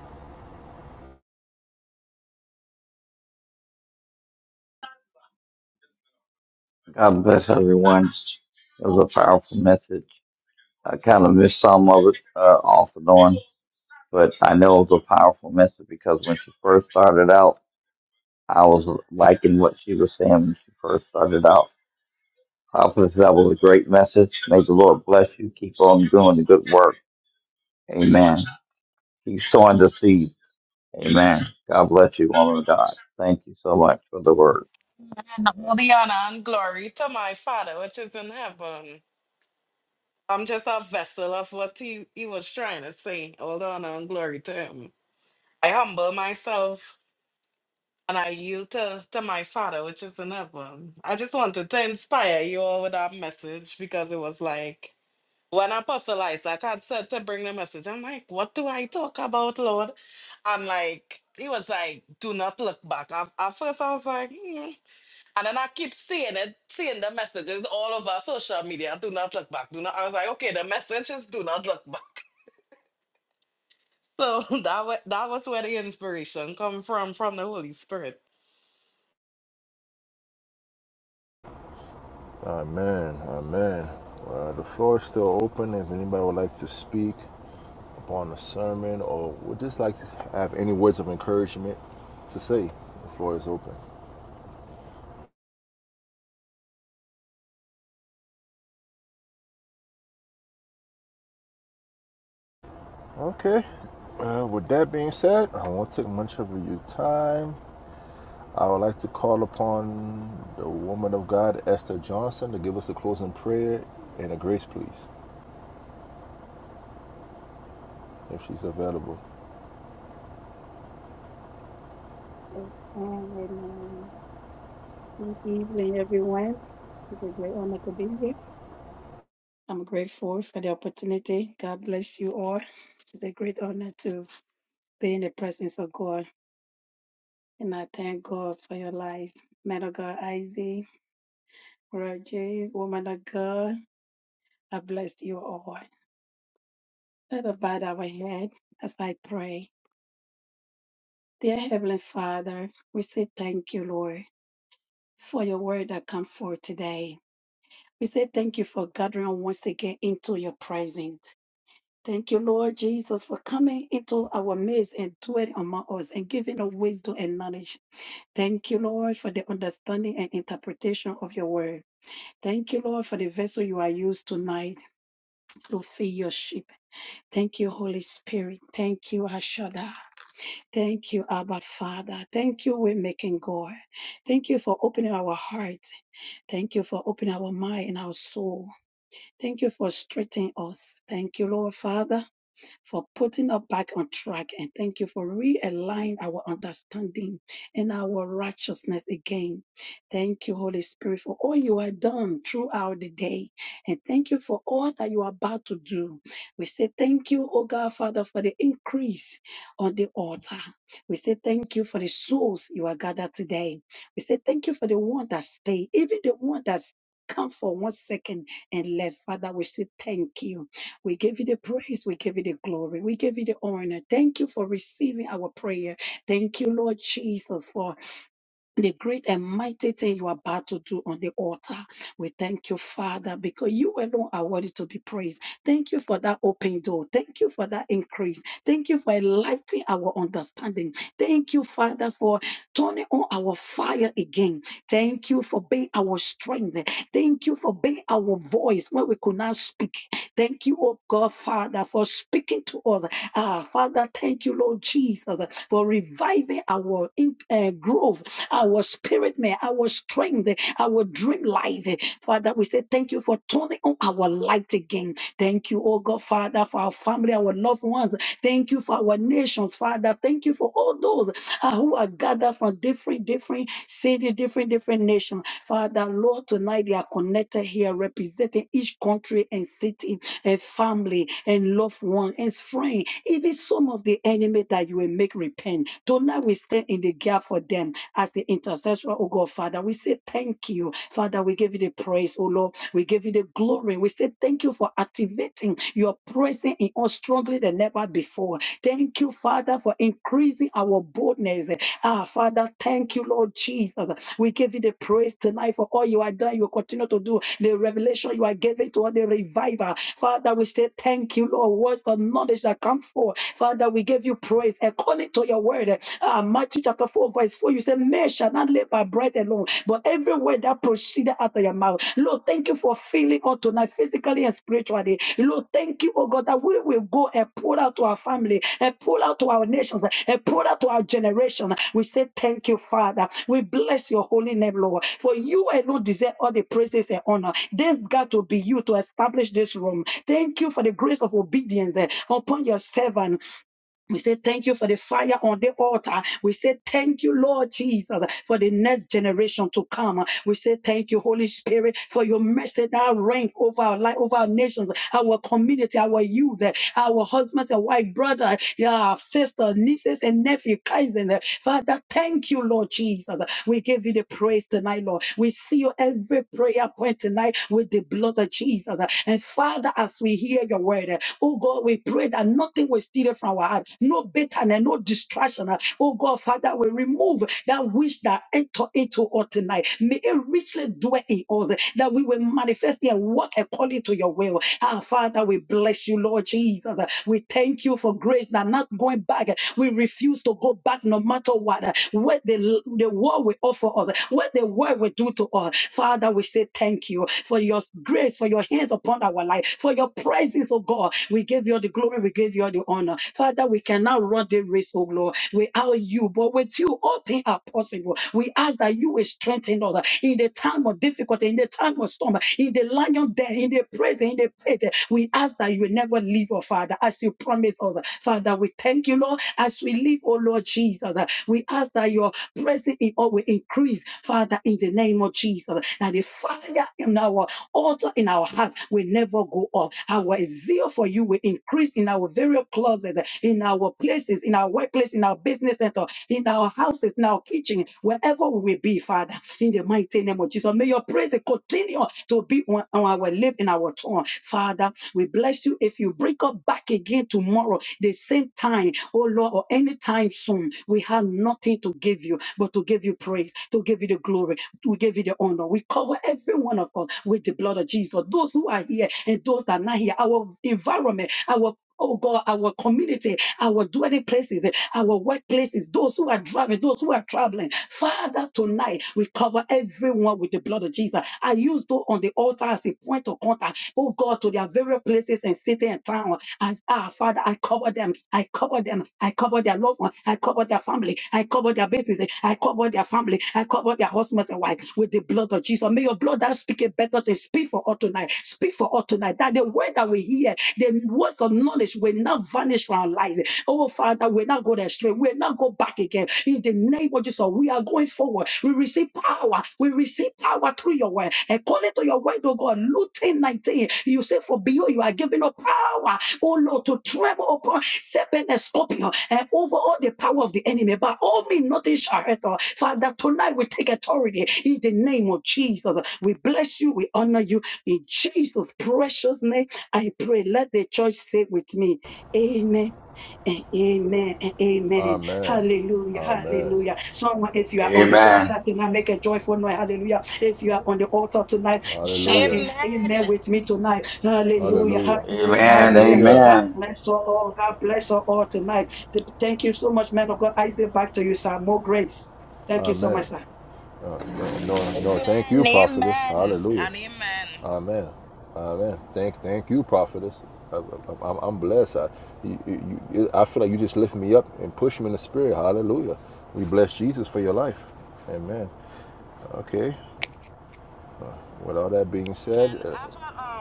D: God bless everyone. It was a powerful message. I kind of missed some of it uh, off and on, but I know it was a powerful message because when she first started out, I was liking what she was saying when she first started out. Prophetess, that was a great message. May the Lord bless you. Keep on doing the good work. Amen. Keep sowing the seed. Amen. God bless you, woman of God. Thank you so much for the word.
B: And all the honor and glory to my Father which is in heaven. I'm just a vessel of what he, he was trying to say. All the honor and glory to him. I humble myself and I yield to, to my Father which is in heaven. I just wanted to inspire you all with that message because it was like When Apostle Isaac had said to bring the message, I'm like, what do I talk about, Lord? And like, he was like, do not look back. At, at first, I was like, hmm. And then I keep seeing it, seeing the messages all over social media. Do not look back. Do not. I was like, okay, the message is do not look back. So that was that was where the inspiration come from from the Holy Spirit.
A: Amen. Amen. Uh, the floor is still open. If anybody would like to speak upon the sermon or would just like to have any words of encouragement to say, the floor is open. Okay. Uh, with that being said, I won't take much of your time. I would like to call upon the woman of God, Esther Johnson, to give us a closing prayer and a grace, please, if she's available.
H: Amen. Amen. Good evening, everyone. It's a great honor to be here. I'm grateful for the opportunity. God bless you all. It's a great honor to be in the presence of God. And I thank God for your life. Man of God, Isaac, Roger, woman of God, I bless you all. Let us bow our head as I pray. Dear Heavenly Father, we say thank you, Lord, for your word that comes forth today. We say thank you for gathering once again into your presence. Thank you, Lord Jesus, for coming into our midst and dwelling among us and giving us wisdom and knowledge. Thank you, Lord, for the understanding and interpretation of your word. Thank you, Lord, for the vessel you are used tonight to feed your sheep. Thank you, Holy Spirit. Thank you, Ashada. Thank you, Abba Father. Thank you, we Making God. Thank you for opening our hearts. Thank you for opening our mind and our soul. Thank you for strengthening us. Thank you, Lord Father for putting us back on track. And thank you for realigning our understanding and our righteousness again. Thank you, Holy Spirit, for all you have done throughout the day. And thank you for all that you are about to do. We say thank you, O God, Father, for the increase on the altar. We say thank you for the souls you are gathered today. We say thank you for the one that stayed, even the one that's come for one second and left. Father, we say thank you. We give you the praise. We give you the glory. We give you the honor. Thank you for receiving our prayer. Thank you, Lord Jesus, for the great and mighty thing you are about to do on the altar. We thank you, Father, because you alone are worthy to be praised. Thank you for that open door. Thank you for that increase. Thank you for enlightening our understanding. Thank you, Father, for turning on our fire again. Thank you for being our strength. Thank you for being our voice when we could not speak. Thank you, oh God, Father, for speaking to us. Ah, Father, thank you, Lord Jesus, for reviving our in- uh, growth our spirit man, our strength, our dream life. Father, we say thank you for turning on our light again. Thank you, oh God, Father, for our family, our loved ones. Thank you for our nations, Father. Thank you for all those uh, who are gathered from different, different cities, different, different nations. Father, Lord, tonight they are connected here, representing each country and city, and family, and loved one, and friend, even some of the enemy that you will make repent. Tonight we stand in the gap for them as the intercessor, oh God, Father. We say thank you, Father. We give you the praise, oh Lord. We give you the glory. We say thank you for activating your presence in us strongly than ever before. Thank you, Father, for increasing our boldness. Ah, Father, thank you, Lord Jesus. We give you the praise tonight for all you are done. You continue to do the revelation you are giving to all the revival. Father, we say thank you, Lord. Words of knowledge that come forth. Father, we give you praise according to your word. Ah, Matthew chapter 4, verse 4. You say, Men shall not live by bread alone, but every word that proceeded out of your mouth. Lord, thank you thank you for filling us tonight, physically and spiritually. Lord, thank you, oh God, that we will go and pour out to our family, and pour out to our nations, and pour out to our generation. We say thank you, Father. We bless your holy name, Lord. For you alone deserve all the praises and honor. This God to be you to establish this room. Thank you for the grace of obedience eh, upon your servant. We say thank you for the fire on the altar. We say thank you, Lord Jesus, for the next generation to come. We say thank you, Holy Spirit, for your mercy that reign over our life, over our nations, our community, our youth, our husbands and wife, brother, yeah, sister, nieces and nephew, cousins. Father, thank you, Lord Jesus. We give you the praise tonight, Lord. We seal every prayer point tonight with the blood of Jesus. And Father, as we hear your word, oh God, we. God, we pray that nothing will steal it from our heart. No bitterness, no distraction. Oh God, Father, we remove that which that enter into us tonight. May it richly dwell in us, that we will manifest and walk according to your will. Ah, Father, we bless you, Lord Jesus. We thank you for grace that not going back. We refuse to go back no matter what. What the, the world will offer us, what the world will do to us. Father, we say thank you for your grace, for your hand upon our life high for your presence, oh God. We give you all the glory, we give you all the honor. Father, we cannot run the race, oh Lord, without you, but with you, all things are possible. We ask that you will strengthen us in the time of difficulty, in the time of storm, in the lion den, in the prison, in the pit. We ask that you will never leave, oh Father, as you promised us. Father, we thank you, Lord, as we live, oh Lord Jesus. We ask that your presence in all will increase, Father, in the name of Jesus. And the fire in our altar in our heart will never go up. Our zeal for you will increase in our very closets, in our places, in our workplace, in our business center, in our houses, in our kitchen, wherever we will be, Father. In the mighty name of Jesus, may your praise continue to be on on our lip, in our tongue. Father, we bless bless you if you break up back again tomorrow, the same time, oh Lord, or anytime soon. We have nothing to give you but to give you praise, to give you the glory, to give you the honor. We cover every one of us with the blood of Jesus. Those who are here and those that are not here, our environment, our Oh God, our community, our dwelling places, eh, our workplaces, those who are driving, those who are traveling. Father, tonight we cover everyone with the blood of Jesus. I use those on the altar as a point of contact, oh God, to their various places and city and town as, ah, Father, I cover them. I cover them. I cover their loved ones. I cover their family. I cover their businesses. I cover their family. I cover their husbands and wives with the blood of Jesus. May your blood that speak a better thing speak for us tonight. Speak for us tonight. That the word that we hear, the words of knowledge will not vanish from our life. Oh, Father, we'll not go astray. We'll not go back again. In the name name of Jesus, we are going forward. We receive power. We receive power through your word. According to your word, oh God, Luke 10 19. you say, For behold, you are giving up power, oh Lord, to tremble upon serpent and scorpion and over all the power of the enemy. But all me, nothing shall hurt us. Father, tonight we take authority in the name of Jesus. We bless you. We honor you. In Jesus' precious name, I pray. Let the church say with me, Amen and amen and amen.
A: Amen.
H: Hallelujah.
A: Amen.
H: Hallelujah. Someone, if you are on the altar
D: Amen.
H: tonight, make a joyful noise. Hallelujah. If you are on the altar tonight, shout
A: Hallelujah.
H: a-
B: Amen.
H: amen with me tonight. Hallelujah.
A: Hallelujah.
H: Hallelujah.
D: Amen.
H: Hallelujah.
A: Hallelujah.
H: God
D: Amen.
H: bless us all. God bless us all tonight. Th- Thank you so much, man of God. I say back to you, sir. More grace. Thank you so
A: Amen.
H: much, sir.
A: No, no, thank you,
B: Amen.
A: prophetess.
B: Amen.
A: Hallelujah.
B: And amen.
A: Amen. Amen. Thank, thank you, prophetess. I, am blessed. I, you, you, I feel like you just lift me up and push me in the spirit. Hallelujah. We bless Jesus for your life. Amen. Okay. With all that being said, uh,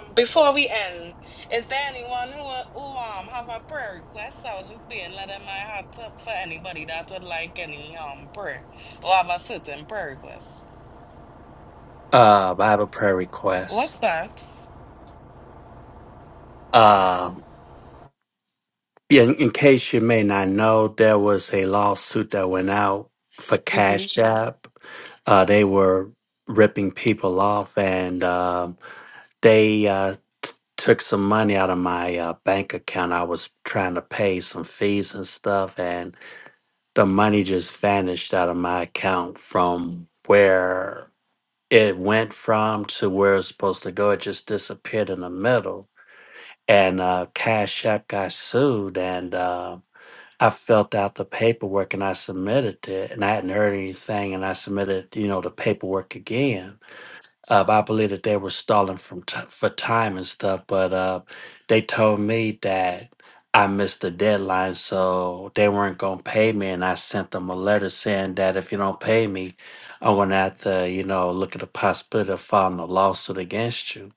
B: Um, before we end, is there anyone who who um have a prayer request? I was just being letting my heart up for anybody that would like any um prayer or have a certain prayer request.
E: Uh I have a prayer
B: What's
E: request.
B: that?
E: Uh yeah, in, in case you may not know, there was a lawsuit that went out for
B: Mm-hmm.
E: Cash App. Uh they were ripping people off and uh, They uh, t- took some money out of my uh, bank account. I was trying to pay some fees and stuff, and the money just vanished out of my account from where it went from to where it's supposed to go. It just disappeared in the middle. And uh, Cash App got sued, and uh, I filled out the paperwork and I submitted it, and I hadn't heard anything, and I submitted, you know, the paperwork again uh, but I believe that they were stalling from t- for time and stuff. But uh, they told me that I missed the deadline, so they weren't gonna pay me. And I sent them a letter saying that if you don't pay me, I'm gonna have to, you know, look at the possibility of filing a lawsuit against you.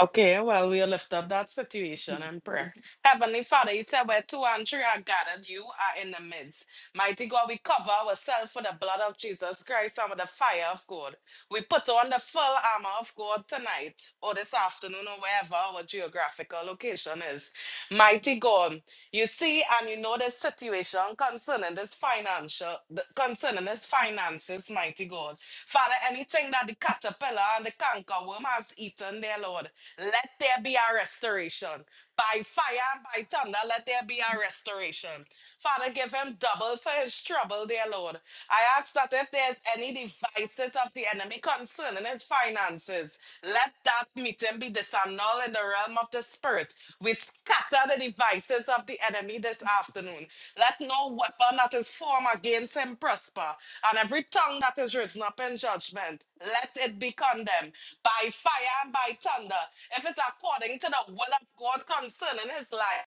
B: Okay, well, we lift up that situation in prayer. Heavenly Father, you said where two and three are gathered, you are in the midst. Mighty God, we cover ourselves with the blood of Jesus Christ and with the fire of God. We put on the full armor of God tonight or this afternoon or wherever our geographical location is. Mighty God, you see and you know this situation concerning this financial, th- concerning this finances, mighty God. Father, anything that the caterpillar and the cankerworm has eaten, there, Lord. Let there be a restoration. By fire and by thunder, let there be a restoration. Father, give him double for his trouble, dear Lord. I ask that if there's any devices of the enemy concerning his finances, let that meeting be disannulled in the realm of the spirit. We scatter the devices of the enemy this afternoon. Let no weapon that is formed against him prosper, and every tongue that is risen up in judgment, let it be condemned by fire and by thunder. If it's according to the will of God concerning his life,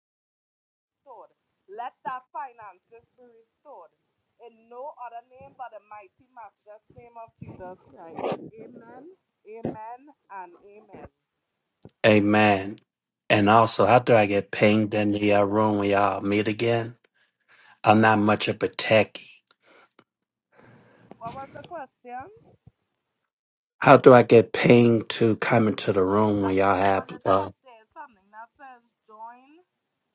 B: restored. Let thy finances be restored. In no other name but the mighty, matchless name of Jesus Christ. Amen, amen, and amen.
E: Amen. And also, how do I get pinged in the uh, room when y'all meet again? I'm not much of a techie.
B: What was the question?
E: How do I get pinged to come into the room when
B: I
E: y'all
B: think on
E: have?
B: the
E: Uh
B: top there is something that says join.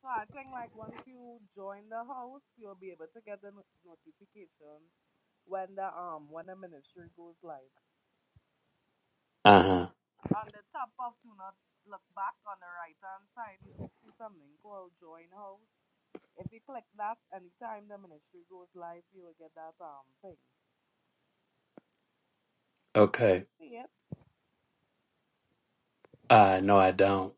B: So I think like once you join the house, you'll be able to get the no- notification when the um when the ministry goes live.
E: huh.
B: On the top of do not look back on the right hand side, you should see something called join house. If you click that, anytime the ministry goes live, you will get that um thing. Do
E: Okay.
B: you see it?
E: Uh, no, I don't.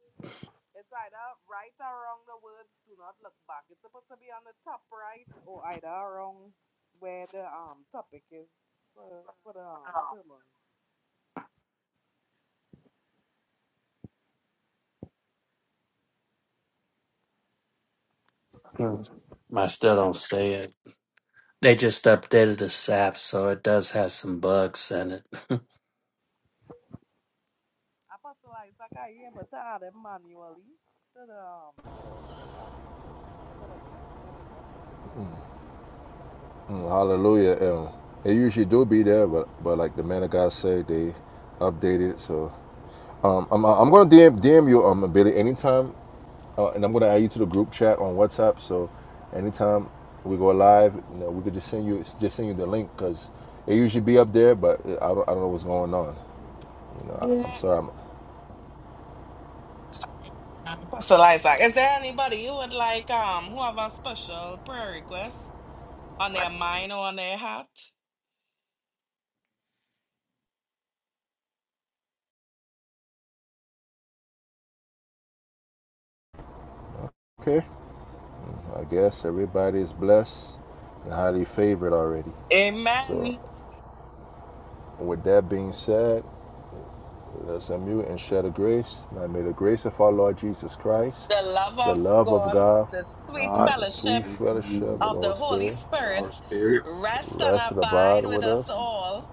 B: It's either right or wrong. The words do not look back. It's supposed to be on the top right or either wrong where the um topic is for for the um sermon.
E: Mm. I still don't see it. They just updated the SAP, so it does have some bugs in it.
B: Apostle Isaac, I am but to add him manually to the um to the house or to the group or whatever because he's not able to see joy now.
A: Mm, Hallelujah. Um, it usually do be there, but but like the man of God said, they updated. So um, I'm I'm gonna DM DM you um Billy anytime, uh, and I'm gonna add you to the group chat on WhatsApp. So anytime we go live, you know, we could just send you just send you the link because it usually be up there, but I don't I don't know what's going on. You know, I, I'm
B: Yeah.
A: sorry. I'm
B: Apostle Isaac, is there anybody you would like um who have a special prayer request? on their mind or on their heart.
A: okay. I guess everybody is blessed and highly favored already. So
B: Amen.
A: with that being said. Let's unmute and share the grace. Now may the grace of our Lord Jesus Christ,
B: The love
A: the
B: of
A: love of
B: God,
A: God,
B: the sweet
D: God,
A: the
D: let's
B: fellowship
A: sweet
D: pray for
A: fellowship
D: you,
A: of the
D: Lord.
B: of
A: Holy
B: the Holy
A: Spirit
D: of the Holy
B: Spirit
D: Spirit,
B: rest and
A: rest and
B: abide
A: abide
B: with
A: with
D: that
B: us
A: us.
D: we
B: all.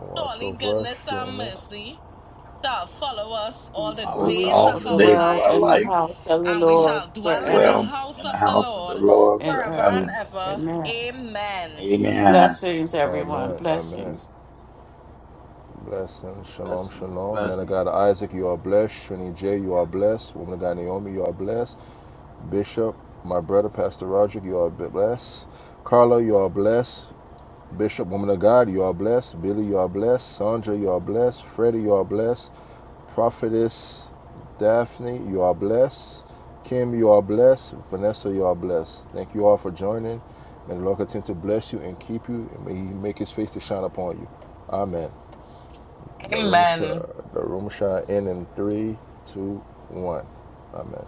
A: Watch
B: Surely
A: over us,
B: goodness and
A: strengthen us.
B: mercy shall follow us all the
D: follow
F: And
D: us
F: we
B: days
D: all
F: shall
B: of
D: the
B: our
D: days of
F: dwell
D: our
F: in
B: life,
F: the
D: life,
F: house of the
B: and we
D: and we
F: Lord
B: shall dwell in the
F: forever
D: dwell
B: house
D: in the
B: of the
D: house of the
B: Lord
D: Lord
F: and
B: forever and
F: ever.
D: forever.
B: ever.
F: Amen.
B: Amen.
D: Amen.
F: Blessings, everyone.
A: Amen. Amen.
F: Blessings.
A: Blessings. Shalom,
D: Blessings,
A: shalom. Man of
D: blessings.
A: God Isaac, you are blessed. Trini J, you are blessed. Woman of God Naomi, you are blessed. Bishop, my brother, Pastor Roger, you are blessed. Carla, you are blessed. Bishop, woman of God, you are blessed. Billy, you are blessed. Sandra, you are blessed. Freddie, you are blessed. Prophetess Daphne, you are blessed. Kim, you are blessed. Vanessa, you are blessed. Thank you all for joining. May the Lord continue to bless you and keep you, and may He make His face to shine upon you. Amen. The room
B: Amen.
A: shall the room shall end in three, two, one. Amen.